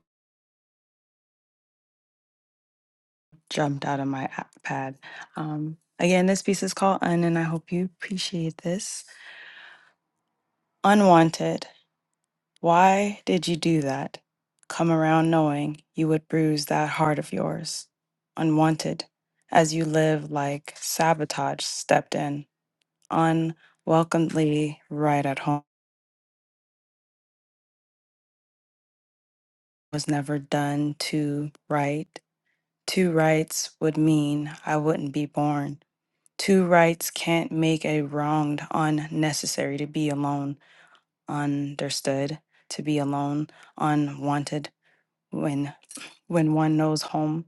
S13: Jumped out of my app pad. Um again, this piece is called Un and I hope you appreciate this. Unwanted. Why did you do that? Come around knowing you would bruise that heart of yours. Unwanted. As you live like sabotage stepped in, unwelcomely right at home. was never done to right. Two rights would mean I wouldn't be born. Two rights can't make a wronged unnecessary to be alone, understood, to be alone, unwanted when when one knows home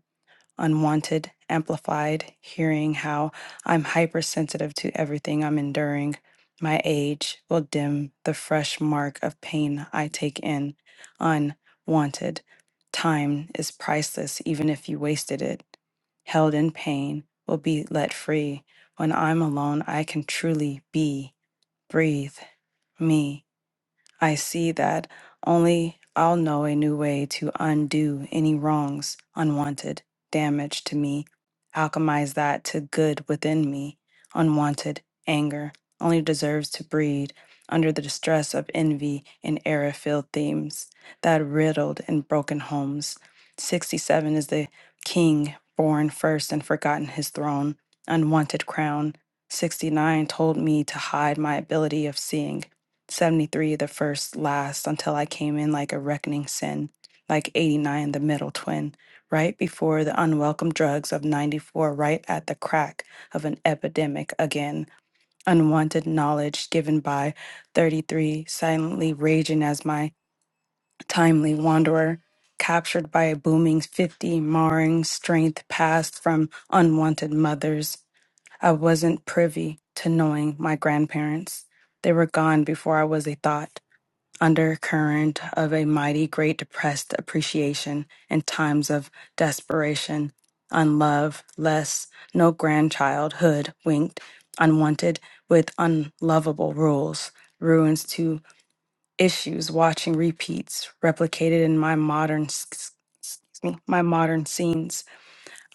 S13: unwanted, amplified, hearing how I'm hypersensitive to everything I'm enduring. My age will dim the fresh mark of pain I take in, unwanted. Time is priceless, even if you wasted it. Held in pain will be let free. When I'm alone, I can truly be, breathe, me. I see that only I'll know a new way to undo any wrongs, unwanted damage to me, alchemize that to good within me. Unwanted anger only deserves to breed under the distress of envy and error filled themes that riddled and broken homes. 67 is the king born first and forgotten his throne, unwanted crown. 69 told me to hide my ability of seeing 73 the first last until I came in like a reckoning sin, like 89 the middle twin, right before the unwelcome drugs of 94, right at the crack of an epidemic again, unwanted knowledge given by 33, silently raging as my timely wanderer. Captured by a booming 50, marring strength passed from unwanted mothers. I wasn't privy to knowing my grandparents. They were gone before I was a thought undercurrent of a mighty great depressed appreciation in times of desperation, unlove, less, no grandchildhood winked, unwanted, with unlovable rules, ruins to issues, watching repeats, replicated in my modern, s- s- excuse me, my modern scenes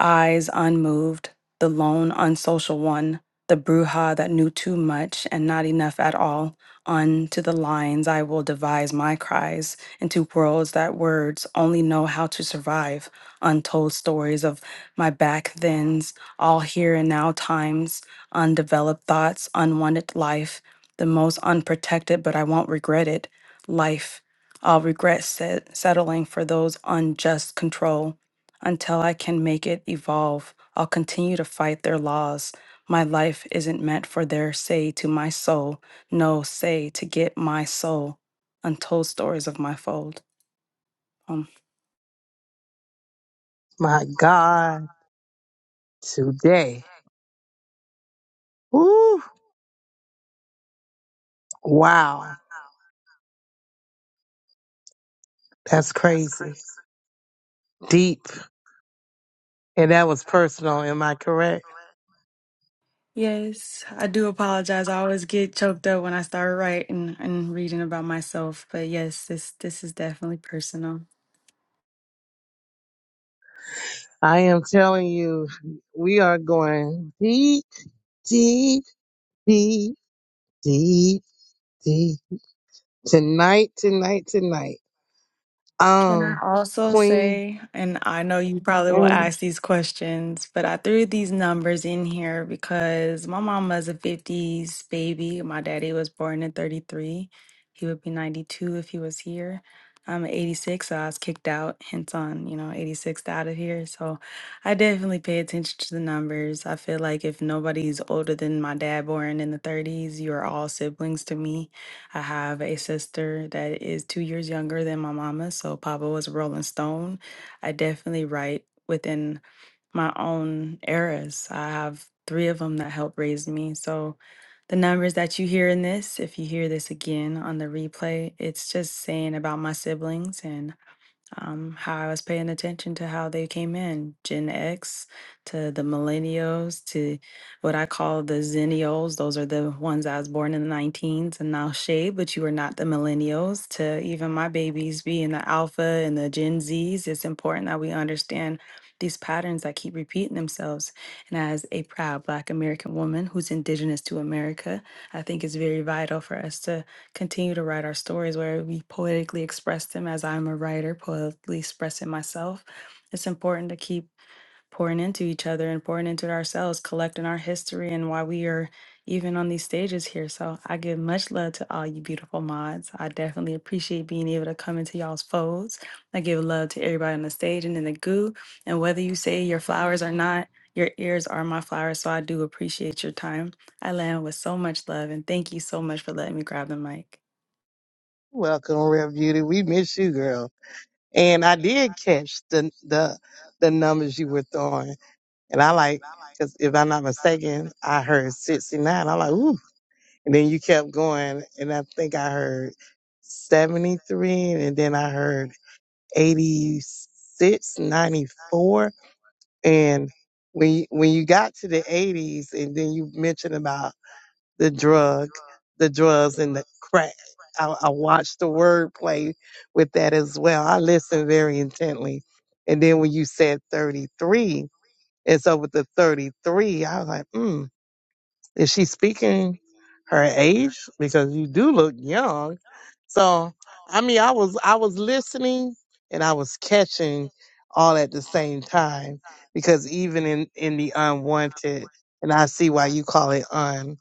S13: eyes unmoved, the lone unsocial one, the bruja that knew too much and not enough at all. Unto the lines I will devise my cries, into worlds that words only know how to survive. Untold stories of my back thens, all here and now times, undeveloped thoughts, unwanted life, the most unprotected, but I won't regret it. Life, I'll regret set- settling for those unjust control until I can make it evolve, I'll continue to fight their laws. My life isn't meant for their say to my soul. No, say to get my soul. Untold stories of my fold. Um,
S6: My God, today. Woo! Wow. That's crazy. Deep. And that was personal. Am I correct?
S13: yes, I do apologize. I always get choked up when I start writing and reading about myself. But yes, this this is definitely personal.
S6: I am telling you, we are going deep, deep, deep, deep, deep. Tonight, tonight, tonight.
S13: Can I
S6: Um,
S13: also
S6: Queen.
S13: say, and I know you probably will
S6: mm,
S13: ask these questions, but I threw these numbers in here because my mama's a 50s baby. My daddy was born in 33. He would be 92 if he was here. I'm 86, so I was kicked out, hence on, you know, 86 out of here. So I definitely pay attention to the numbers. I feel like if nobody's older than my dad born in the 30s, you're all siblings to me. I have a sister that is two years younger than my mama, so Papa was a Rolling Stone. I definitely write within my own eras. I have three of them that helped raise me. So the numbers that you hear in this, if you hear this again on the replay, it's just saying about my siblings and um, how I was paying attention to how they came in Gen X to the millennials to what I call the zennials. Those are the ones I was born in the 19s and now shade, but you are not the millennials to even my babies being the alpha and the Gen Zs. It's important that we understand these patterns that keep repeating themselves. And as a proud Black American woman who's indigenous to America, I think it's very vital for us to continue to write our stories where we poetically express them as I'm a writer, poetically expressing myself. It's important to keep pouring into each other and pouring into ourselves, collecting our history and why we are even on these stages here. So I give much love to all you beautiful mods. I definitely appreciate being able to come into y'all's folds. I give love to everybody on the stage and in the goo. And whether you say your flowers or not, your ears are my flowers. So I do appreciate your time. I land with so much love and thank you so much for letting me grab the mic.
S6: Welcome, Rev Beauty. We miss you, girl. And I did catch the the the numbers you were throwing, and I like because if I'm not mistaken, I heard 69. I'm like, ooh, and then you kept going, and I think I heard 73, and then I heard 86, 94, and when you, when you got to the 80s, and then you mentioned about the drug, the drugs and the crack. I, I watched the wordplay with that as well. I listened very intently. And then when you said 33, and so with the 33, I was like, hmm, is she speaking her age? Because you do look young. So, I mean, I was, I was listening and I was catching all at the same time because even in, in the unwanted, and I see why you call it un.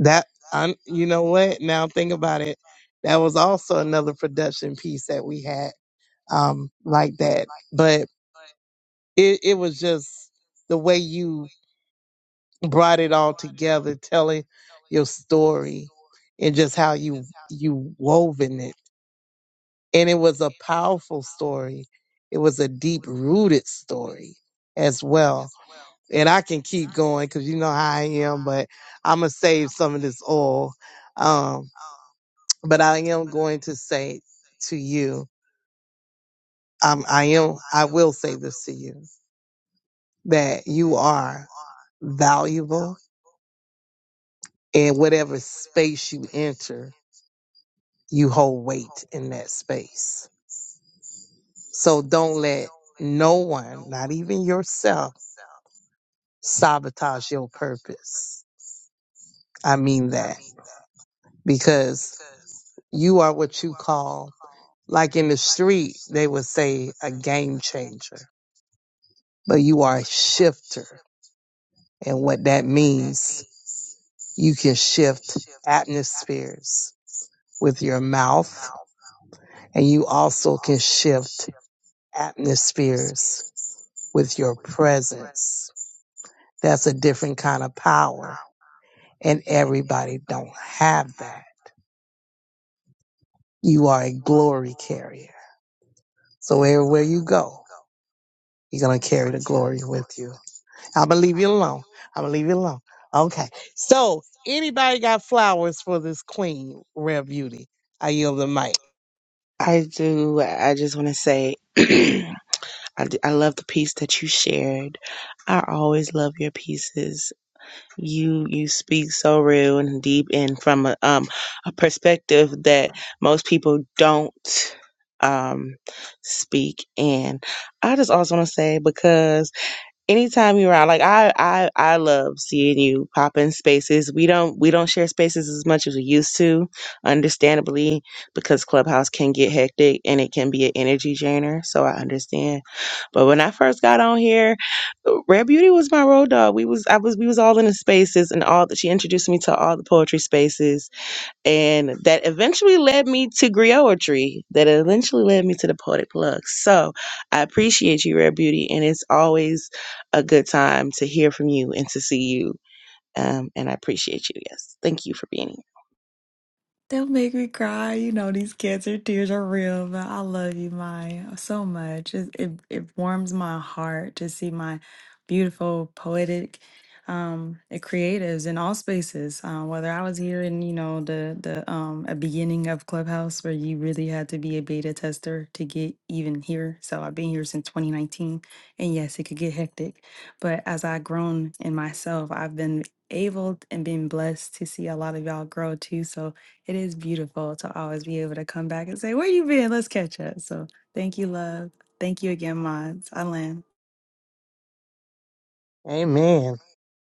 S6: That I, you know what? Now think about it. That was also another production piece that we had, um, like that. But it, it was just the way you brought it all together, telling your story and just how you you woven it. And it was a powerful story. It was a deep rooted story as well. And I can keep going because you know how I am, but I'm gonna save some of this oil. Um, but I am going to say to you, um, I am, I will say this to you, that you are valuable in whatever space you enter, you hold weight in that space. So don't let no one, not even yourself, sabotage your purpose. I mean that because you are what you call, like in the street, they would say a game changer, but you are a shifter and what that means. You can shift atmospheres with your mouth, and you also can shift atmospheres with your presence. That's a different kind of power, and everybody don't have that. You are a glory carrier. So everywhere you go, you're gonna carry the glory with you. I'm gonna leave you alone. I'm gonna leave you alone. Okay. So anybody got flowers for this queen, Rare Beauty? I yield the mic.
S2: I do. I just want to say. <clears throat> I, d- I love the piece that you shared. I always love your pieces. You you speak so real and deep and from a um a perspective that most people don't um speak and I just also want to say because anytime you're around, like i i i love seeing you pop in spaces we don't we don't share spaces as much as we used to understandably because clubhouse can get hectic and it can be an energy drainer so i understand but when i first got on here rare beauty was my road dog we was i was we was all in the spaces and all that she introduced me to all the poetry spaces and that eventually led me to griotry that eventually led me to the poetic plug so i appreciate you rare beauty and it's always a good time to hear from you and to see you um, and i appreciate you yes thank you for being here
S13: They'll make me cry. You know, these cancer tears are real, but I love you, Maya, so much. It, it, it warms my heart to see my beautiful, poetic um, uh, creatives in all spaces. Uh, whether I was here in, you know, the, the um, a beginning of Clubhouse where you really had to be a beta tester to get even here. So I've been here since 2019. And yes, it could get hectic. But as I've grown in myself, I've been able and been blessed to see a lot of y'all grow too. So it is beautiful to always be able to come back and say, Where you been? Let's catch up. So thank you, love. Thank you again, Mods. I land.
S6: Amen.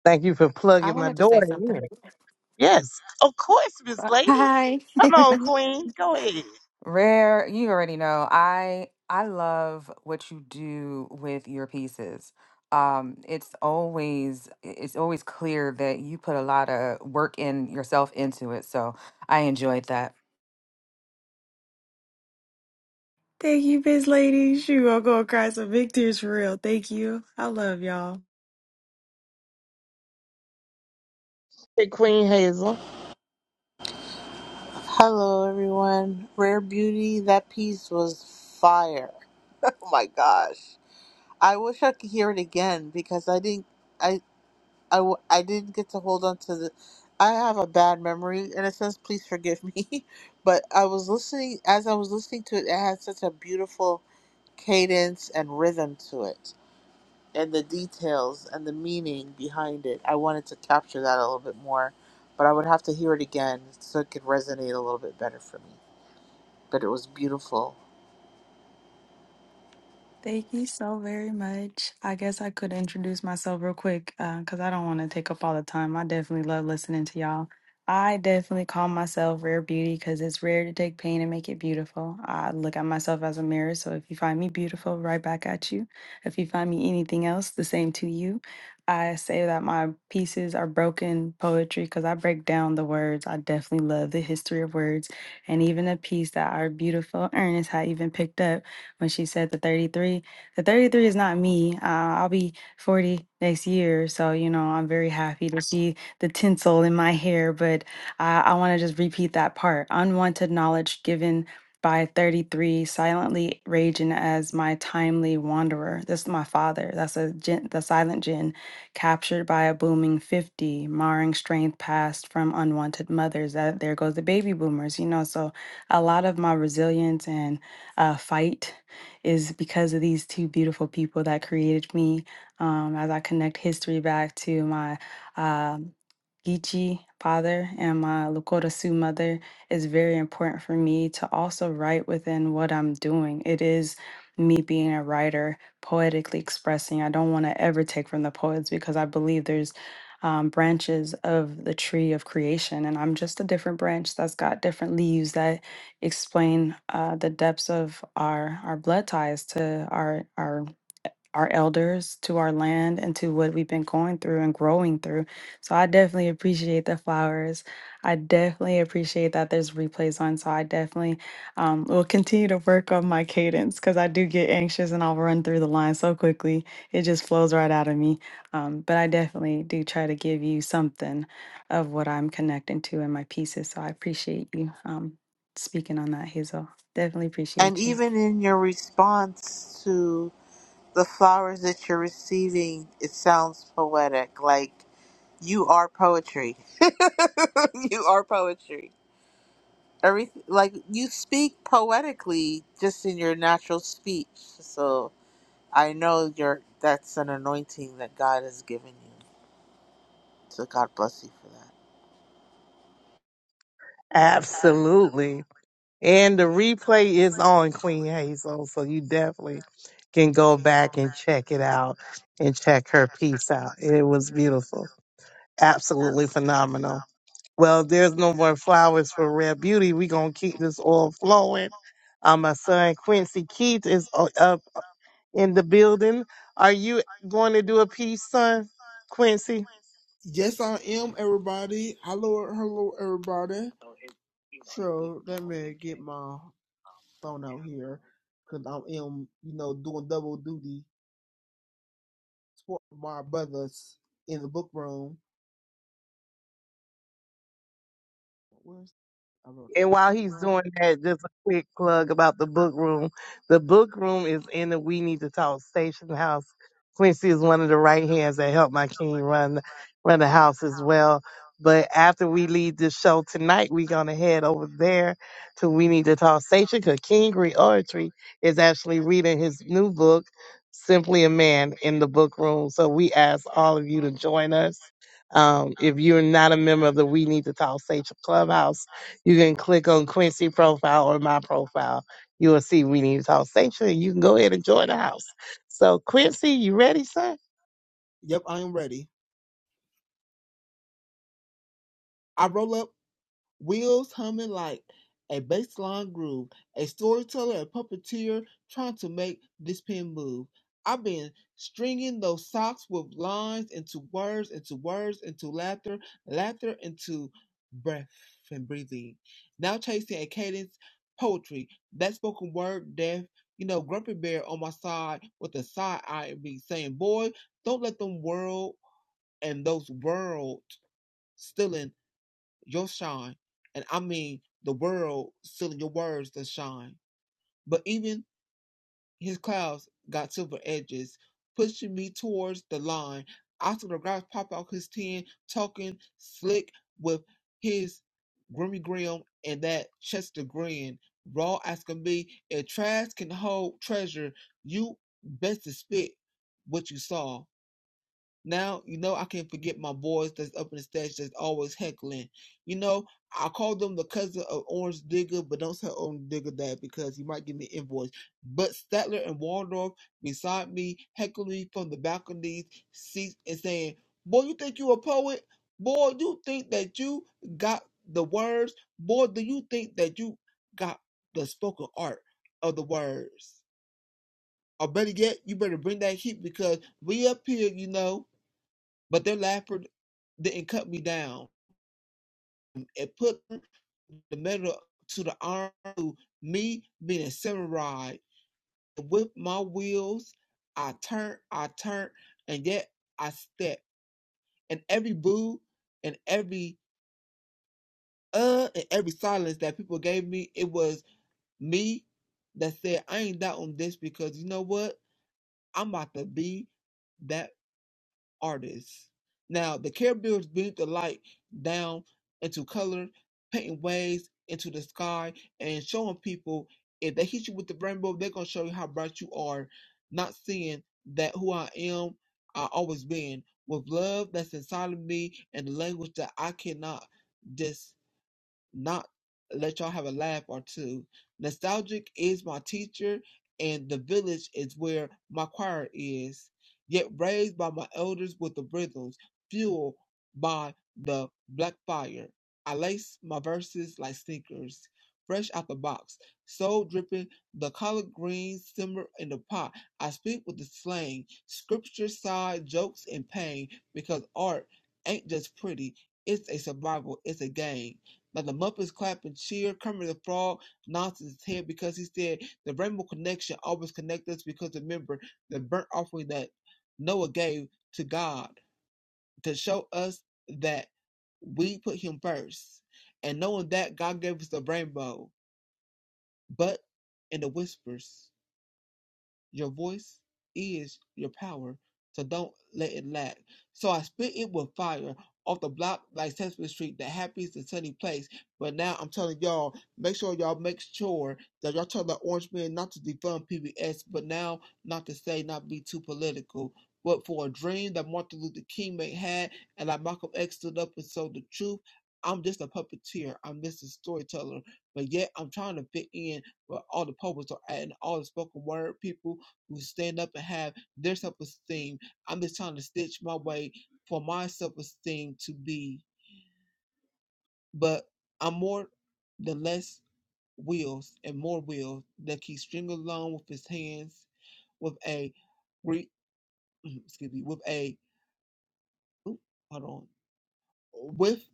S6: Thank you for
S18: I
S6: plugging my
S18: wanted to say
S6: daughter in.
S18: something.
S6: Yes, of course, Miss
S18: Uh,
S6: Lady.
S18: Hi.
S6: Come on,
S18: <laughs>
S6: Queen. Go ahead.
S18: Rare, you already know. I I love what you do with your pieces. Um, it's always it's always clear that you put a lot of work in yourself into it. So I enjoyed that.
S13: Thank you, Biz Lady. Shoot, I'm gonna cry some big tears for real. Thank you. I love y'all.
S6: Hey, Queen Hazel.
S19: Hello, everyone. Rare Beauty, that piece was fire. <laughs> Oh my gosh. I wish I could hear it again because I didn't, I, I, w- I didn't get to hold on to the. I have a bad memory in a sense. Please forgive me, <laughs> but I was listening as I was listening to it. It had such a beautiful cadence and rhythm to it, and the details and the meaning behind it. I wanted to capture that a little bit more, but I would have to hear it again so it could resonate a little bit better for me but it was beautiful.
S13: Thank you so very much. I guess I could introduce myself real quick because I don't want to take up all the time. I definitely love listening to y'all. I definitely call myself rare beauty because it's rare to take pain and make it beautiful. I look at myself as a mirror. So if you find me beautiful, right back at you. If you find me anything else, the same to you. I say that my pieces are broken poetry because I break down the words. I definitely love the history of words. And even a piece that our beautiful Ernest had even picked up when she said the 33. The 33 is not me. Uh, I'll be 40 next year. So, you know, I'm very happy to see the tinsel in my hair. But I, I want to just repeat that part unwanted knowledge given by 33 silently raging as my timely wanderer this is my father that's a gin, the silent gin captured by a booming 50 marring strength passed from unwanted mothers that there goes the baby boomers you know so a lot of my resilience and uh, fight is because of these two beautiful people that created me. Um, as I connect history back to my um Geechee father and my Lakota Sioux mother, is very important for me to also write within what I'm doing. It is me being a writer, poetically expressing. I don't want to ever take from the poets because I believe there's um, branches of the tree of creation, and I'm just a different branch that's got different leaves that explain uh, the depths of our our blood ties to our our our elders, to our land, and to what we've been going through and growing through. So I definitely appreciate the flowers. I definitely appreciate that there's replays on. So I definitely um, will continue to work on my cadence because I do get anxious and I'll run through the line so quickly. It just flows right out of me. Um, but I definitely do try to give you something of what I'm connecting to in my pieces. So I appreciate you um, speaking on that, Hazel. Definitely
S19: And
S13: appreciate you.
S19: even in your response to the flowers that you're receiving, it sounds poetic. Like you are poetry. <laughs> you are poetry. Everything, like you speak poetically just in your natural speech. So I know you're that's an anointing that God has given you. So God bless you for that.
S6: Absolutely. And the replay is on Queen Hazel, so you definitely can go back and check it out and check her piece out. It was beautiful. Absolutely phenomenal. Well, there's no more flowers for Rare Beauty. We're going to keep this all flowing. Uh, my son Quincy Keith is o- up in the building. Are you going to do a piece, son, Quincy?
S10: Yes, I am, everybody. Hello, hello, everybody. So let me get my phone out here because I am, you know, doing double duty Sport my Brothers in the book room. Where's I wrote it.
S6: And while he's
S10: Right.
S6: doing that, just a quick plug about the book room. The book room is in the We Need to Talk Station House. Quincy is one of the right hands that helped my king run run the house as well. But after we leave this show tonight, we're gonna head over there to We Need to Talk Station because King Reoratory is actually reading his new book, Simply a Man, in the book room. So we ask all of you to join us. Um, if you're not a member of the We Need to Talk Station Clubhouse you can click on Quincy profile or my profile. You will see We Need to Talk Sanctuary. You can go ahead and join the house. So, Quincy, you ready, sir?
S10: Yep, I am ready. I roll up wheels humming like a baseline groove, a storyteller a puppeteer trying to make this pen move. I've been stringing those socks with lines into words, into words, into laughter, laughter into breath and breathing. Now chasing a cadence, poetry, that spoken word, death. You know, Grumpy Bear on my side with a side eye at me saying, Boy, don't let them world and those world stealing your shine. And I mean the world stealing your words to shine. But even his clouds got silver edges, pushing me towards the line. I saw the grass pop out his tin, talking slick with his grimy grim and that Chester grin. Raw asking me if trash can hold treasure, you best to spit what you saw. Now, you know, I can't forget my boys that's up in the stage that's always heckling. You know, I call them the cousin of Orange Digger, but don't say Orange Digger that because he might give me an invoice. But Statler and Waldorf beside me, heckling me from the balconies, seats, and saying, Boy, you think you a poet? Boy, you think that you got the words? Boy, do you think that you got the spoken art of the words? Or better yet, you better bring that heat because we up here, you know but their laughter didn't cut me down. It put the metal to the arm to me being a samurai. With my wheels, I turn, I turn, and yet I step. And every boo and every uh and every silence that people gave me, it was me that said, I ain't doubting this because you know what? I'm about to be that artists. Now, the Caribbeans beat the light down into color, painting waves into the sky, and showing people if they hit you with the rainbow, they're going to show you how bright you are. Not seeing that who I am, I always been, with love that's inside of me and the language that I cannot just not let y'all have a laugh or two. Nostalgic is my teacher, and the village is where my choir is. Yet raised by my elders with the rhythms, fueled by the black fire. I lace my verses like sneakers, fresh out the box, soul dripping, the collard greens simmer in the pot. I speak with the slang, scripture side, jokes, and pain, because art ain't just pretty, it's a survival, it's a game. Now the Muppets clap and cheer. Kermit the Frog nods his head because he said the Rainbow Connection always connects us because remember the burnt offering that Noah gave to God to show us that we put him first. And knowing that God gave us the rainbow, but in the whispers. Your voice is your power, so don't let it lag. So I spit it with fire off the block like Sesame Street, the happiest and sunny place. But now I'm telling y'all, make sure y'all make sure that y'all tell the orange man not to defund PBS, but now not to say not be too political. But for a dream that Martin Luther King may had, and like Malcolm X stood up and told the truth, I'm just a puppeteer. I'm just a storyteller. But yet I'm trying to fit in where all the poets are at and all the spoken word people we stand up and have their self esteem. I'm just trying to stitch my way for my self esteem to be, but I'm more than less wheels and more wheels that he string along with his hands with a re, <clears throat> excuse me, with a oop, hold on with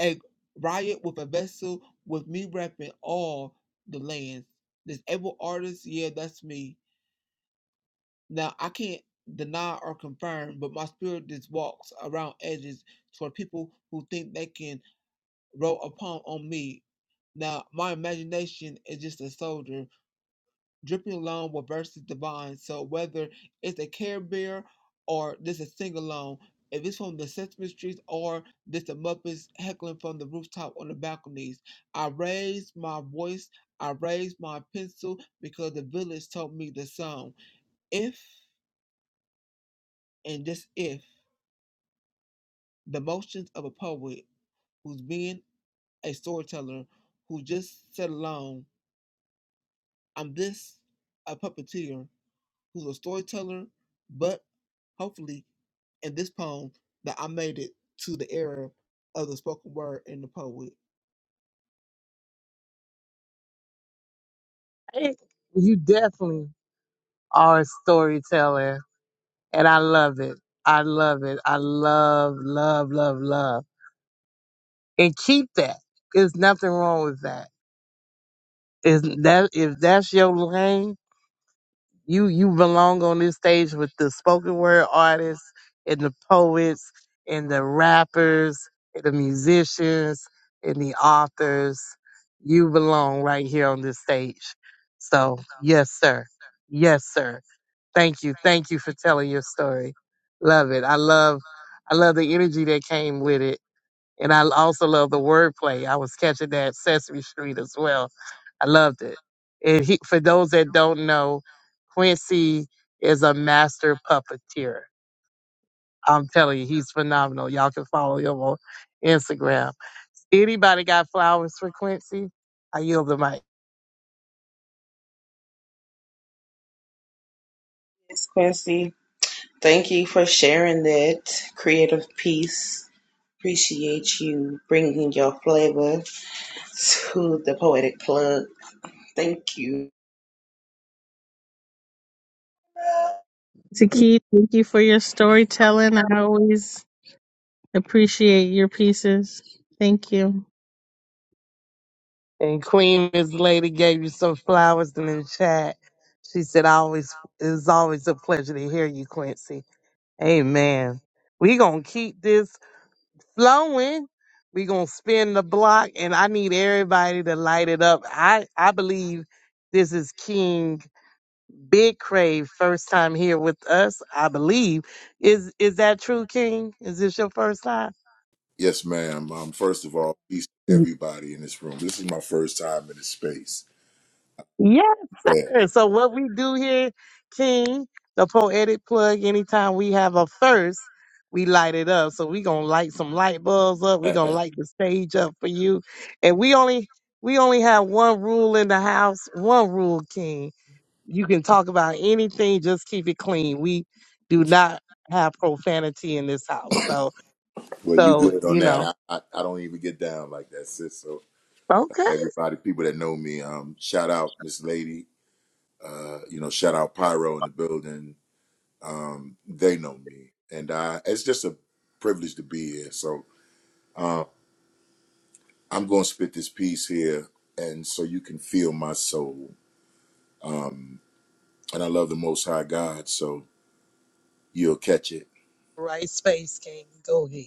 S10: a riot with a vessel with me repping all the lands. This able artist, yeah, that's me Now I can't deny or confirm, but my spirit just walks around edges toward people who think they can roll upon on me. Now my imagination is just a soldier dripping along with verses divine. So whether it's a care bear or just a sing along, if it's from the Sesame Street or just the Muppets heckling from the rooftop on the balconies, I raise my voice, I raise my pencil because the village told me the song. If and just if the motions of a poet who's being a storyteller who just said alone, I'm this a puppeteer who's a storyteller, but hopefully in this poem that I made it to the era of the spoken word and the poet.
S6: Hey, You definitely are a storyteller, and I love it. I love it. I love, love, love, love. And keep that. There's nothing wrong with that. Is that if that's your lane? you you belong on this stage with the spoken word artists and the poets and the rappers and the musicians and the authors. You belong right here on this stage. So yes, sir. Yes, sir. Thank you. Thank you for telling your story. Love it. I love I love the energy that came with it and I also love the wordplay. I was catching that Sesame Street as well. I loved it. And he, for those that don't know, Quincy is a master puppeteer. I'm telling you, he's phenomenal. Y'all can follow him on Instagram. Anybody got flowers for Quincy? I yield the mic.
S2: Miss Quincy, thank you for sharing that creative piece. Appreciate you bringing your flavor to the poetic plug. Thank you.
S5: Taki, thank you for your storytelling. I always appreciate your pieces. Thank you.
S6: And Queen, Miss Lady gave you some flowers in the chat. She said, I always, it was always a pleasure to hear you, Quincy. Amen. We gonna keep this flowing. We gonna spin the block, and I need everybody to light it up. I I believe this is King Big Crave first time here with us. I believe is is that true, King? Is this your first time?
S16: Yes, ma'am. Um, first of all, peace to everybody in this room. This is my first time in this space.
S6: Yes,
S16: Yeah.
S6: sir. So what we do here, King, the poetic plug, anytime we have a first, we light it up. So we gonna light some light bulbs up. We gonna light the stage up for you. And we only we only have one rule in the house, one rule, King. You can talk about anything, just keep it clean. We do not have profanity in this house. So
S16: Well, you
S6: so
S16: good
S6: you
S16: on that.
S6: know.
S16: I, I, I don't even get down like that, sis. So
S6: Okay.
S16: everybody, people that know me, um, shout out Miss Lady. Uh, you know, shout out Pyro in the building Um, they know me, and I, it's just a privilege to be here. So uh, I'm going to spit this piece here, and so you can feel my soul. Um, and I love the Most High God, so you'll catch it. <laughs>
S6: Right space, King. Go ahead.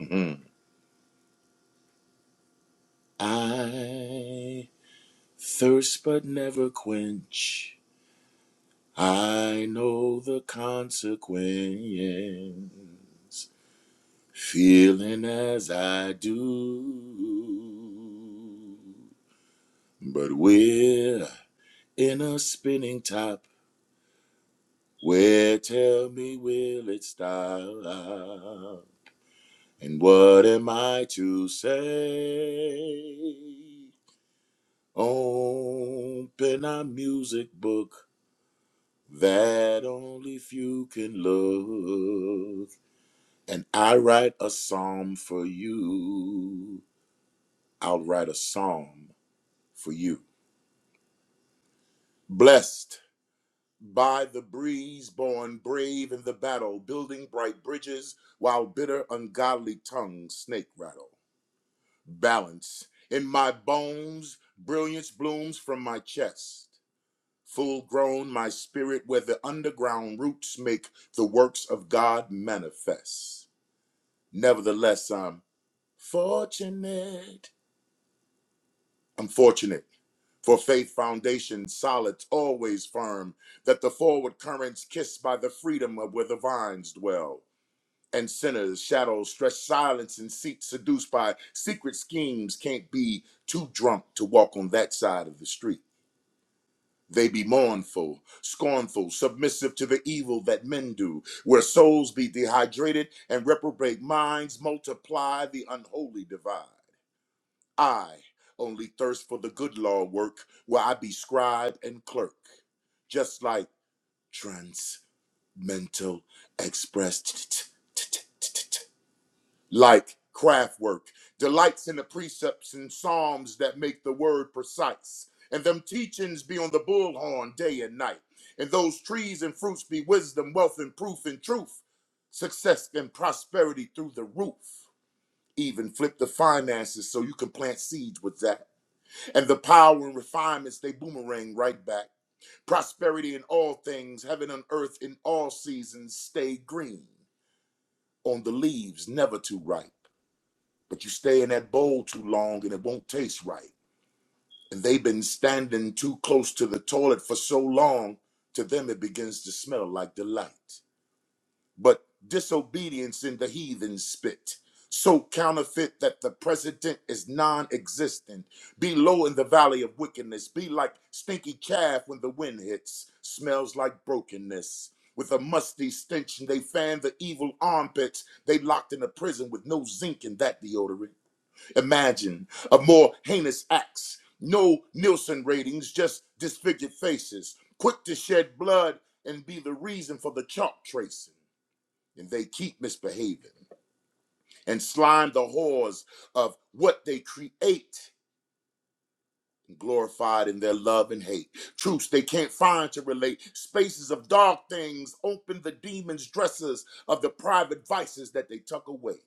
S16: Mhm. I thirst but never quench. I know the consequence, feeling as I do. But where in a spinning top. Where tell me will it stop? And what am I to say? Open a music book that only few can look. And I write a psalm for you. I'll write a psalm for you. Blessed. By the breeze, born brave in the battle, building bright bridges while bitter, ungodly tongues snake rattle. Balance in my bones, brilliance blooms from my chest. Full grown, my spirit, where the underground roots make the works of God manifest. Nevertheless, I'm fortunate. I'm fortunate For faith foundation solid, always firm, that the forward currents kissed by the freedom of where the vines dwell. And sinners, shadows, stretch silence and seats seduced by secret schemes can't be too drunk to walk on that side of the street. They be mournful, scornful, submissive to the evil that men do, where souls be dehydrated and reprobate minds multiply the unholy divide. I only thirst for the good law work where I be scribe and clerk, just like Transmental Express. t- t- t- t- t- t- t- Like craft work, delights in the precepts and psalms that make the word precise, and them teachings be on the bullhorn day and night, and those trees and fruits be wisdom, wealth, and proof and truth, success and prosperity through the roof. Even flip the finances so you can plant seeds with that and the power and refinements they boomerang right back. Prosperity in all things, heaven and earth in all seasons stay green on the leaves, never too ripe. But you stay in that bowl too long and it won't taste right. And they've been standing too close to the toilet for so long, to them it begins to smell like delight. but disobedience in the heathen spit. So counterfeit that the president is non existent. Be low in the valley of wickedness. Be like stinky calf when the wind hits. Smells like brokenness. With a musty stench, they fan the evil armpits. They locked in a prison with no zinc in that deodorant. Imagine a more heinous axe. No Nielsen ratings, just disfigured faces. Quick to shed blood and be the reason for the chalk tracing and they keep misbehaving and slime the whores of what they create glorified in their love and hate truths they can't find to relate spaces of dark things open the demons dresses of the private vices that they tuck away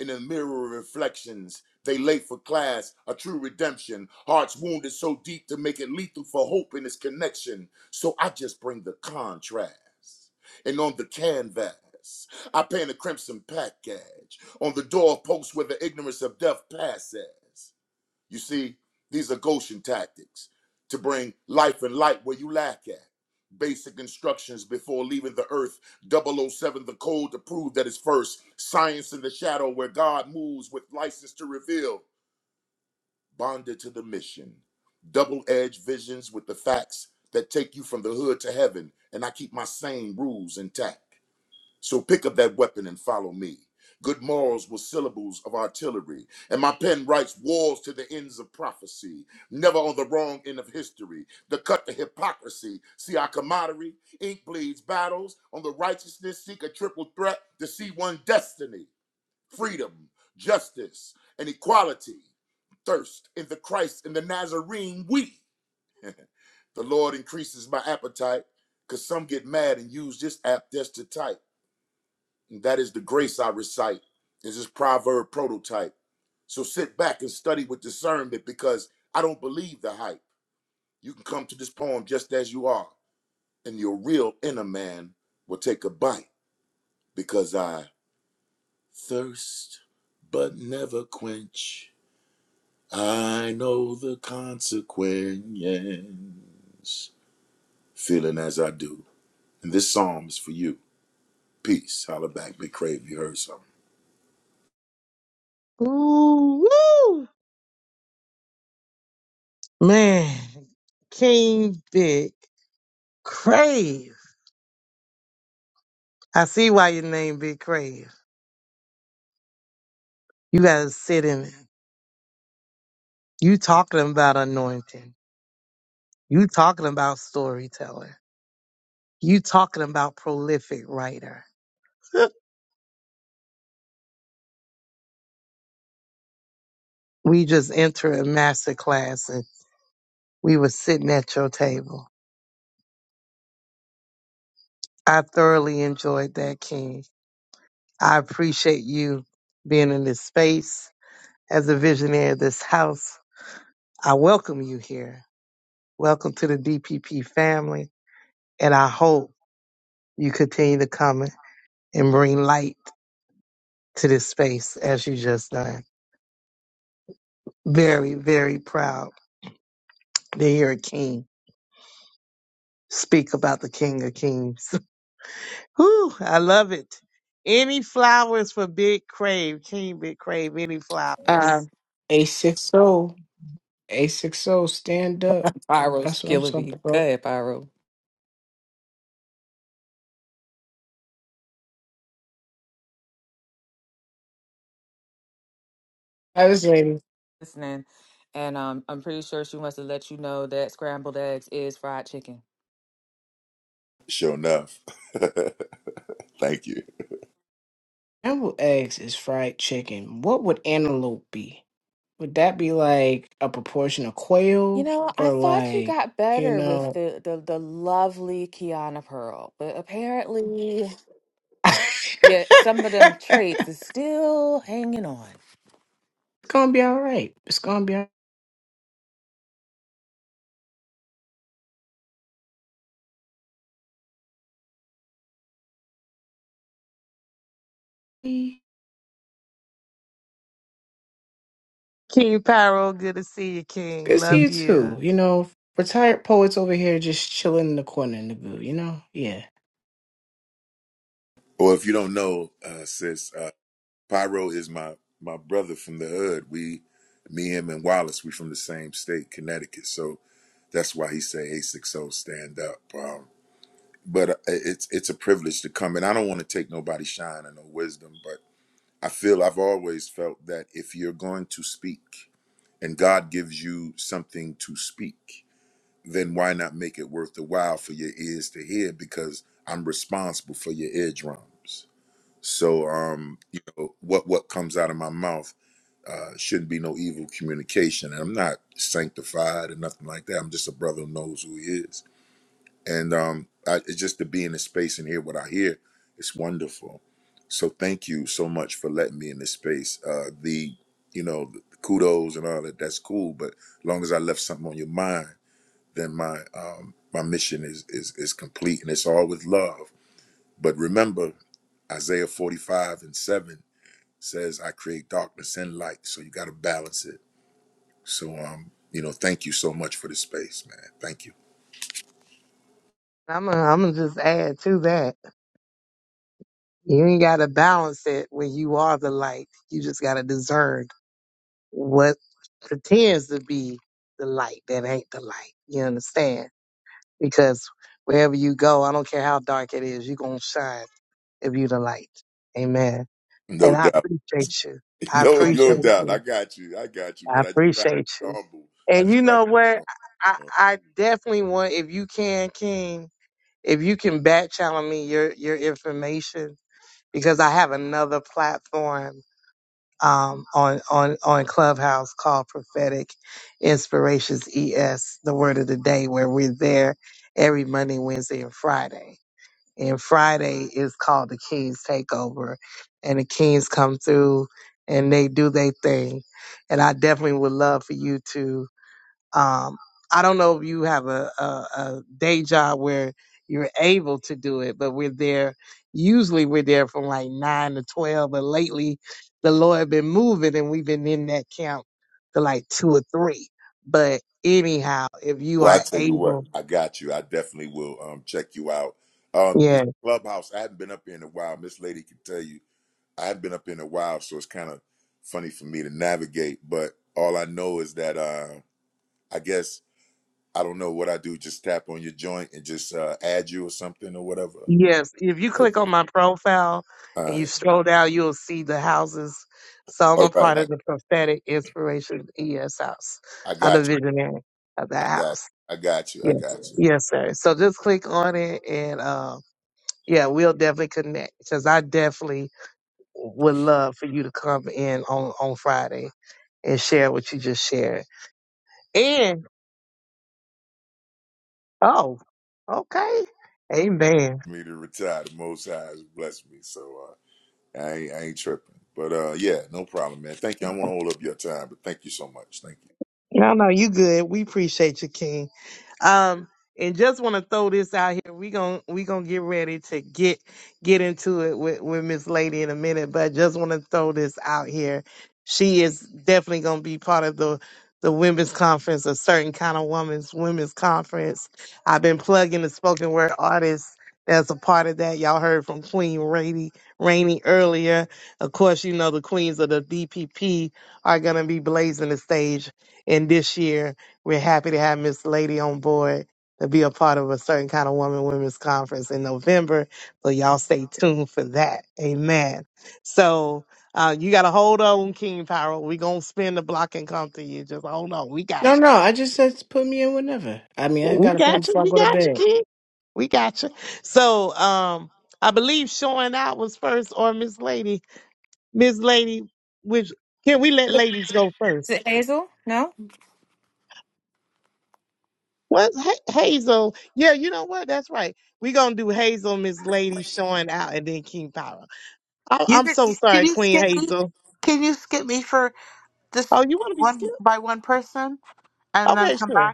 S16: in the mirror of reflections. They late for class, a true redemption. Hearts wounded so deep to make it lethal for hope in its connection. So I just bring the contrast. And on the canvas, I paint a crimson package. On the doorpost where the ignorance of death passes. You see, these are Goshen tactics to bring life and light where you lack at. Basic instructions before leaving the earth. Double O Seven, the code to prove that it's first. Science in the shadow where God moves with license to reveal. Bonded to the mission. Double edged visions with the facts that take you from the hood to heaven. And I keep my same rules intact. So pick up that weapon and follow me. Good morals were syllables of artillery, and my pen writes wars to the ends of prophecy, never on the wrong end of history, to cut the hypocrisy. See our camaraderie, ink bleeds battles on the righteousness, seek a triple threat to see one destiny, freedom, justice, and equality. Thirst in the Christ and the Nazarene, we. The Lord increases my appetite, because some get mad and use this app just to type. And that is the grace I recite. It's This is proverb prototype. So sit back and study with discernment because I don't believe the hype. You can come to this poem just as you are, and your real inner man will take a bite because I thirst but never quench. I know the consequence, feeling as I do. And this psalm is for you. Peace. Holla back, big You heard something.
S6: Ooh, woo. Man, King Big Crave. I see why your name Big Crave. You gotta sit in it. You talking about anointing. You talking about storyteller. You talking about prolific writer. <laughs> we just entered a master class and we were sitting at your table. I thoroughly enjoyed that, King. I appreciate you being in this space as a visionary of this house. I welcome you here. Welcome to the DPP family. And I hope you continue to come and bring light to this space as you just done. Very, very proud to hear a king speak about the King of Kings. <laughs> Whew, I love it. Any flowers for Big Crave, King Big Crave, any flowers.
S18: Um,
S20: A60, A60, stand up.
S18: Pyro's
S20: That's what I'm
S18: killing
S20: talking
S18: Go
S20: about.
S18: ahead, Pyro.
S20: I was like,
S18: Listening, and um, I'm pretty sure she wants to let you know that scrambled eggs is fried chicken.
S16: Sure enough. Thank you.
S20: scrambled eggs is fried chicken. What would antelope be? Would that be like a proportion of
S18: You
S20: quail
S18: know, I
S20: or
S18: thought you
S20: like,
S18: got
S20: you
S18: better with
S20: know?
S18: the the, the lovely Kiana Pearl, but apparently,
S20: <laughs> it's
S18: yeah, some of them traits is still hanging on.
S20: gonna be all right. It's gonna be all right.
S6: King Pyro, good to see you, King.
S20: Good to see you
S6: Love you.
S20: too. You know, retired poets over here just chilling in the corner in the goo, you know? Yeah.
S16: Or if you don't know, uh, sis, uh, Pyro is my my brother from the hood. We, me, him, and Wallace, we from the same state, Connecticut. So that's why he say "Hey, six o, stand up. Um, but uh, it's it's a privilege to come, and I don't want to take nobody's shine or no wisdom, but I feel I've always felt that if you're going to speak, and God gives you something to speak, then why not make it worth the while for your ears to hear? Because I'm responsible for your eardrums. So, um, you know, what what comes out of my mouth uh, shouldn't be no evil communication. And I'm not sanctified or nothing like that. I'm just a brother who knows who he is. And um, I, it's just to be in this space and hear what I hear. It's wonderful. So thank you so much for letting me in this space. Uh, the you know the kudos and all that. That's cool. But as long as I left something on your mind, then my um, my mission is is is complete, and it's all with love. But remember Isaiah 45 and 7 says I create darkness and light. So you got to balance it. So um, you know, thank you so much for the space, man. Thank you.
S6: I'm gonna I'm gonna just add to that. You ain't gotta balance it when you are the light. You just gotta discern what pretends to be the light that ain't the light. You understand? Because wherever you go, I don't care how dark it is, you're going to shine if you the light. Amen. And
S16: No
S6: I
S16: doubt. <laughs>
S6: appreciate you. I
S16: No, no
S6: appreciate
S16: doubt. I
S6: you.
S16: got you. I got you.
S6: I
S16: But I just try to
S6: appreciate
S16: be
S6: you.
S16: humble. I
S6: And
S16: just
S6: you
S16: try to
S6: know
S16: be
S6: what?
S16: humble.
S6: I,
S16: you know.
S6: I definitely want, if you can, King, if you can back channel me your, your information, because I have another platform um, on on on Clubhouse called Prophetic Inspirations ES, the Word of the Day, where we're there every Monday, Wednesday, and Friday. And Friday is called the King's Takeover, and the Kings come through and they do their thing. And I definitely would love for you to. Um, I don't know if you have a, a, a day job where you're able to do it, but we're there. Usually we're there from like nine to 12, but lately the Lord been moving and we've been in that camp to like two or three. But anyhow, if you
S16: Well, I
S6: are
S16: tell you what,
S6: able,
S16: I got you. I definitely will um check you out. Um, this
S6: yeah,
S16: clubhouse, I hadn't been up here in a while. Miss Lady can tell you, I hadn't been up here in a while, so it's kind of funny for me to navigate. But all I know is that uh, I guess I don't know what I do. Just tap on your joint and just uh, add you or something or whatever.
S6: yes. If you click
S16: Okay.
S6: on my profile
S16: All
S6: and you
S16: right.
S6: scroll down, you'll see the houses. So I'm
S16: All
S6: a
S16: right.
S6: part
S16: I,
S6: of the prophetic inspiration ES house.
S16: I
S6: I'm the
S16: got
S6: visionary of
S16: you.
S6: that
S16: I got
S6: house.
S16: you. I got you. I
S6: Yes.
S16: got you.
S6: Yes, sir. So just click on it and um yeah, we'll definitely connect because I definitely would love for you to come in on on Friday and share what you just shared. And oh, okay. Amen.
S16: Me to retire. The Most High has blessed me. So uh, I, ain't, I ain't tripping. But uh, yeah, no problem, man. Thank you. I want to hold up your time, but thank you so much. Thank you.
S6: No, no, you good. We appreciate you, King. Um, and just want to throw this out here. We gon we gonna get ready to get get into it with with Miss Lady in a minute, but just want to throw this out here. She is definitely gonna be part of the the women's conference, a certain kind of women's women's conference. I've been plugging the spoken word artists that's a part of that. Y'all heard from Queen Rainy Rainey earlier. Of course, you know the queens of the DPP are gonna be blazing the stage in this year we're happy to have Miss Lady on board to be a part of a certain kind of woman women's conference in November. So y'all stay tuned for that. Amen. So uh, you got to hold on, King Power. We're going to spin the block and come to you. Just hold on. We
S20: No,
S6: got you.
S20: no, I just said put me in whenever. I mean, I
S6: We
S20: got a phone
S6: got you.
S20: before I
S6: We
S20: go to
S6: got you,
S20: bed.
S6: King. We got you. So um, I believe showing out was first or Miss Lady. Miss Lady, which can we let ladies go first?
S18: Is it Hazel? No.
S6: What Ha- Hazel? Yeah, you know what? That's right. We're gonna do Hazel, Miss Lady showing out, and then King Power. I-
S19: You
S6: I'm
S19: can,
S6: so
S19: can
S6: sorry,
S19: you
S6: Queen
S19: skip me?
S6: Hazel.
S19: Can you skip me for this
S6: Oh, you want to be
S19: one
S6: skipped?
S19: by one person and then
S6: Okay,
S19: come
S6: sure.
S19: back?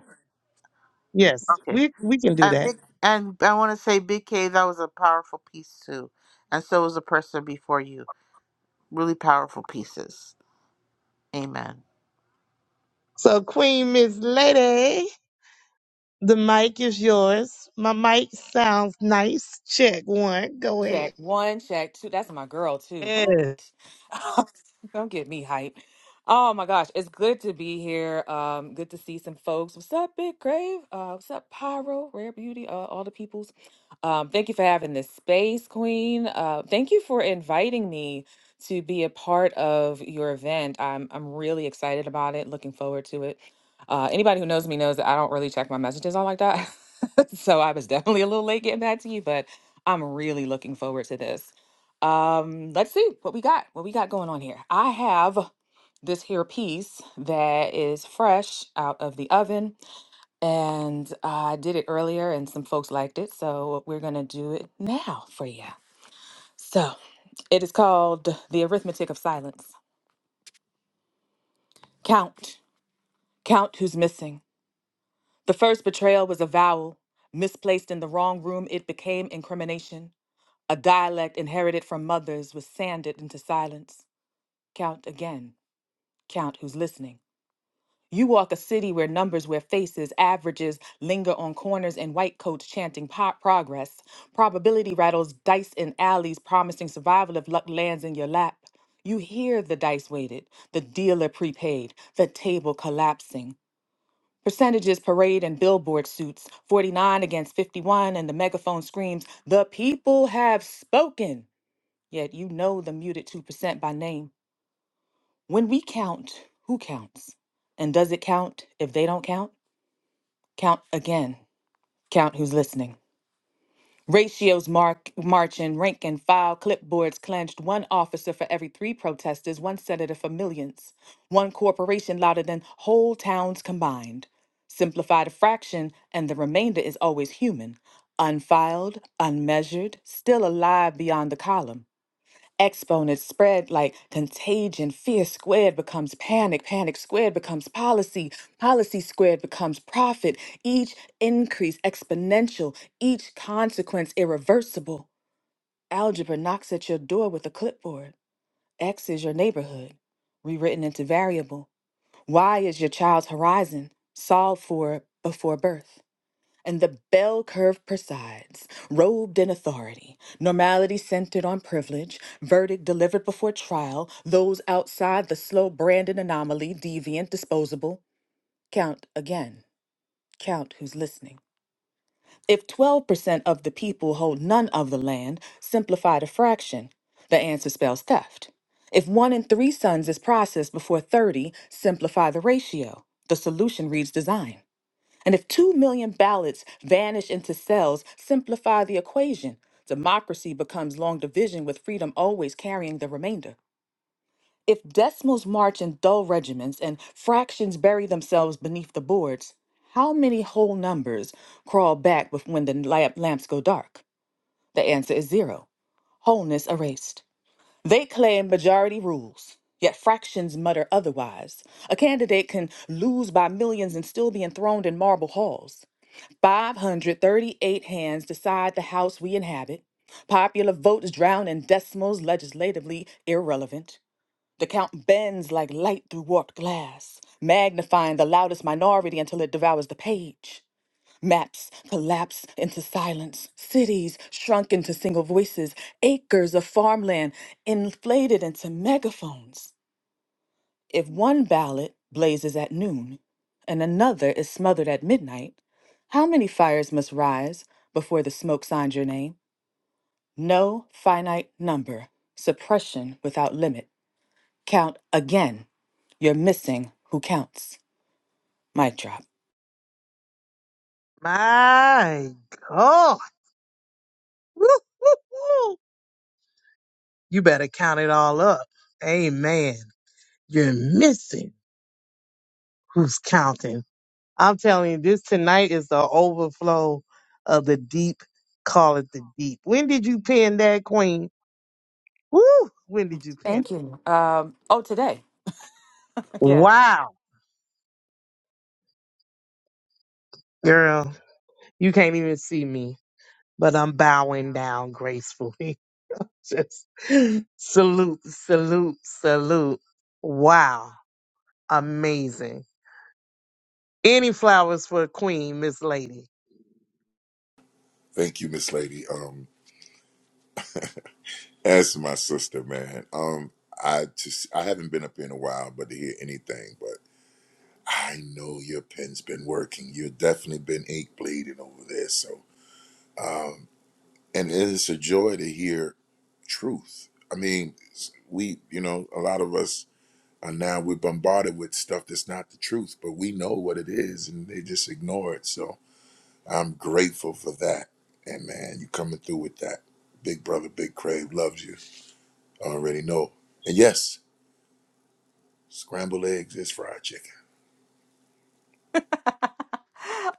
S6: Yes,
S19: Okay.
S6: we we can do
S19: And
S6: that.
S19: big and I want to say Big K that was a powerful piece too. And so was the person before you. Really powerful pieces. Amen.
S6: So, Queen Miss Lady, the mic is yours. My mic sounds nice. Check one. Go ahead.
S18: Check one, check two. That's my girl too.
S6: Yes,
S18: What? <laughs> Don't get me hype. Oh my gosh, it's good to be here. Um, good to see some folks. What's up, Big Grave? Uh, what's up, Pyro, Rare Beauty, uh, all the peoples. Um, thank you for having this space, Queen. Uh, thank you for inviting me to be a part of your event. I'm I'm really excited about it. Looking forward to it. Uh, anybody who knows me knows that I don't really check my messages all like that. <laughs> so I was definitely a little late getting back to you, but. I'm really looking forward to this. Um, let's see what we got. What we got going on here. I have this here piece that is fresh out of the oven, and I did it earlier, and some folks liked it, so we're gonna do it now for you. So it is called "The Arithmetic of Silence." Count, count who's missing. The first betrayal was a vowel misplaced in the wrong room. It became incrimination. A dialect inherited from mothers was sanded into silence. Count again. Count who's listening. You walk a city where numbers wear faces, averages linger on corners, and white coats chanting po- progress. Probability rattles dice in alleys, promising survival if luck lands in your lap. You hear the dice weighted, the dealer prepaid, the table collapsing. Percentages parade in billboard suits, 49 against 51, and the megaphone screams, The people have spoken! Yet you know the muted 2% by name. When we count, who counts? And does it count if they don't count? Count again. Count who's listening. Ratios mark marching, rank and file, clipboards clenched, one officer for every three protesters, one senator for millions, one corporation louder than whole towns combined. Simplified a fraction, and the remainder is always human. Unfiled, unmeasured, still alive beyond the column exponents spread like contagion. Fear squared becomes panic. Panic squared becomes policy. Policy squared becomes profit. Each increase exponential. Each consequence irreversible. Algebra knocks at your door with a clipboard. X is your neighborhood, rewritten into variable. Y is your child's horizon, solved for before birth and the bell curve presides, robed in authority, normality centered on privilege, verdict delivered before trial, those outside the slow Brandon anomaly, deviant, disposable. Count again. Count who's listening. If 12% of the people hold none of the land, simplify to fraction. The answer spells theft. If one in three sons is processed before 30, simplify the ratio. The solution reads design. And if 2 million ballots vanish into cells, simplify the equation. Democracy becomes long division with freedom always carrying the remainder. If decimals march in dull regiments and fractions bury themselves beneath the boards, how many whole numbers crawl back bef- when the lamp lamps go dark? The answer is zero. Wholeness erased. They claim majority rules, yet fractions mutter otherwise. A candidate can lose by millions and still be enthroned in marble halls. 538 hands decide the House we inhabit. Popular votes drown in decimals, legislatively irrelevant. The count bends like light through warped glass, magnifying the loudest minority until it devours the page. Maps collapse into silence, cities shrunk into single voices, acres of farmland inflated into megaphones. If one ballot blazes at noon and another is smothered at midnight, how many fires must rise before the smoke signs your name? No finite number, suppression without limit. Count again. You're missing who counts. Mic drop.
S6: my God. Woo, woo, woo. You better count it all up. Amen. You're missing who's counting. I'm telling you, this tonight is the overflow of the deep. Call it the deep. When did you pin that queen? Woo! When did you pin it?
S18: Thank you. Um, oh, today. <laughs> Yeah.
S6: Wow, girl, you can't even see me, but I'm bowing down gracefully. <laughs> Just salute, salute, salute. Wow, amazing. Any flowers for Queen Miss Lady?
S16: Thank you, Miss Lady. Um, as to my sister, man. Um, I just I haven't been up here in a while, but to hear anything, but I know your pen's been working. You've definitely been ink bleeding over there, so and it is a joy to hear truth. I mean, we, you know, a lot of us are now we're bombarded with stuff that's not the truth, but we know what it is, and they just ignore it. So I'm grateful for that. And man, you coming through with that, big brother, big crave loves you. I already know. And yes, scrambled eggs is fried chicken.
S18: <laughs>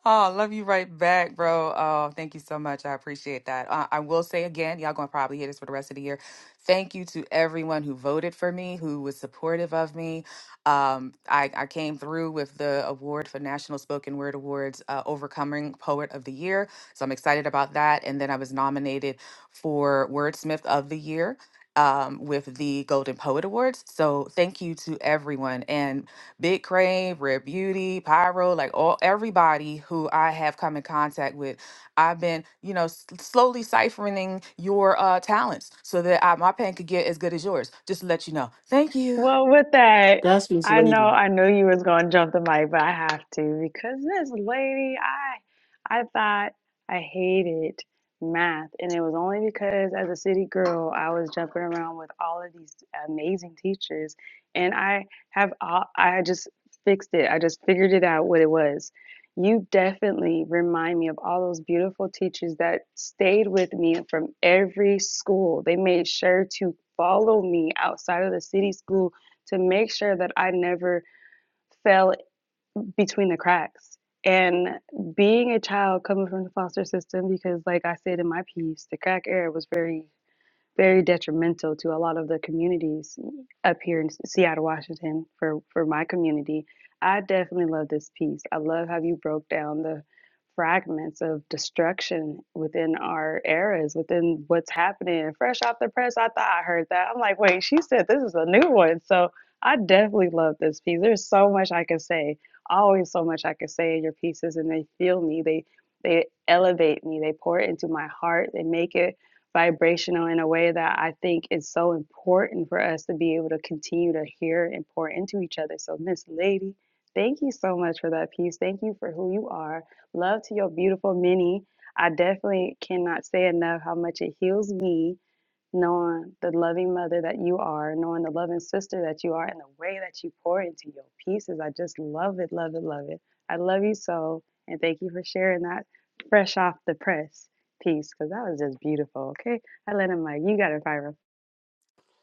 S18: Oh, love you right back, bro. Oh, thank you so much. I appreciate that. Uh, I will say again, y'all gonna probably hear this for the rest of the year. Thank you to everyone who voted for me, who was supportive of me. Um, I, I came through with the award for National Spoken Word Awards, uh, Overcoming Poet of the Year. So I'm excited about that. And then I was nominated for Wordsmith of the Year um, with the Golden Poet Awards. So thank you to everyone and Big Crave, Rare Beauty, Pyro, like all everybody who I have come in contact with. I've been, you know, s- slowly siphoning your uh, talents so that I, my pen could get as good as yours. Just to let you know. Thank you.
S13: Well, with that,
S20: That's this
S13: I know
S20: lady.
S13: I knew you was gonna jump the mic, but I have to because this lady, I I thought I hated math, and it was only because as a city girl, I was jumping around with all of these amazing teachers, and I have all, I just fixed it. I just figured it out what it was. You definitely remind me of all those beautiful teachers that stayed with me from every school. They made sure to follow me outside of the city school to make sure that I never fell between the cracks. And being a child coming from the foster system, because like I said in my piece, the crack era was very very detrimental to a lot of the communities up here in Seattle, Washington, for, for my community. I definitely love this piece. I love how you broke down the fragments of destruction within our eras, within what's happening. Fresh off the press, I thought I heard that. I'm like, wait, she said this is a new one. So I definitely love this piece. There's so much I can say, always so much I can say in your pieces, and they feel me. They they elevate me. They pour it into my heart. They make it vibrational in a way that I think is so important for us to be able to continue to hear and pour into each other. So, Miss Lady, thank you so much for that piece. Thank you for who you are. Love to your beautiful mini. I definitely cannot say enough how much it heals me knowing the loving mother that you are, knowing the loving sister that you are, and the way that you pour into your pieces. I just love it, love it, love it. I love you so, and thank you for sharing that fresh off the press piece because that was just beautiful. Okay, I let him like you got to fire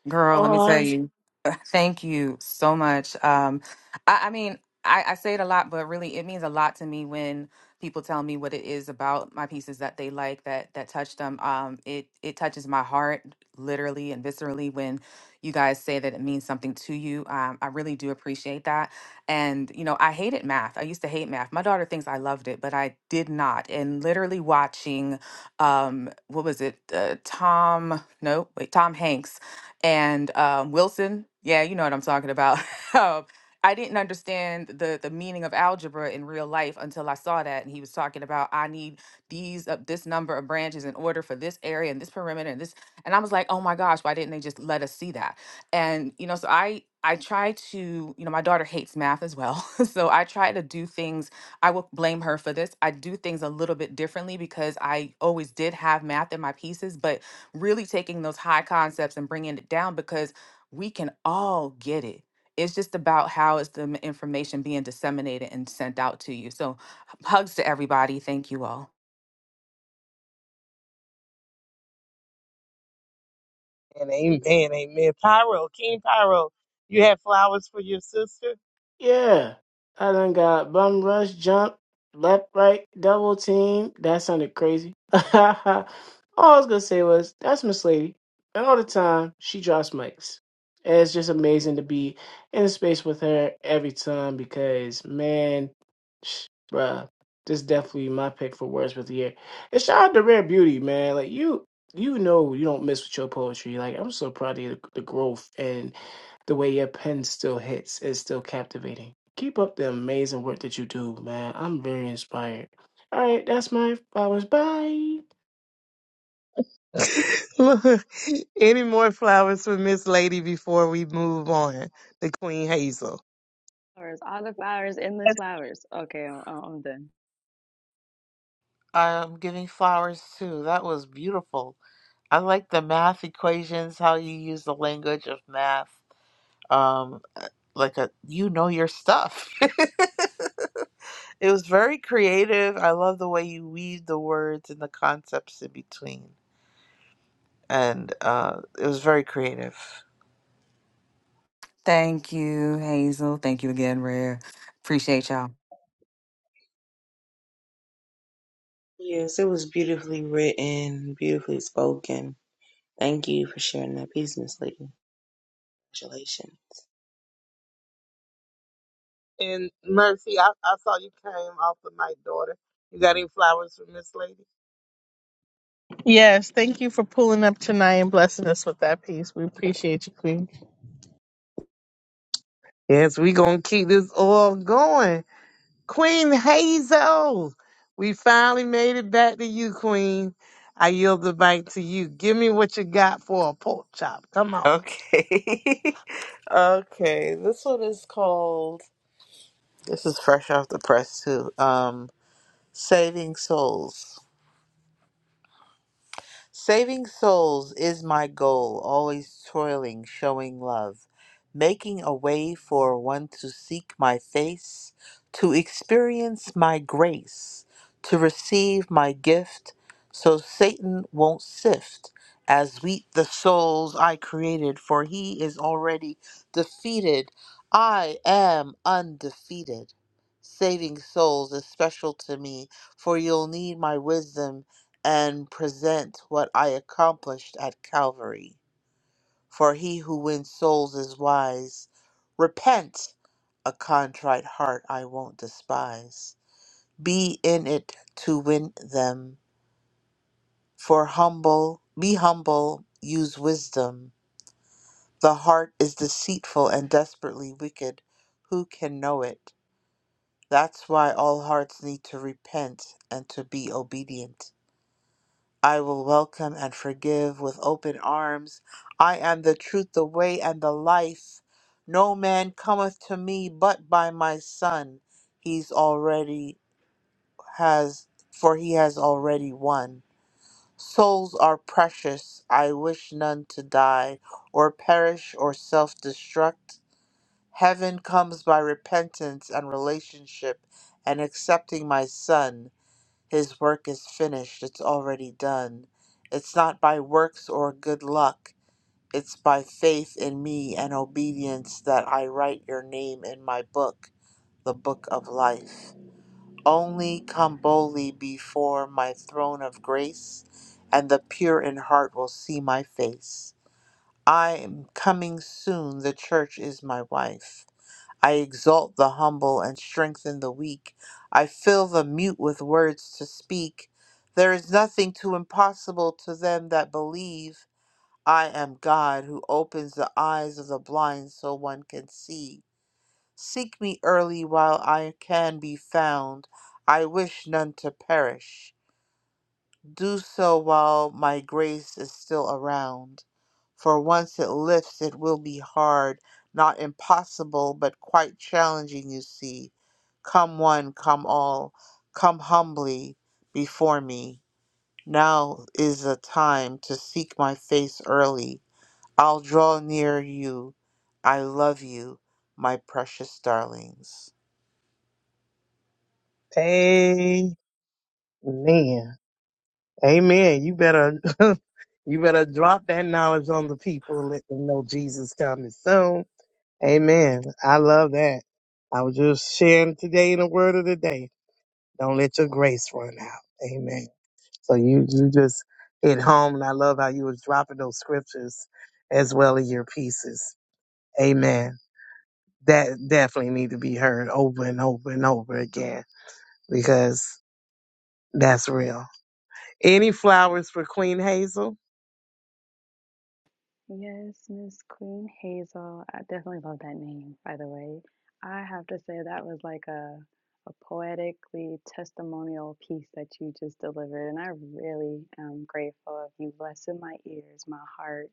S18: Girl, let me tell
S20: Oh,
S18: you, <laughs> thank you so much. Um, I, I mean, I, I say it a lot, but really, it means a lot to me when people tell me what it is about my pieces that they like that that touch them. Um, it it touches my heart literally and viscerally when you guys say that it means something to you. Um, I really do appreciate that. And you know, I hated math. I used to hate math. My daughter thinks I loved it, but I did not. And literally watching, um, what was it? Uh, Tom? No, wait, Tom Hanks and um, Wilson. Yeah, you know what I'm talking about. <laughs> um, I didn't understand the the meaning of algebra in real life until I saw that, and he was talking about I need these uh, this number of branches in order for this area and this perimeter and this, and I was like, oh my gosh, why didn't they just let us see that? And you know, so I I try to you know my daughter hates math as well, <laughs> so I try to do things. I will blame her for this. I do things a little bit differently because I always did have math in my pieces, but really taking those high concepts and bringing it down because we can all get it. It's just about how is the m- information being disseminated and sent out to you. So, <laughs> h- hugs to everybody. Thank you all.
S6: And amen, amen. Pyro, King Pyro, you have flowers for your sister?
S20: yeah. I done got bum rush, jump, left, right, double team. That sounded crazy. <laughs> all I was gonna say was that's Miss Lady, and all the time she drops mics. And it's just amazing to be in the space with her every time because man, sh- bruh, this is definitely my pick for words with the year. And shout out to Rare Beauty, man. Like you, you know, you don't miss with your poetry. Like I'm so proud of the, the growth the way your pen still hits is still captivating. Keep up the amazing work that you do, man. I'm very inspired. All right, that's my flowers. Bye.
S6: Look, any more flowers for Miss Lady before we move on to Queen Hazel?
S13: flowers, all the flowers, endless
S5: Yes,
S13: flowers. Okay, I'm, I'm done.
S19: I'm giving flowers too. That was beautiful. I like the math equations, how you use the language of math. Um like a you know your stuff. <laughs> it was very creative. I love the way you weave the words and the concepts in between. And uh it was very creative.
S18: Thank you, Hazel. Thank you again, Rare. Appreciate y'all.
S2: Yes, it was beautifully written, beautifully spoken. Thank you for sharing that piece, Miss Lady. Congratulations.
S6: And Mercy, I, I saw you came off the mic, daughter. You got any flowers for Miss Lady?
S5: Yes, thank you for pulling up tonight and blessing us with that piece. We appreciate you, Queen.
S6: Yes, we gonna keep this all going. Queen Hazel, we finally made it back to you, Queen. I yield the mic to you. Give me what you got for a pork chop. Come on.
S19: Okay. <laughs> Okay, this one is called. This is fresh off the press too. Um, Saving Souls. Saving souls is my goal, always toiling, showing love, making a way for one to seek my face, to experience my grace, to receive my gift, so Satan won't sift as wheat the souls I created, for he is already defeated. I am undefeated. Saving souls is special to me, for you'll need my wisdom and present what I accomplished at Calvary. For he who wins souls is wise. Repent, a contrite heart I won't despise. Be in it to win them. For humble, be humble, use wisdom. The heart is deceitful and desperately wicked. Who can know it? That's why all hearts need to repent and to be obedient. I will welcome and forgive with open arms. I am the truth, the way, and the life. No man cometh to me but by my Son. He's already has, for he has already won. Souls are precious. I wish none to die, or perish, or self destruct. Heaven comes by repentance and relationship and accepting my Son. His work is finished, it's already done. It's not by works or good luck, it's by faith in me and obedience that I write your name in my book, the book of life. Only come boldly before my throne of grace, and the pure in heart will see my face. I am coming soon, the church is my wife. I exalt the humble and strengthen the weak. I fill the mute with words to speak. There is nothing too impossible to them that believe. I am God who opens the eyes of the blind so one can see. Seek me early while I can be found. I wish none to perish. Do so while my grace is still around. For once it lifts, it will be hard, not impossible, but quite challenging, you see. Come one, come all, come humbly before me. Now is the time to seek my face early. I'll draw near you. I love you, my precious darlings.
S6: Amen. Amen. You better <laughs> you better drop that knowledge on the people and let them know Jesus coming soon. Amen. I love that. I was just sharing today in the word of the day. Don't let your grace run out. Amen. So you you just hit home and I love how you was dropping those scriptures as well in your pieces. Amen. That definitely need to be heard over and over and over again because that's real. Any flowers for Queen Hazel?
S13: Yes, Miss Queen Hazel. I definitely love that name, by the way. I have to say that was like a a poetically testimonial piece that you just delivered, and I really am grateful of you blessing my ears, my heart,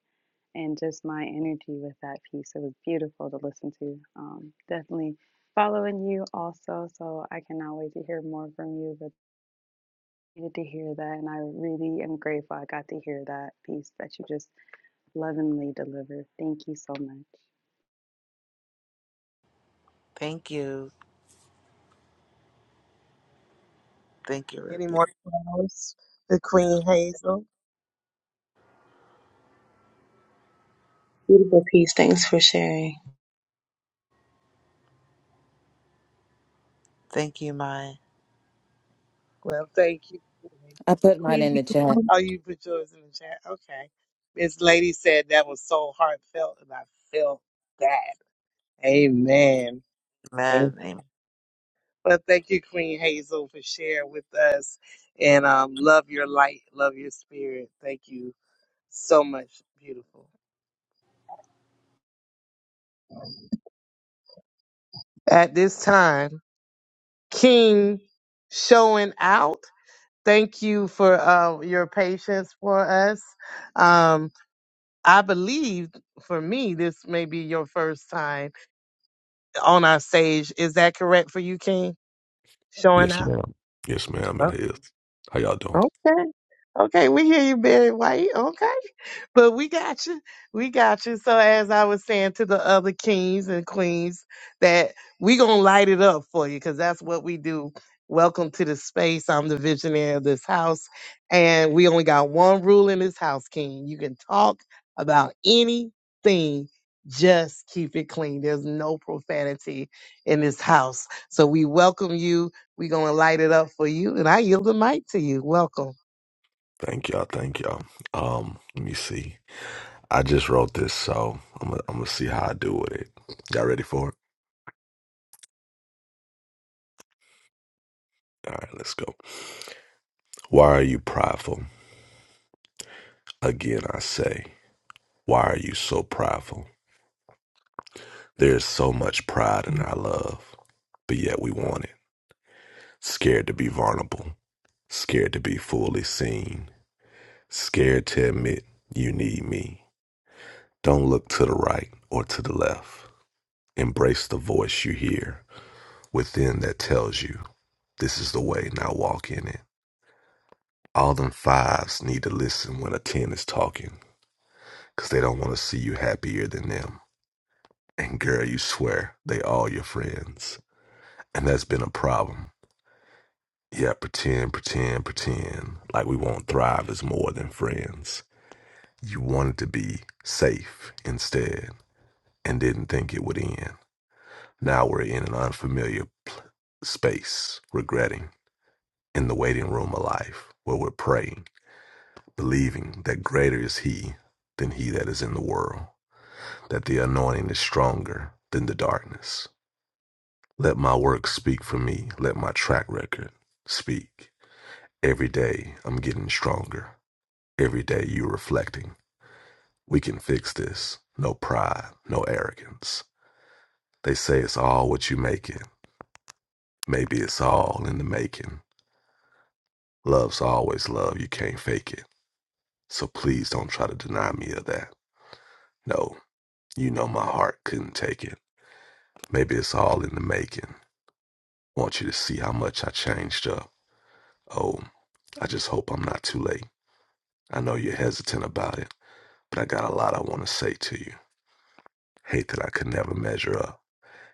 S13: and just my energy with that piece. It was beautiful to listen to. Um, definitely following you also, so I cannot wait to hear more from you. But I needed to hear that, and I really am grateful I got to hear that piece that you just Lovingly delivered. Thank you so much.
S19: Thank you. Thank you,
S6: Any
S19: Ruby.
S6: more flowers The Queen Hazel?
S2: Well, peace. Thanks for sharing.
S19: Thank you, my
S6: Well, thank you.
S18: I put mine
S5: Queen,
S18: in the chat.
S6: Oh, you put yours in the chat. Okay. this Lady said that was so heartfelt, and I felt that. Amen. Amen.
S19: man. Amen.
S6: Well, thank you, Queen Hazel, for sharing with us. And um, love your light, love your spirit. Thank you so much, beautiful. At this time, King showing out. Thank you for uh, your patience for us. Um, I believe for me, this may be your first time on our stage. Is that correct for you, King? Showing
S21: Yes,
S6: up?
S21: ma'am. Yes, ma'am. It
S6: Oh,
S21: is. How y'all doing?
S6: okay. Okay, we hear you, Barry White. Okay. But we got you. We got you. So as I was saying to the other kings and queens that we going to light it up for you cuz that's what we do. Welcome to the space. I'm the visionary of this house and we only got one rule in this house, king. You can talk about anything. Just keep it clean. There's no profanity in this house. So we welcome you. we going to light it up for you. And I yield the mic to you. Welcome.
S21: Thank y'all. Thank y'all. Um, let me see. I just wrote this, so I'm gonna, I'm gonna see how I do with it. Y'all ready for it? All right, let's go. Why are you prideful? Again, I say, why are you so prideful? There is so much pride in our love, but yet we want it. Scared to be vulnerable, scared to be fully seen, scared to admit you need me. Don't look to the right or to the left. Embrace the voice you hear within that tells you this is the way, now walk in it. All them fives need to listen when a 10 is talking because they don't want to see you happier than them. And girl, you swear they all your friends. And that's been a problem. Yeah, pretend, pretend, pretend like we won't thrive as more than friends. You wanted to be safe instead and didn't think it would end. Now we're in an unfamiliar space, regretting in the waiting room of life where we're praying, believing that greater is He than He that is in the world, that the anointing is stronger than the darkness. Let my work speak for me, let my track record speak. Every day I'm getting stronger. Every day you're reflecting. We can fix this. No pride, no arrogance. They say it's all what you make it. Maybe it's all in the making. Love's always love. You can't fake it. So please don't try to deny me of that. No, You know my heart couldn't take it. Maybe it's all in the making. Want you to see how much I changed up. Oh, I just hope I'm not too late. I know you're hesitant about it, but I got a lot I want to say to you. Hate that I could never measure up.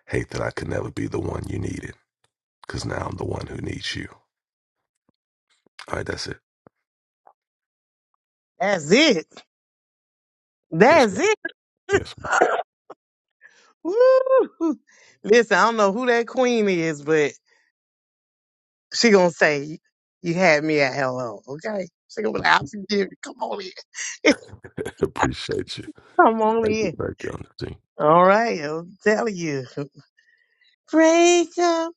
S21: Hate that I could never be the one you needed, because now I'm the one who needs you. All right, that's it.
S6: That's it.
S21: Yes,
S6: That's
S21: man.
S6: it.
S21: Yes,
S6: <laughs>
S21: man.
S6: Woo! Listen, I don't know who that queen is, but she gonna say you had me at hello. Okay, she gonna be like, I forgive you. Come on in.
S21: <laughs> Appreciate you.
S6: <laughs> Come on
S21: Thank you.
S6: in.
S21: Thank you, Auntie.
S6: All right, I'll tell you. Break up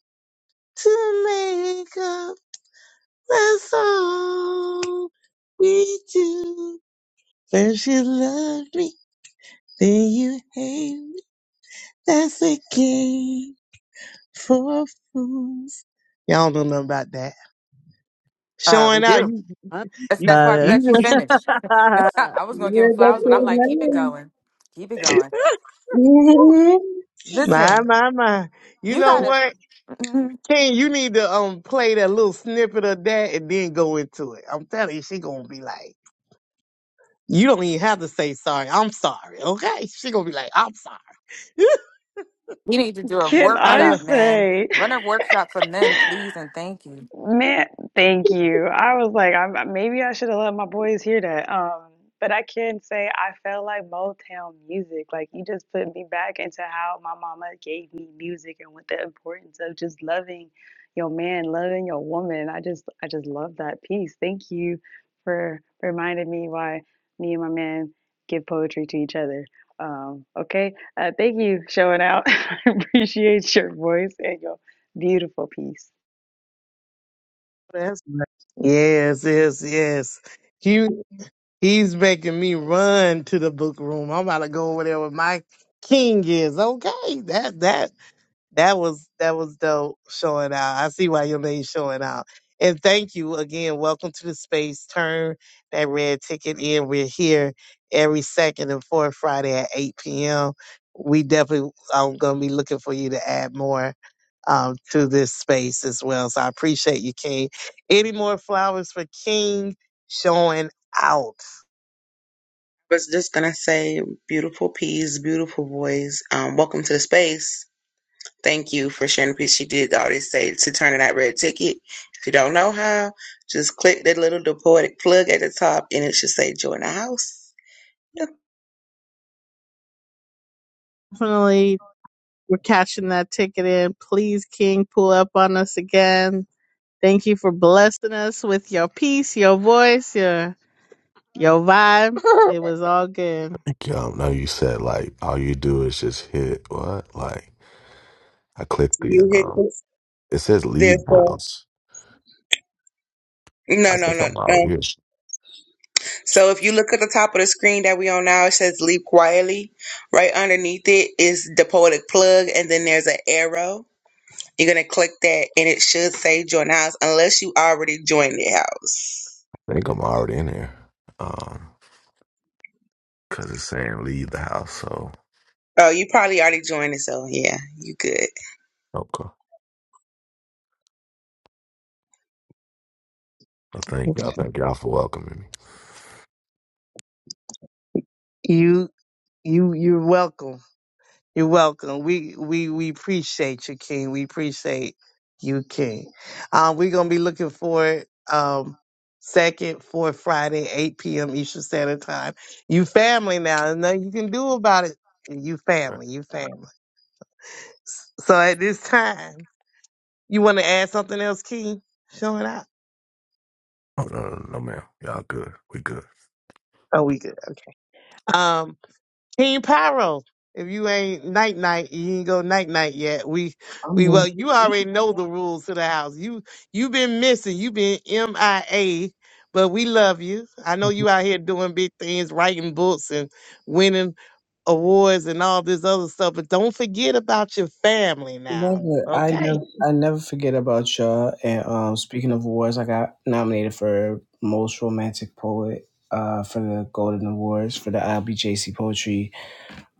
S6: to make up. That's all we do. First you love me, then you hate me. That's a game for fools. Y'all don't know about that.
S18: Uh, we
S6: Showing out,
S18: do.
S6: you,
S5: I
S18: That's
S6: you,
S18: that's why we
S5: love it.
S6: you
S18: let you
S6: just
S5: <laughs>
S18: finish. <laughs> I was gonna give him
S2: Yeah, that's
S18: flowers, but I'm
S2: your
S18: like, keep it
S2: name.
S18: going, keep it going. Woo.
S2: Mhm. <laughs>
S6: My,
S18: Listen,
S6: my, my. You
S18: you
S6: know
S18: gotta.
S6: what,
S18: mm-hmm.
S6: King? You need to um play that little snippet of that and then go into it. I'm telling you, she gonna be like, you don't even have to say sorry. I'm sorry, okay? She gonna be like, I'm sorry. <laughs>
S18: You need to do a
S13: Can
S6: I
S13: I
S18: workshop,
S6: love
S18: man.
S13: say?
S18: Run a workshop for men, please, and thank you.
S13: Man, thank you. I was like, I maybe I should have let my boys hear that. Um, but I can say I felt like Motown music. Like you just put me back into how my mama gave me music and what the importance of just loving your man, loving your woman. I just I just love that piece. Thank you for reminding me why me and my man give poetry to each other. Um, okay. Uh, thank you showing out. <laughs> I appreciate your voice and your beautiful piece.
S6: that's right. Yes, yes, yes. He he's making me run to the book room. I'm about to go over there with my king is okay. That that That was that was dope showing out. I see why your name's showing out. And thank you again. Welcome to the space. Turn that red ticket in. We're here every second and fourth Friday at 8 p.m. We definitely I'm gonna be looking for you to add more um, to this space as well. So I appreciate you, King. Any more flowers for King showing out?
S2: I was just gonna say, beautiful piece, beautiful voice. Um, welcome to the space. Thank you for sharing the piece. She did already say to turn in that red ticket. If you don't know how, just click that little poetic plug at the top and it should say join the house. Yep.
S5: definitely we're catching that ticket in. Please, King, pull up on us again. Thank you for blessing us with your peace, your voice, your your vibe. It was all good.
S21: Thank you. I know you said, like, all you do is just hit what? Like, I clicked the,
S2: You hit
S21: um,
S2: this.
S21: it says
S2: There's
S21: leave the
S2: a,
S21: house. I
S2: no, no,
S21: think
S2: no.
S21: I'm
S2: no,
S21: already. I
S2: So if you look at the top of the screen that we on now, it says "Leap Quietly." Right underneath it is the poetic plug, and then there's an arrow. You're gonna click that, and it should say "Join House," unless you already joined the house.
S21: think I'm already in here, Um, cause it's saying leave the house. So
S2: Oh, you probably already joined it, so yeah, you good.
S21: okay. I thank y'all. Thank y'all for welcoming me.
S6: You you you're welcome. You're welcome. We we we appreciate you, King. We appreciate you, King. Um, we're gonna be looking for it, um second, fourth Friday, eight p.m. Eastern Standard Time. You family now. There's nothing you can do about it. You
S21: Right.
S6: family. You family. So at this time, you want to add something else, King? Showing up.
S21: Oh no, no, no, ma'am. Y'all good. We good.
S6: Oh, we good. Um, King Pyro. If you ain't night night, you ain't go night night yet. We
S20: I
S6: we
S20: mean,
S6: well, you already know the rules to the house. You you been missing. You been MIA, but we love you. I know you out here doing big things, writing books and winning awards and all this other stuff. But don't forget about your family now,
S20: Never, I
S6: okay?
S20: never, I never forget about y'all. And um, speaking of awards, I got nominated for most romantic poet uh for the Golden Awards for the ILBJC Poetry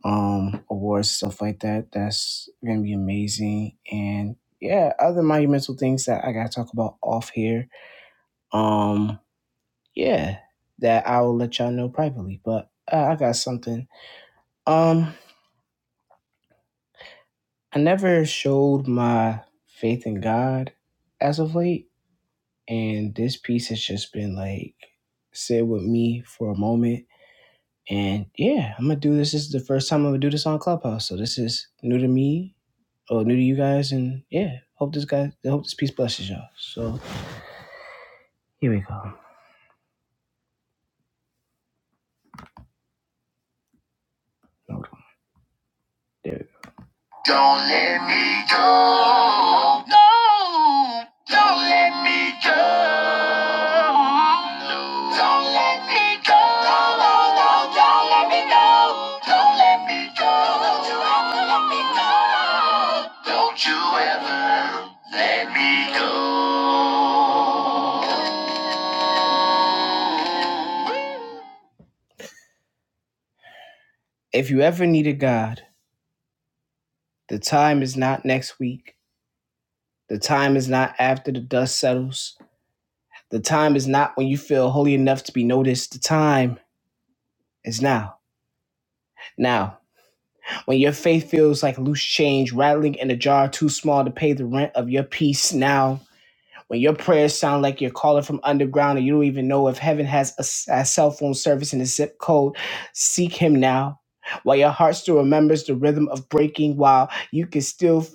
S20: um awards stuff like that. That's gonna be amazing. And yeah, other monumental things that I gotta talk about off here. um yeah that i will let y'all know privately but uh, i got something um i never showed my faith in god as of late and this piece has just been like sit with me for a moment and yeah i'm gonna do this this is the first time i'm gonna do this on clubhouse so this is new to me or new to you guys and yeah hope this guy hope this piece blesses y'all so here we go Hold on. there we go If you ever needed God, the time is not next week. The time is not after the dust settles. The time is not when you feel holy enough to be noticed. The time is now. Now, when your faith feels like loose change rattling in a jar too small to pay the rent of your peace, now When your prayers sound like you're calling from underground and you don't even know if heaven has a, s- a cell phone service in the zip code, seek him now. While your heart still remembers the rhythm of breaking, while you can still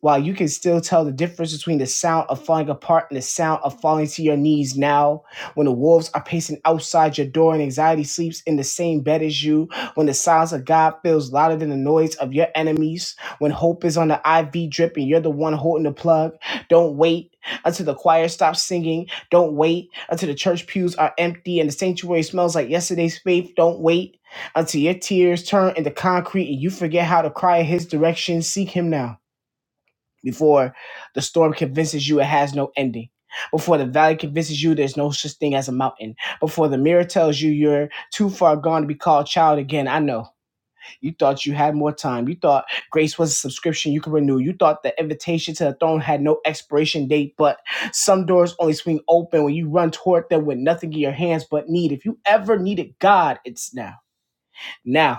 S20: while you can still tell the difference between the sound of falling apart and the sound of falling to your knees now, when the wolves are pacing outside your door and anxiety sleeps in the same bed as you, when the silence of God feels louder than the noise of your enemies, when hope is on the IV drip and you're the one holding the plug, don't wait until the choir stops singing. Don't wait until the church pews are empty and the sanctuary smells like yesterday's faith. Don't wait until your tears turn into concrete and you forget how to cry in his direction. Seek him now before the storm convinces you it has no ending. Before the valley convinces you there's no such thing as a mountain. Before the mirror tells you you're too far gone to be called child again. I know. You thought you had more time. You thought grace was a subscription you could renew. You thought the invitation to the throne had no expiration date, but some doors only swing open when you run toward them with nothing in your hands but need. If you ever needed God, it's now. Now.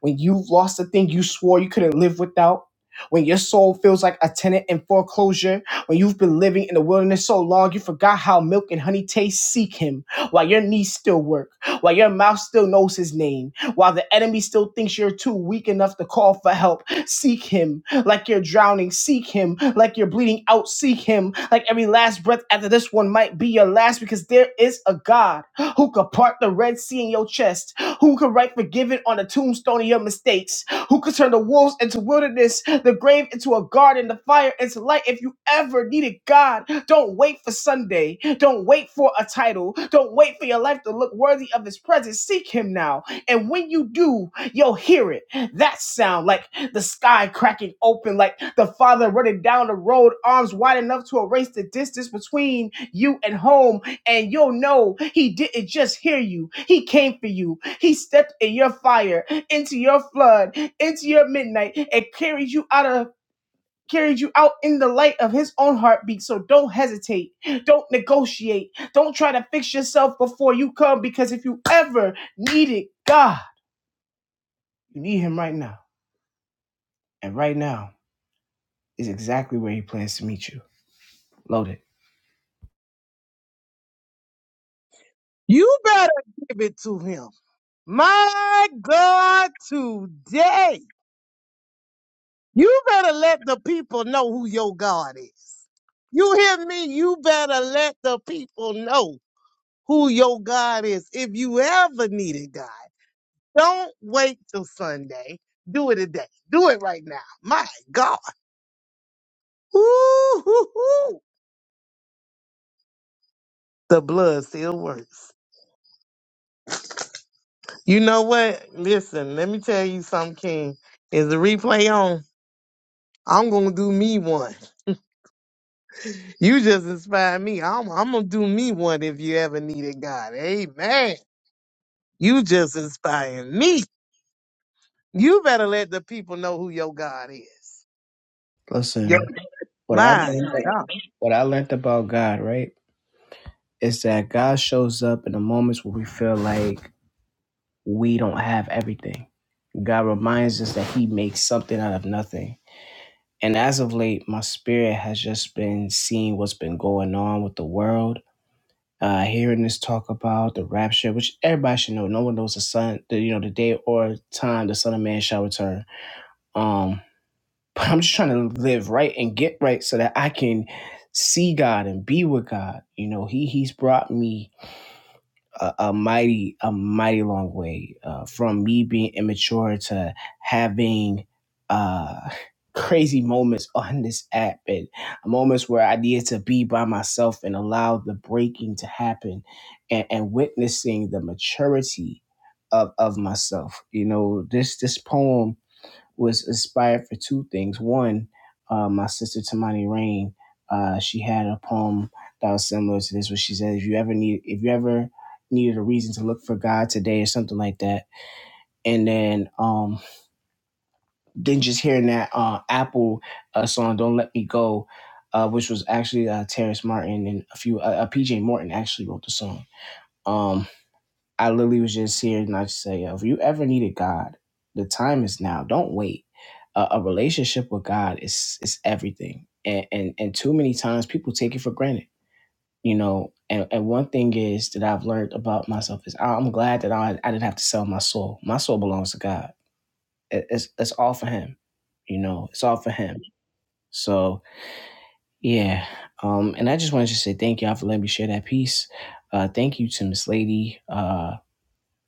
S20: When you've lost the thing you swore you couldn't live without. When your soul feels like a tenant in foreclosure. When you've been living in the wilderness so long you forgot how milk and honey taste. Seek him while your knees still work. While your mouth still knows his name. While the enemy still thinks you're too weak enough to call for help. Seek him like you're drowning. Seek him like you're bleeding out. Seek him like every last breath after this one might be your last because there is a God who could part the Red Sea in your chest who can write forgiven on the tombstone of your mistakes, who can turn the wolves into wilderness, the grave into a garden, the fire into light. If you ever needed God, don't wait for Sunday. Don't wait for a title. Don't wait for your life to look worthy of his presence. Seek him now. And when you do, you'll hear it. That sound like the sky cracking open, like the father running down the road, arms wide enough to erase the distance between you and home and you'll know he didn't just hear you. He came for you. He stepped in your fire, into your flood, into your midnight, and carried you out of carried you out in the light of his own heartbeat. So don't hesitate. Don't negotiate. Don't try to fix yourself before you come because if you ever needed God, you need him right now. And right now is exactly where he plans to meet you. Loaded.
S6: You better give it to him. My God, today. You better let the people know who your God is. You hear me? You better let the people know who your God is. If you ever needed God, don't wait till Sunday. Do it today. Do it right now. My God. Ooh, hoo, hoo. The blood still works. You know what? Listen, let me tell you something, King. Is the replay on? I'm gonna do me one. You just inspired me. I'm, I'm gonna do me one if you ever needed God. Amen. You just inspired me. You better let the people know who your God is. Yep.
S20: Listen, what I've
S6: My
S20: learned, like,
S6: God.
S20: what I learned about God, right, is that God shows up in the moments where we feel like we don't have everything. God reminds us that He makes something out of nothing. And as of late, my spirit has just been seeing what's been going on with the world uh, hearing this talk about the rapture, which everybody should know. No one knows the sun, the, you know, the day or time the Son of Man shall return. Um, <laughs> but I'm just trying to live right and get right so that I can see God and be with God. You know, He He's brought me a, a mighty a mighty long way uh, from me being immature to having uh <laughs> crazy moments on this app and moments where I needed to be by myself and allow the breaking to happen and, and witnessing the maturity of of myself. You know, this this poem was inspired for two things. One, uh, my sister Tamani Rain, uh, she had a poem that was similar to this, where she said, "If you ever need, if you ever needed a reason to look for God today, or something like that." And then, um, then just hearing that uh, Apple uh, song, "Don't Let Me Go," uh, which was actually uh, Terrence Martin and a few, uh, uh, PJ Morton actually wrote the song. Um, I literally was just here and I just say, yo, if you ever needed God, the time is now. Don't wait. A, a relationship with God is is everything. And, and and too many times people take it for granted, you know. And and one thing is that I've learned about myself is I- I'm glad that I I didn't have to sell my soul. My soul belongs to God. It- it's it's all for Him, you know. It's all for Him. So yeah. Um. And I just wanted to say thank y'all for letting me share that piece. Uh. Thank you to Miss Lady. Uh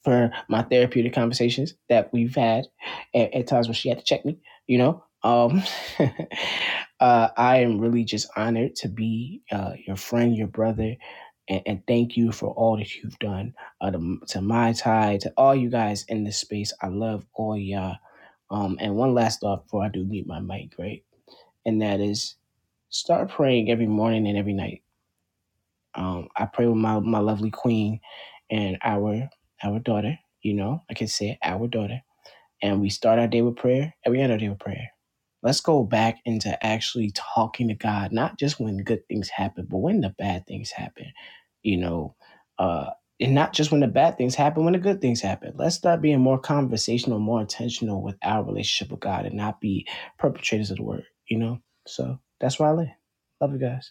S20: for my therapeutic conversations that we've had at, at times when she had to check me, you know. Um, <laughs> uh, I am really just honored to be uh, your friend, your brother, and, and thank you for all that you've done uh, to, to my tie, to all you guys in this space. I love all y'all. Um, and one last thought before I do meet my mic, right? And that is start praying every morning and every night um, I pray with my, my lovely queen and our our daughter, you know, like I can say it, our daughter. And we start our day with prayer and we end our day with prayer. Let's go back into actually talking to God, not just when good things happen, but when the bad things happen, you know, uh, and not just when the bad things happen, when the good things happen. Let's start being more conversational, more intentional with our relationship with God and not be perpetrators of the word, you know? So that's where I live. Love you guys.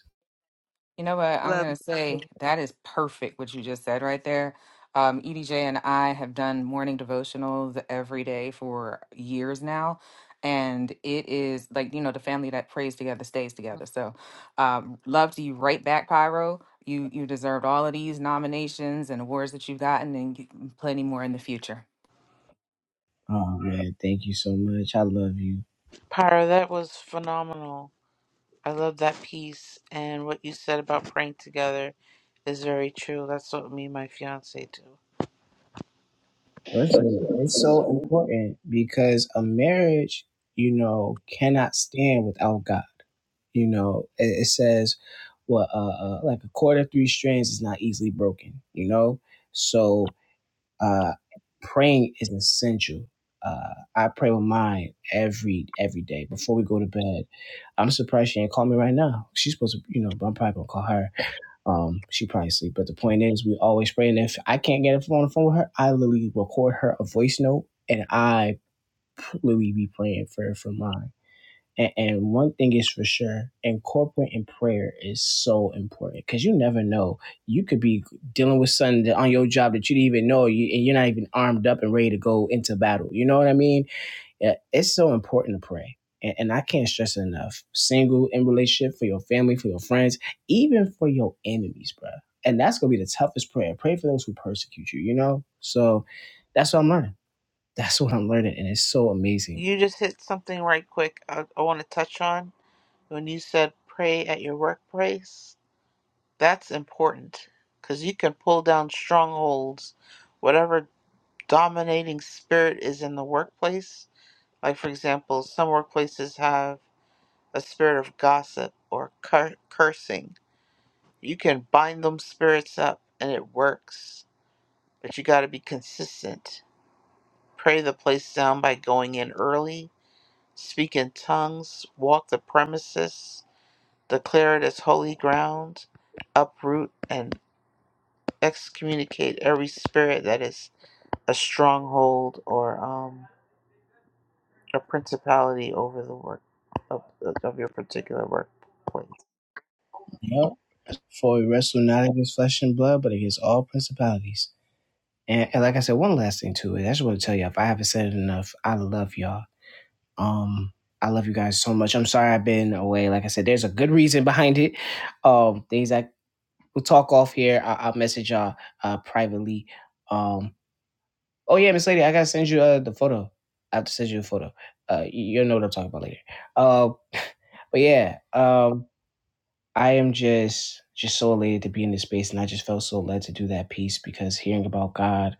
S18: You know what? I'm
S6: Love you,
S18: gonna say that is perfect what you just said right there. Um, EDJ and I have done morning devotionals every day for years now. And it is like, you know, the family that prays together stays together. So um, love to you right back, Pyro. You you deserved all of these nominations and awards that you've gotten and you- plenty more in the future.
S20: Oh man, thank you so much. I love you.
S19: Pyra, that was phenomenal. I love that piece and what you said about praying together is very true. That's what me and my fiance do.
S20: Listen, it's so important because a marriage, you know, cannot stand without God. You know, it, it says, "Well, uh, uh, like a cord of three strands is not easily broken." You know, so uh, praying is essential. Uh, I pray with mine every every day before we go to bed. I'm surprised she ain't call me right now. She's supposed to, you know, but I'm probably gonna call her Um, she probably sleep, but the point is, we always pray. And if I can't get it on the phone with her, I literally record her a voice note, and I literally be praying for her for mine. And, and one thing is for sure, incorporating prayer is so important because you never know. You could be dealing with something that- on your job that you didn't even know, you, and you're not even armed up and ready to go into battle. You know what I mean? Yeah, it's so important to pray. And, and I can't stress it enough. Single in relationship, for your family, for your friends, even for your enemies, bro. And that's gonna be the toughest prayer. Pray for those who persecute you, you know? So that's what I'm learning. <laughs> That's what I'm learning. And it's so amazing.
S19: You just hit something right quick I, I want to touch on when you said pray at your workplace. That's important because you can pull down strongholds, whatever dominating spirit is in the workplace. Like, for example, some workplaces have a spirit of gossip or cur- cursing. You can bind them spirits up and it works but you got to be consistent. Pray the place down by going in early, speak in tongues, walk the premises, declare it as holy ground, uproot and excommunicate every spirit that is a stronghold or um, a principality over the work of, of your particular workplace.
S20: You know, for we wrestle not against flesh and blood, but against all principalities. And, and like I said, one last thing too, and I just want to tell you, if I haven't said it enough, I love y'all. Um, I love you guys so much. I'm sorry I've been away. Like I said, there's a good reason behind it um things I we'll talk off here. I- I'll message y'all uh, privately. Um, oh yeah, Miss Lady, I gotta send you uh, the photo. I have to send you a photo. Uh, you- you'll know what I'm talking about later. Uh, but yeah, um, I am just just so elated to be in this space, and I just felt so led to do that piece because hearing about God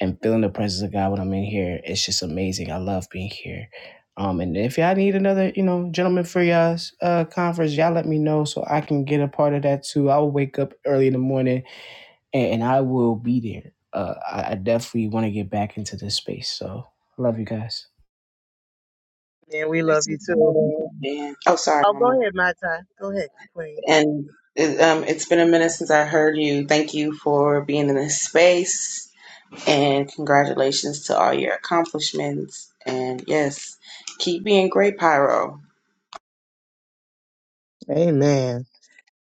S20: and feeling the presence of God when I'm in here, it's just amazing. I love being here. Um, and if y'all need another, you know, gentleman for y'all's uh, conference, y'all let me know so I can get a part of that too. I will wake up early in the morning and, and I will be there. Uh, I, I definitely want to get back into this space. So I love you guys.
S6: man. We love you too.
S2: And oh, sorry,
S6: Oh,
S2: Mama.
S6: go ahead, my time. Go ahead, Queen.
S2: And it, um, it's been a minute since I heard you. Thank you for being in this space, and congratulations to all your accomplishments. And yes, keep being great, Pyro.
S6: Amen.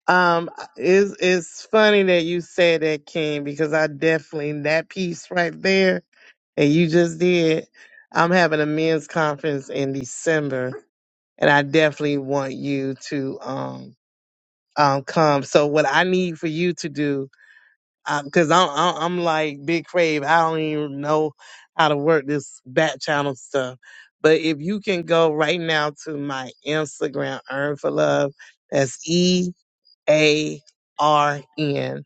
S6: Um, it's it's funny that you said that, King, because I definitely that piece right there and you just did. I'm having a men's conference in December, and I definitely want you to um um come. So what I need for you to do because I'm, I'm I'm like Big Crave. I don't even know how to work this back channel stuff. But if you can go right now to my Instagram, Earn for Love. That's E A R N,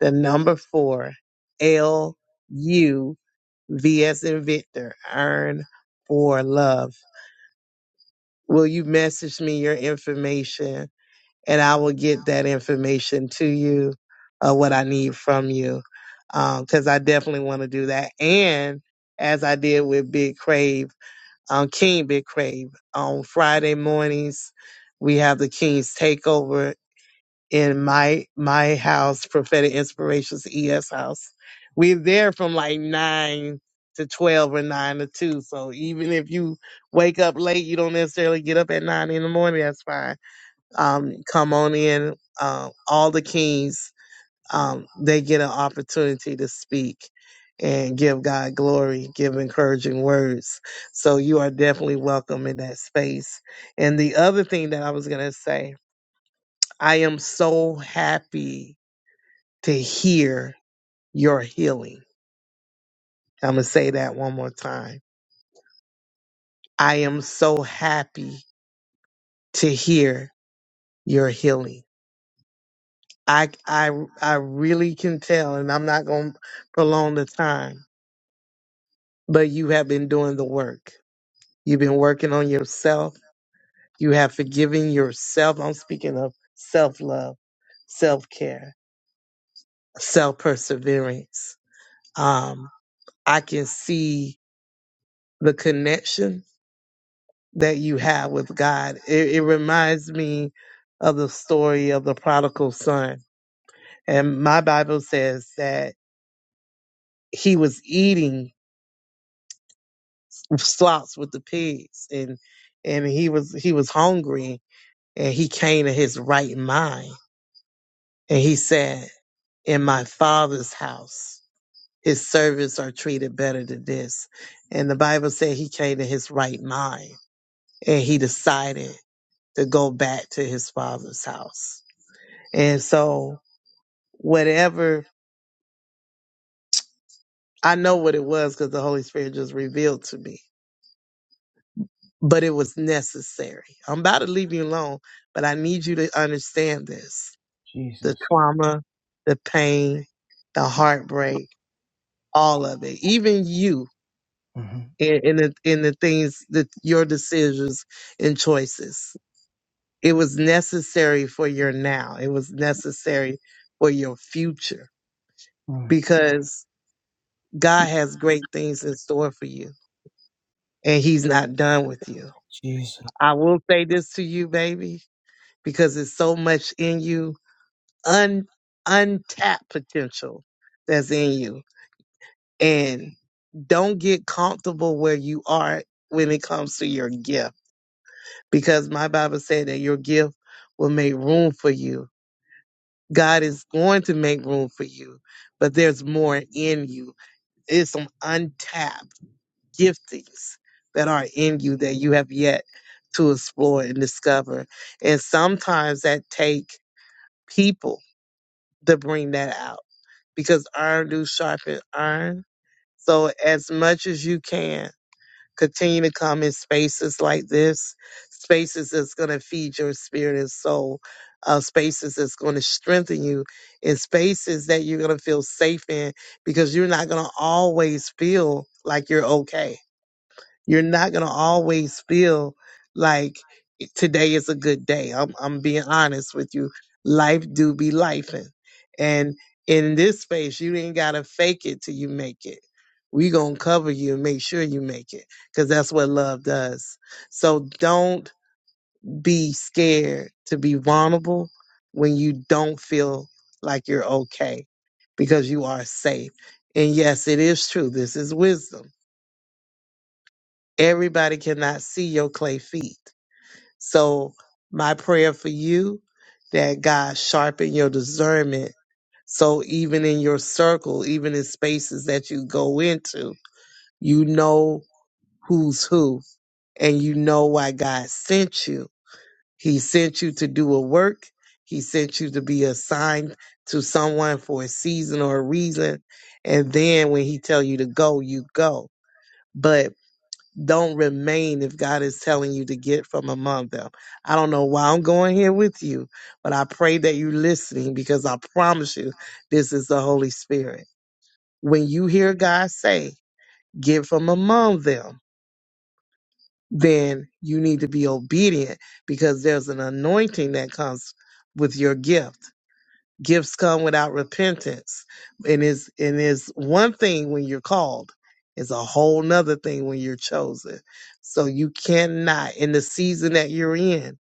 S6: the number four L U V S and Victor. Earn for Love. Will you message me your information? and I will get that information to you, uh, what I need from you, because I definitely want to do that. And as I did with Big Crave, um, King Big Crave, on Friday mornings, we have the King's Takeover in my my house, Prophetic Inspirations ES house. We're there from like nine to twelve or nine to two. So even if you wake up late, you don't necessarily get up at nine in the morning. That's fine um, come on in. Um, all the kings, um, they get an opportunity to speak and give God glory, give encouraging words. So you are definitely welcome in that space. And the other thing that I was going to say, I am so happy to hear your healing. I'm going to say that one more time. I am so happy to hear your healing. I I I really can tell, and I'm not gonna prolong the time. But you have been doing the work. You've been working on yourself. You have forgiven yourself. I'm speaking of self love, self care, self perseverance. Um, I can see the connection that you have with God. It, it reminds me of the story of the prodigal son, and my Bible says that he was eating slops with the pigs and and he was he was hungry and he came to his right mind and he said in my father's house his servants are treated better than this and the bible said he came to his right mind and he decided to go back to his father's house and so whatever i know what it was because the holy spirit just revealed to me but it was necessary i'm about to leave you alone but i need you to understand this the
S20: Jesus.
S6: trauma, the pain, the heartbreak, all of it. Even you
S20: Mm-hmm.
S6: in, in the in the things that your decisions and choices. It was necessary for your now. It was necessary for your future
S20: Mm.
S6: because God has great things in store for you and he's not done with you.
S20: Jesus.
S6: I will say this to you, baby, because there's so much in you, un untapped potential that's in you and don't get comfortable where you are when it comes to your gift because my bible said that your gift will make room for you god is going to make room for you but there's more in you there's some untapped giftings that are in you that you have yet to explore and discover and sometimes that take people to bring that out because iron do sharpen iron so as much as you can Continue to come in spaces like this, spaces that's going to feed your spirit and soul, uh, spaces that's going to strengthen you, and spaces that you're going to feel safe in because you're not going to always feel like you're okay you're not gonna always feel like today is a good day. I'm I'm being honest with you. Life do be lifing. And in this space, you ain't gotta fake it till you make it. We gonna cover you and make sure you make it. Cause that's what love does. So don't be scared to be vulnerable when you don't feel like you're okay because you are safe. And yes, it is true. This is wisdom Everybody cannot see your clay feet. So my prayer for you that God sharpen your discernment. So even in your circle, even in spaces that you go into, you know who's who and you know why God sent you. He sent you to do a work. He sent you to be assigned to someone for a season or a reason. And then when he tell you to go, you go. But don't remain if God is telling you to get from among them. I don't know why I'm going here with you, but I pray that you're listening because I promise you this is the Holy Spirit. When you hear God say, get from among them, then you need to be obedient because there's an anointing that comes with your gift Gifts come without repentance. And is and is one thing when you're called. It's a whole nother thing when you're chosen. So you cannot in the season that you're in,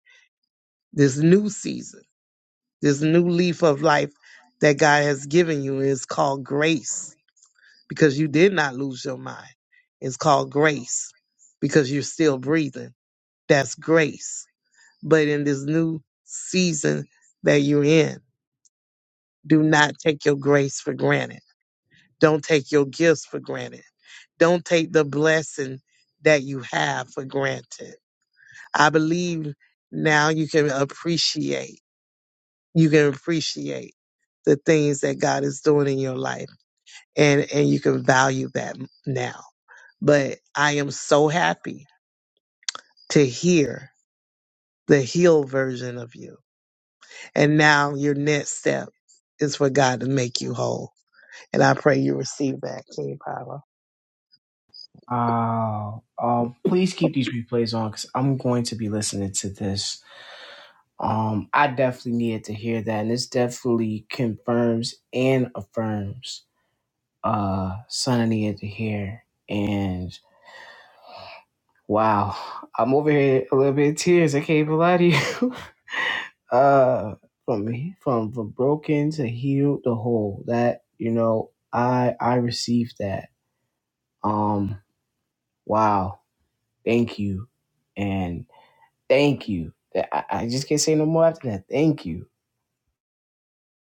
S6: this new season, this new leaf of life that God has given you is called grace because you did not lose your mind. It's called grace because you're still breathing. That's grace. But in this new season that you're in, do not take your grace for granted Don't take your gifts for granted. Don't take the blessing that you have for granted. I believe now you can appreciate, you can appreciate the things that God is doing in your life and, and you can value that now. But I am so happy to hear the healed version of you. And now your next step is for God to make you whole. And I pray you receive that, King Power.
S20: Wow. Um, please keep these replays on because I'm going to be listening to this. Um, I definitely needed to hear that, and this definitely confirms and affirms. Uh, son, I needed to hear, and wow, I'm over here a little bit in tears. I can't even lie to you. <laughs> uh from from from broken to healed to whole that you know i i received that um wow thank you and thank you That- I, I just can't say no more after that thank you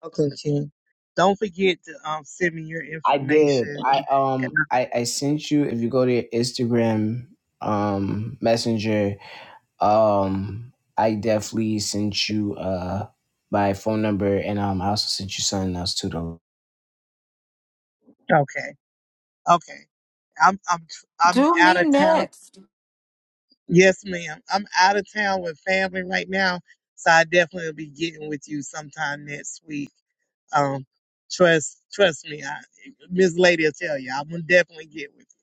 S6: Okay, King. Don't forget to um send me your
S20: i did
S6: information.
S20: i
S6: And
S20: um i i sent you if you go to your instagram um messenger um i definitely sent you uh my phone number and um i also sent you something else too though
S6: okay, okay. I'm I'm I'm
S18: Do
S6: out
S18: me
S6: of town.
S18: next.
S6: Yes, ma'am. I'm out of town with family right now, so I definitely will be getting with you sometime next week. Um, trust, trust me, I, Miss Lady will tell you, I'm gonna definitely get with you.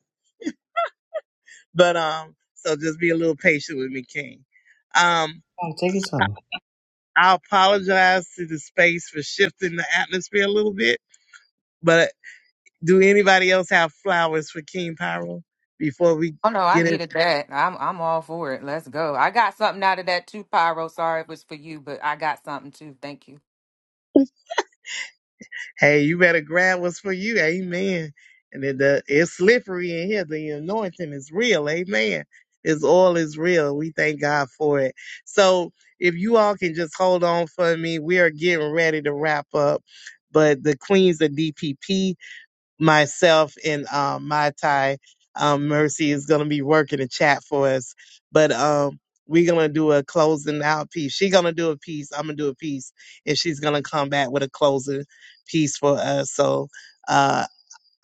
S6: But um, so just be a little patient with me, King. Um,
S20: oh, take your time
S6: I apologize to the space for shifting the atmosphere a little bit, but do anybody else have flowers for King Pyro before we
S18: Oh no, I
S6: get
S18: needed that. I'm I'm all for it. Let's go. I got something out of that too, Pyro. Sorry it was for you, but I got something too. Thank you.
S6: Hey, you better grab what's for you. Amen. And it, the, it's slippery in here. The anointing is real. Amen. It's all is real. We thank God for it. So if you all can just hold on for me, we are getting ready to wrap up. But the Queens of DPP, myself and um, my Thai um, Mercy is gonna be working the chat for us. But um, we're gonna do a closing out piece. She's gonna do a piece. I'm gonna do a piece, and she's gonna come back with a closing piece for us. So uh,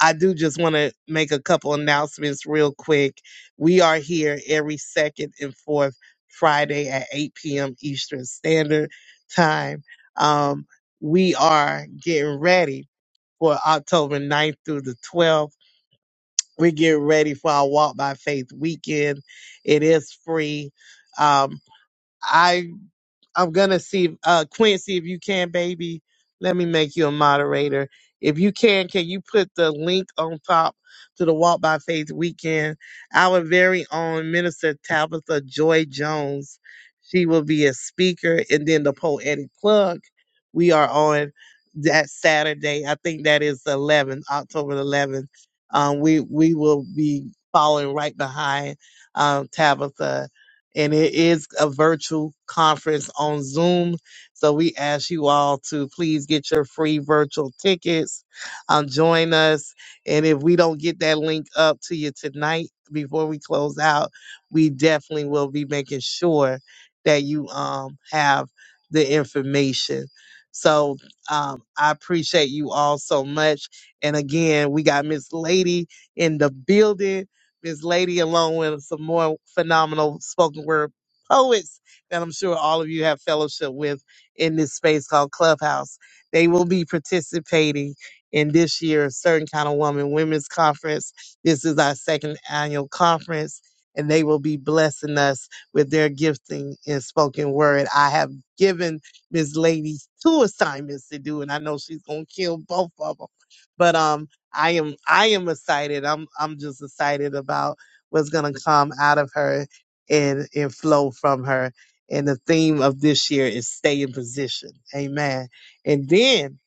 S6: I do just want to make a couple announcements real quick. We are here every second and fourth Friday at 8 p.m. Eastern Standard Time. Um, we are getting ready for October ninth through the 12th. we get ready for our Walk by Faith weekend. It is free. Um, I I'm gonna see if, uh Quincy if you can, baby. Let me make you a moderator. If you can, can you put the link on top to the Walk by Faith weekend? Our very own Minister Tabitha Joy Jones. She will be a speaker and then the poetic plug. We are on that Saturday. I think that is the 11th, October the 11th. Um, we we will be following right behind um, Tabitha and it is a virtual conference on Zoom. So we ask you all to please get your free virtual tickets, um, join us. And if we don't get that link up to you tonight before we close out, we definitely will be making sure that you um, have the information. So um, I appreciate you all so much. And again, we got Miss Lady in the building Miss Lady along with some more phenomenal spoken word poets that I'm sure all of you have fellowship with in this space called Clubhouse. They will be participating in this year's Certain Kind of Woman Women's Conference. This is our second annual conference, and they will be blessing us with their gifting in spoken word. I have given Miss Lady two assignments to do, and I know she's gonna kill both of them. But um, I am I am excited. I'm I'm just excited about what's gonna come out of her and and flow from her. And the theme of this year is stay in position. Amen. And then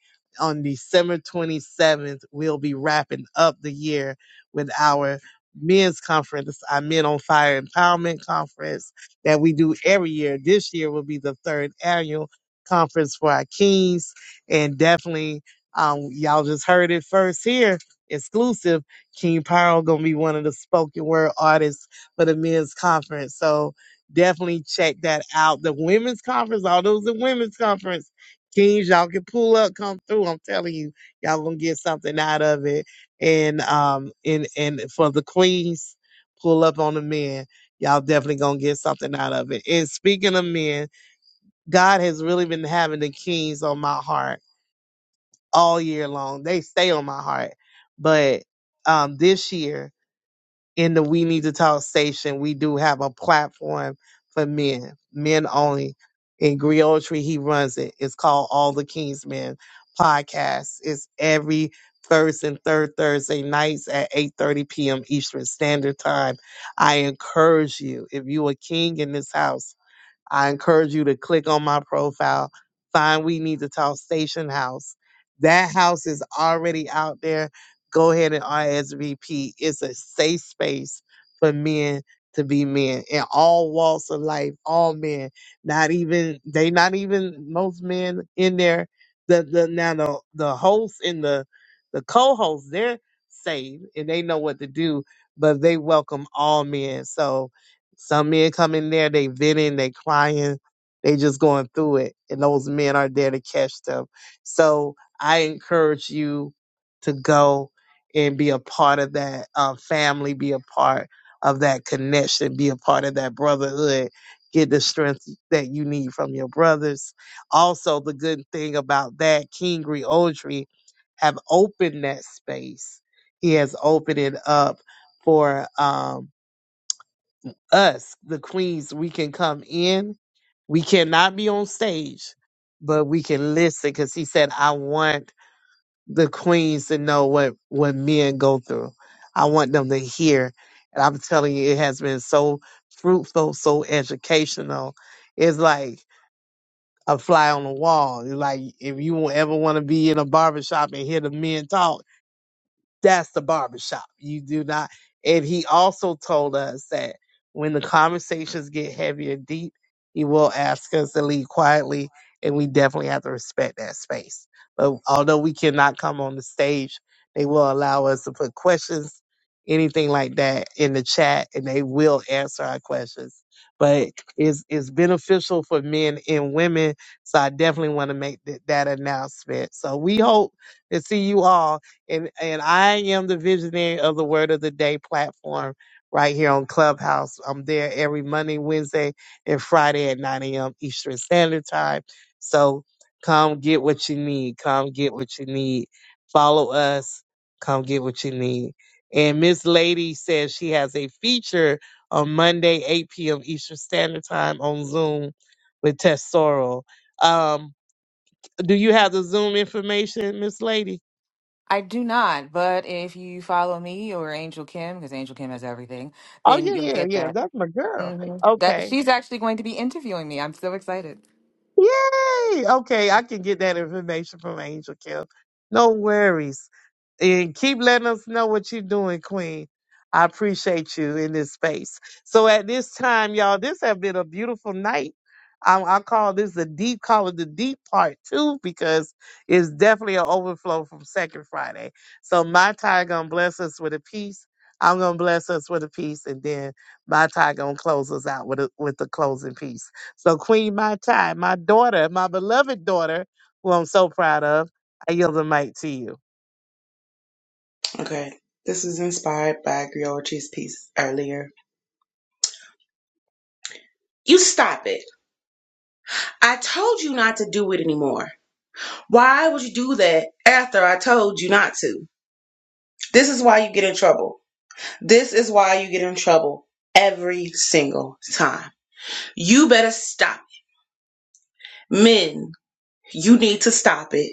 S6: on December 27th, we'll be wrapping up the year with our men's conference, our Men on Fire Empowerment Conference that we do every year. This year will be the third annual conference for our kings. And definitely um, y'all just heard it first here, exclusive. King Pearl gonna be one of the spoken word artists for the men's conference. So definitely check that out. The women's conference, all those in women's conference, Kings, y'all can pull up, come through. I'm telling you, y'all gonna get something out of it. And um, and and for the queens, pull up on the men. Y'all definitely gonna get something out of it. And speaking of men, God has really been having the kings on my heart all year long. They stay on my heart. But um, this year in the We Need to Talk station, we do have a platform for men, men only. In Griotry, he runs it. It's called All the King's Men podcast. It's every first and third Thursday nights at 8:30 p.m. Eastern Standard Time. I encourage you, if you a king in this house I encourage you to click on my profile, find We Need to Talk Station House. That house is already out there. Go ahead and RSVP. It's a safe space for men to be men in all walks of life, all men. Not even they not even most men in there. The the now the the hosts and the the co-hosts, they're saved and they know what to do, but they welcome all men. So some men come in there, they venting, they crying, they just going through it. And those men are there to catch them. So I encourage you to go and be a part of that uh, family, be a part of that connection, be a part of that brotherhood. Get the strength that you need from your brothers. Also, the good thing about that, King Griotri have opened that space. He has opened it up for um, us, the queens, we can come in. We cannot be on stage, but we can listen because he said, I want the queens to know what, what men go through. I want them to hear. And I'm telling you, it has been so fruitful, so educational. It's like a fly on the wall. It's like if you won't ever want to be in a barbershop and hear the men talk, that's the barbershop. You do not. And he also told us that when the conversations get heavy and deep, he will ask us to leave quietly, and we definitely have to respect that space. But although we cannot come on the stage, they will allow us to put questions, anything like that, in the chat, and they will answer our questions. But it's, it's beneficial for men and women, so I definitely want to make th- that announcement. So we hope to see you all and and I am the visionary of the Word of the Day platform right here on Clubhouse. I'm there every Monday, Wednesday, and Friday at 9 a.m. Eastern Standard Time. So come get what you need. Come get what you need. Follow us. Come get what you need. And Miss Lady says she has a feature on Monday, 8 p.m. Eastern Standard Time on Zoom with Tess Sorrell. Um, do you have the Zoom information, Miss Lady?
S18: I do not, but if you follow me or Angel Kim, because Angel Kim has everything,
S6: Oh
S18: then
S6: yeah,
S18: you'll
S6: yeah,
S18: get
S6: yeah.
S18: that.
S6: That's my girl.
S18: hmm That
S6: Okay.
S18: she's actually going to be interviewing me. I'm so excited.
S6: Yay! Okay, I can get that information from Angel Kim. No worries. And keep letting us know what you're doing, Queen. I appreciate you in this space. So at this time, y'all, this has been a beautiful night. I, I call this the deep, call it the deep part two because it's definitely an overflow from Second Friday. So my tie gonna bless us with a piece. I'm gonna bless us with a piece, and then my tie gonna close us out with a, with the closing piece. So, Queen Mai Tai, my daughter, my beloved daughter, who I'm so proud of, I yield the mic to you.
S2: Okay. This is inspired by Griochi's piece earlier. You stop it. I told you not to do it anymore. Why would you do that after I told you not to? This is why you get in trouble. This is why you get in trouble every single time. You better stop. it. Men, you need to stop it.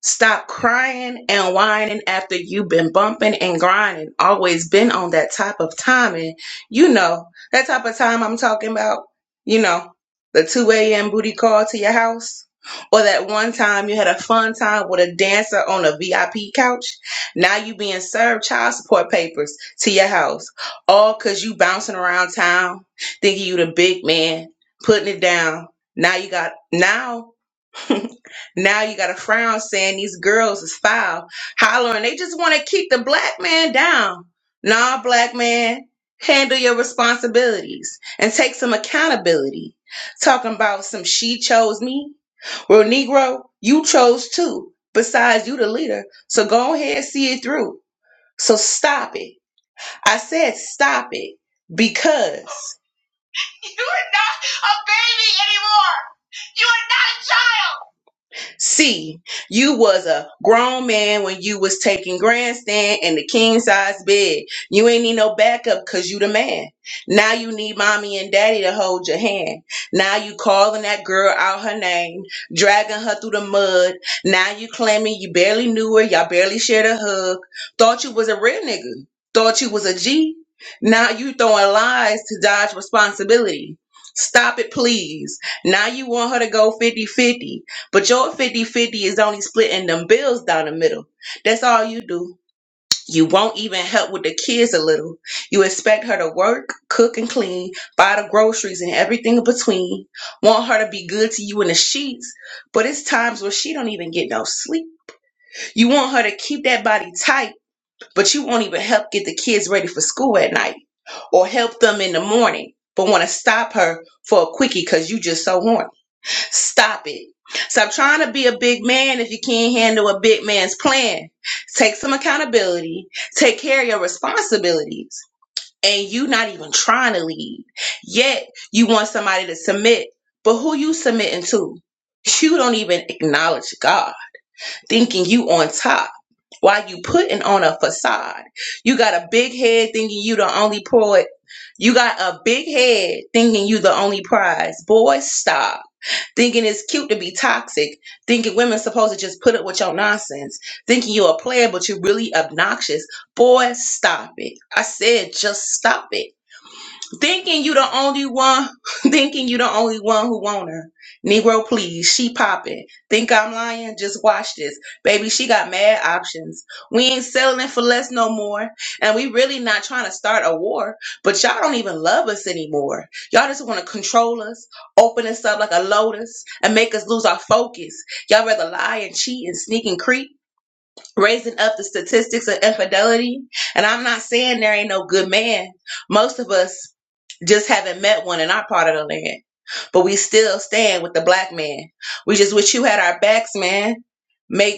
S2: Stop crying and whining after you've been bumping and grinding. Always been on that type of time. And you know, that type of time I'm talking about, you know, the 2 a.m. booty call to your house. Or that one time you had a fun time with a dancer on a VIP couch. Now you being served child support papers to your house. All cause you bouncing around town, thinking you the big man, putting it down. Now you got now <laughs> now you got a frown saying these girls is foul, hollering. They just want to keep the black man down. Nah, black man, handle your responsibilities and take some accountability. Talking about some she chose me. Well, Negro, you chose too. Besides, you the leader. So go ahead and see it through. So stop it. I said stop it because <laughs> You C, you was a grown man when you was taking grandstand in the king size bed. You ain't need no backup cause you the man. Now you need mommy and daddy to hold your hand. Now you calling that girl out her name, dragging her through the mud. Now you claiming you barely knew her, y'all barely shared a hug. Thought you was a real nigga. Thought you was a G. Now you throwing lies to dodge responsibility. Stop it, please. Now you want her to go fifty-fifty. But your fifty-fifty is only splitting them bills down the middle. That's all you do. You won't even help with the kids a little. You expect her to work, cook, and clean, buy the groceries and everything in between. Want her to be good to you in the sheets, but it's times where she don't even get no sleep. You want her to keep that body tight, but you won't even help get the kids ready for school at night or help them in the morning, but want to stop her for a quickie because you just so horny. Stop it. Stop trying to be a big man if you can't handle a big man's plan. Take some accountability, take care of your responsibilities, and you not even trying to lead. Yet you want somebody to submit, but who you submitting to? You don't even acknowledge God, thinking you on top while you putting on a facade. You got a big head thinking you the only poet. You got a big head thinking you the only prize. Boy, stop thinking it's cute to be toxic, thinking women's supposed to just put up with your nonsense, thinking you're a player but you're really obnoxious. Boy, stop it. I said just stop it thinking you the only one <laughs> thinking you the only one who want her negro please she popping think i'm lying just watch this baby she got mad options we ain't settling for less no more and we really not trying to start a war but y'all don't even love us anymore y'all just want to control us open us up like a lotus and make us lose our focus y'all rather lie and cheat and sneak and creep raising up the statistics of infidelity. And I'm not saying there ain't no good man. Most of us just haven't met one in our part of the land, but we still stand with the black man. We just wish you had our backs, man. Make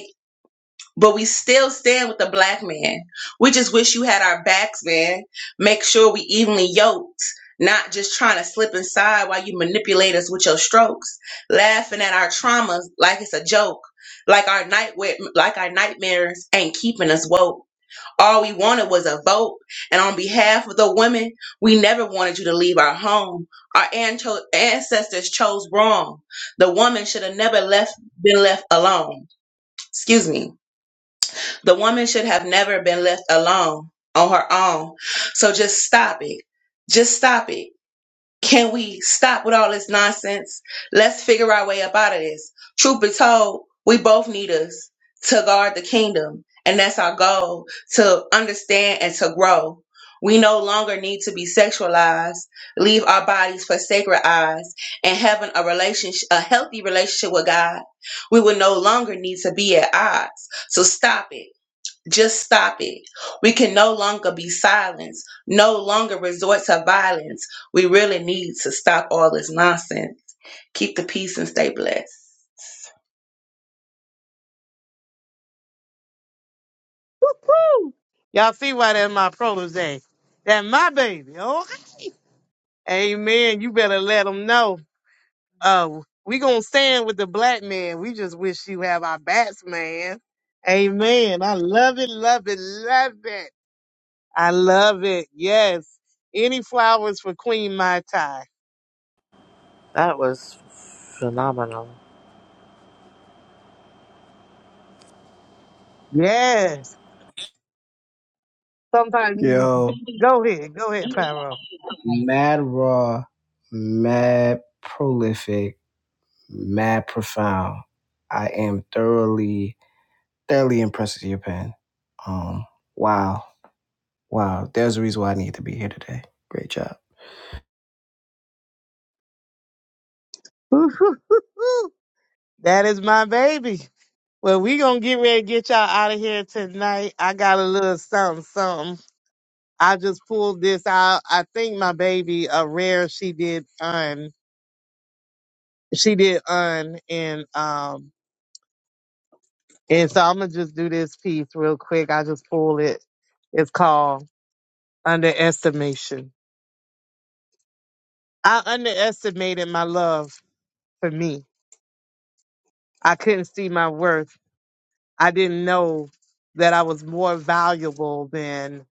S2: but we still stand with the black man. We just wish you had our backs, man. Make sure we evenly yoked, not just trying to slip inside while you manipulate us with your strokes, laughing at our traumas like it's a joke, like our nightmare, like our nightmares ain't keeping us woke. All we wanted was a vote, and on behalf of the women, we never wanted you to leave our home. Our anto- ancestors chose wrong. The woman should have never left, been left alone. Excuse me. The woman should have never been left alone on her own. So just stop it. Just stop it. Can we stop with all this nonsense? Let's figure our way up out of this. Truth be told, we both need us to guard the kingdom. And that's our goal to understand and to grow. We no longer need to be sexualized, leave our bodies for sacred eyes, and having a relationship, a healthy relationship with God. We will no longer need to be at odds. So stop it. Just stop it. We can no longer be silenced, no longer resort to violence. We really need to stop all this nonsense. Keep the peace and stay blessed.
S6: Woo! hoo! Y'all see why that my protege. That my baby. Oh, amen. You better let them know. Uh, we gonna stand with the black man. We just wish you have our backs, man. Amen. I love it, love it, love it. I love it. Yes. Any flowers for Queen Mai Tai?
S19: That was phenomenal.
S6: Yes. Sometimes you
S20: Yo.
S6: go ahead, go ahead, Pyro.
S20: mad raw, mad prolific, mad profound. I am thoroughly, thoroughly impressed with your pen. Um, wow, wow. There's a reason why I need to be here today. Great job.
S6: Woo-hoo-hoo. That is my baby. Well, we gonna get ready to get y'all out of here tonight. I got a little something, something. I just pulled this out. I think my baby a rare. She did un. She did un and um and so I'm gonna just do this piece real quick. I just pulled it. It's called underestimation. I underestimated my love for me. I couldn't see my worth. I didn't know that I was more valuable than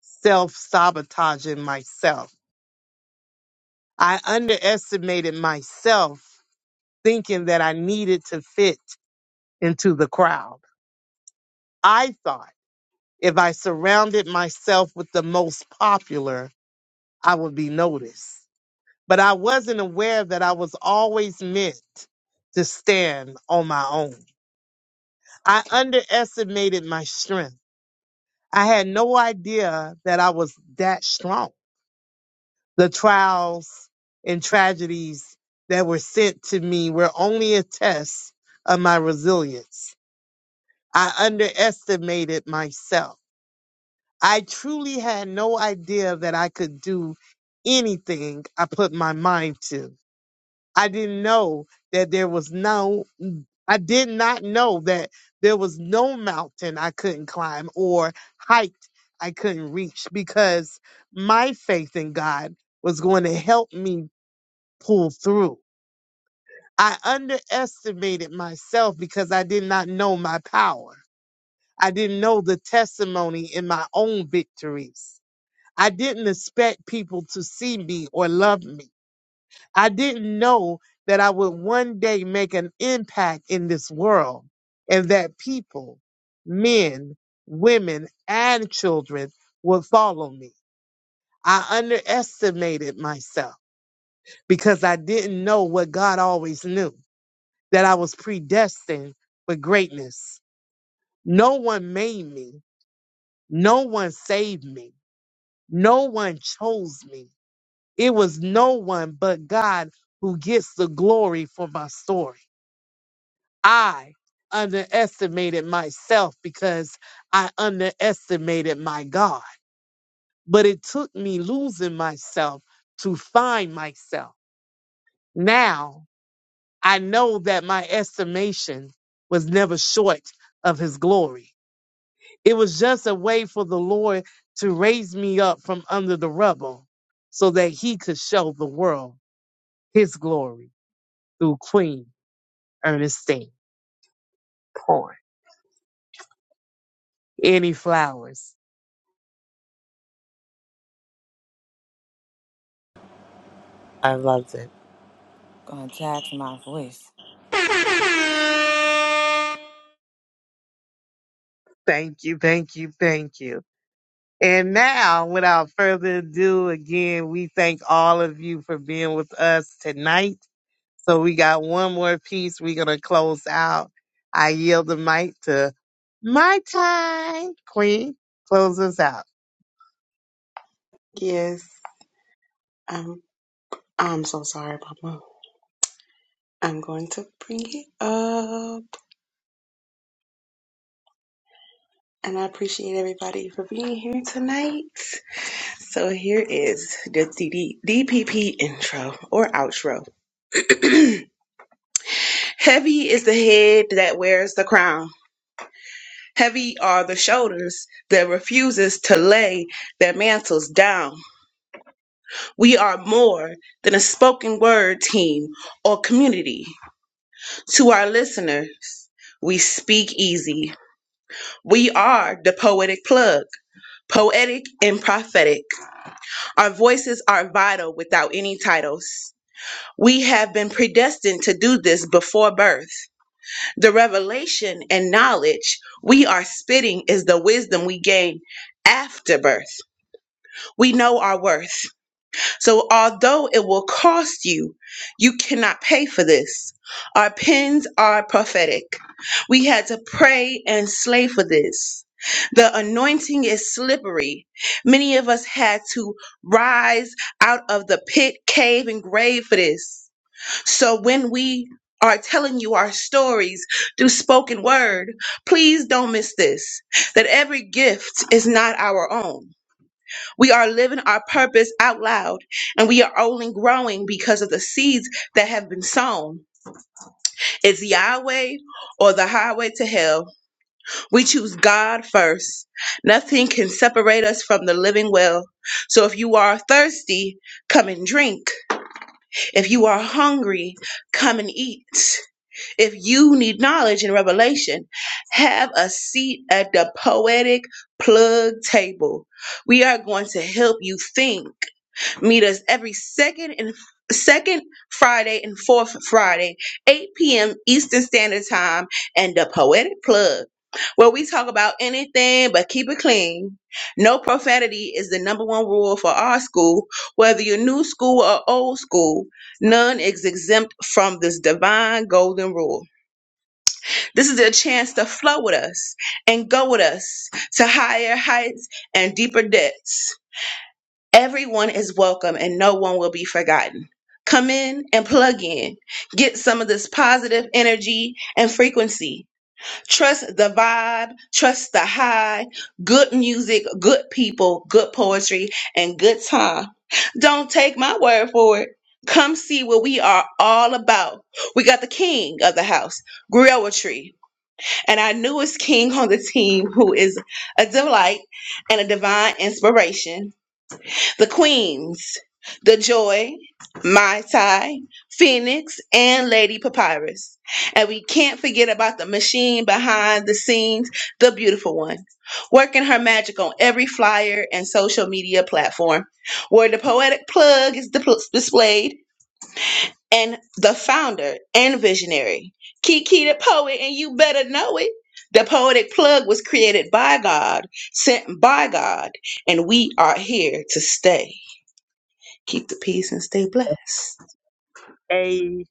S6: self sabotaging myself. I underestimated myself thinking that I needed to fit into the crowd. I thought if I surrounded myself with the most popular, I would be noticed. But I wasn't aware that I was always meant to stand on my own. I underestimated my strength. I had no idea that I was that strong. the trials and tragedies that were sent to me were only a test of my resilience. I underestimated myself. I truly had no idea that I could do anything I put my mind to. I didn't know that there was no, I did not know that there was no mountain I couldn't climb or height I couldn't reach because my faith in God was going to help me pull through. I underestimated myself because I did not know my power. I didn't know the testimony in my own victories. I didn't expect people to see me or love me. I didn't know that I would one day make an impact in this world and that people, men, women, and children would follow me. I underestimated myself because I didn't know what God always knew. that I was predestined for greatness. No one made me. No one saved me. No one chose me. It was no one but God who gets the glory for my story. I underestimated myself because I underestimated my God. But it took me losing myself to find myself. Now I know that my estimation was never short of his glory. It was just a way for the Lord to raise me up from under the rubble so that he could show the world his glory through Queen Ernestine Corn. Any flowers.
S19: I loved it.
S18: Going to tax my voice.
S6: Thank you, thank you, thank you. And now, without further ado, again, we thank all of you for being with us tonight. So we got one more piece. We're going to close out. I yield the mic to my time, Queen. Close us out.
S2: Yes, I'm. I'm so sorry, Mama. I'm going to bring it up, and I appreciate everybody for being here tonight. So here is the DD, DPP intro or outro. <clears throat> Heavy is the head that wears the crown. Heavy are the shoulders that refuses to lay their mantles down. We are more than a spoken word team or community. To our listeners, we speak easy. We are the poetic plug, poetic and prophetic. Our voices are vital without any titles. We have been predestined to do this before birth. The revelation and knowledge we are spitting is the wisdom we gain after birth. We know our worth. So, although it will cost you, you cannot pay for this. Our pens are prophetic. We had to pray and slay for this. The anointing is slippery. Many of us had to rise out of the pit, cave, and grave for this. So, when we are telling you our stories through spoken word, please don't miss this that every gift is not our own. We are living our purpose out loud, and we are only growing because of the seeds that have been sown. It's Yahweh or the highway to hell. We choose God first. Nothing can separate us from the living well. So if you are thirsty, come and drink. If you are hungry, come and eat. If you need knowledge and revelation, have a seat at the poetic plug table. We are going to help you think. Meet us every second and second Friday and fourth Friday, 8 p.m. Eastern Standard Time, and the Poetic Plug, where we talk about anything but keep it clean. No profanity is the number one rule for our school, whether you're new school or old school. None is exempt from this divine golden rule. This is a chance to flow with us and go with us to higher heights and deeper depths. Everyone is welcome and no one will be forgotten. Come in and plug in. Get some of this positive energy and frequency. Trust the vibe, trust the high, good music, good people, good poetry, and good time. Don't take my word for it. Come see what we are all about. We got the king of the house, Griotry, and our newest king on the team, who is a delight and a divine inspiration. The queens, The Joy, Mai Tai, Phoenix, and Lady Papyrus. And we can't forget about the machine behind the scenes, the beautiful one, working her magic on every flyer and social media platform, where the poetic plug is dipl- displayed, and the founder and visionary, Kiki the poet, and you better know it. The poetic plug was created by God, sent by God, and we are here to stay. Keep the peace and stay blessed.
S6: Amen.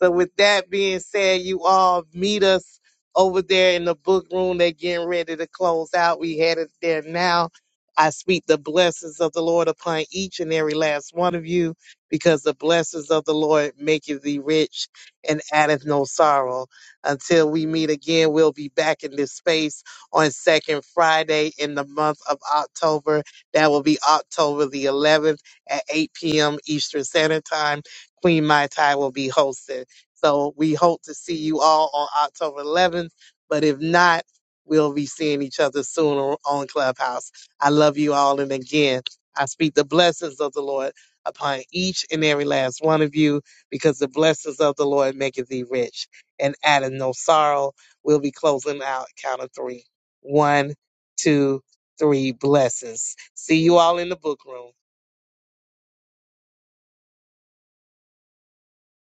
S6: So with that being said, you all meet us over there in the book room. They're getting ready to close out. We headed there now. I speak the blessings of the Lord upon each and every last one of you, because the blessings of the Lord maketh thee rich and addeth no sorrow. Until we meet again, we'll be back in this space on second Friday in the month of October. That will be October the 11th at 8 p.m. Eastern Standard Time. Queen Mai Tai will be hosting. So we hope to see you all on October 11th. But if not, we'll be seeing each other soon on on Clubhouse. I love you all. And again, I speak the blessings of the Lord upon each and every last one of you because the blessings of the Lord maketh thee rich and addeth no sorrow. We'll be closing out count of three. One, two, three blessings. See you all in the book room.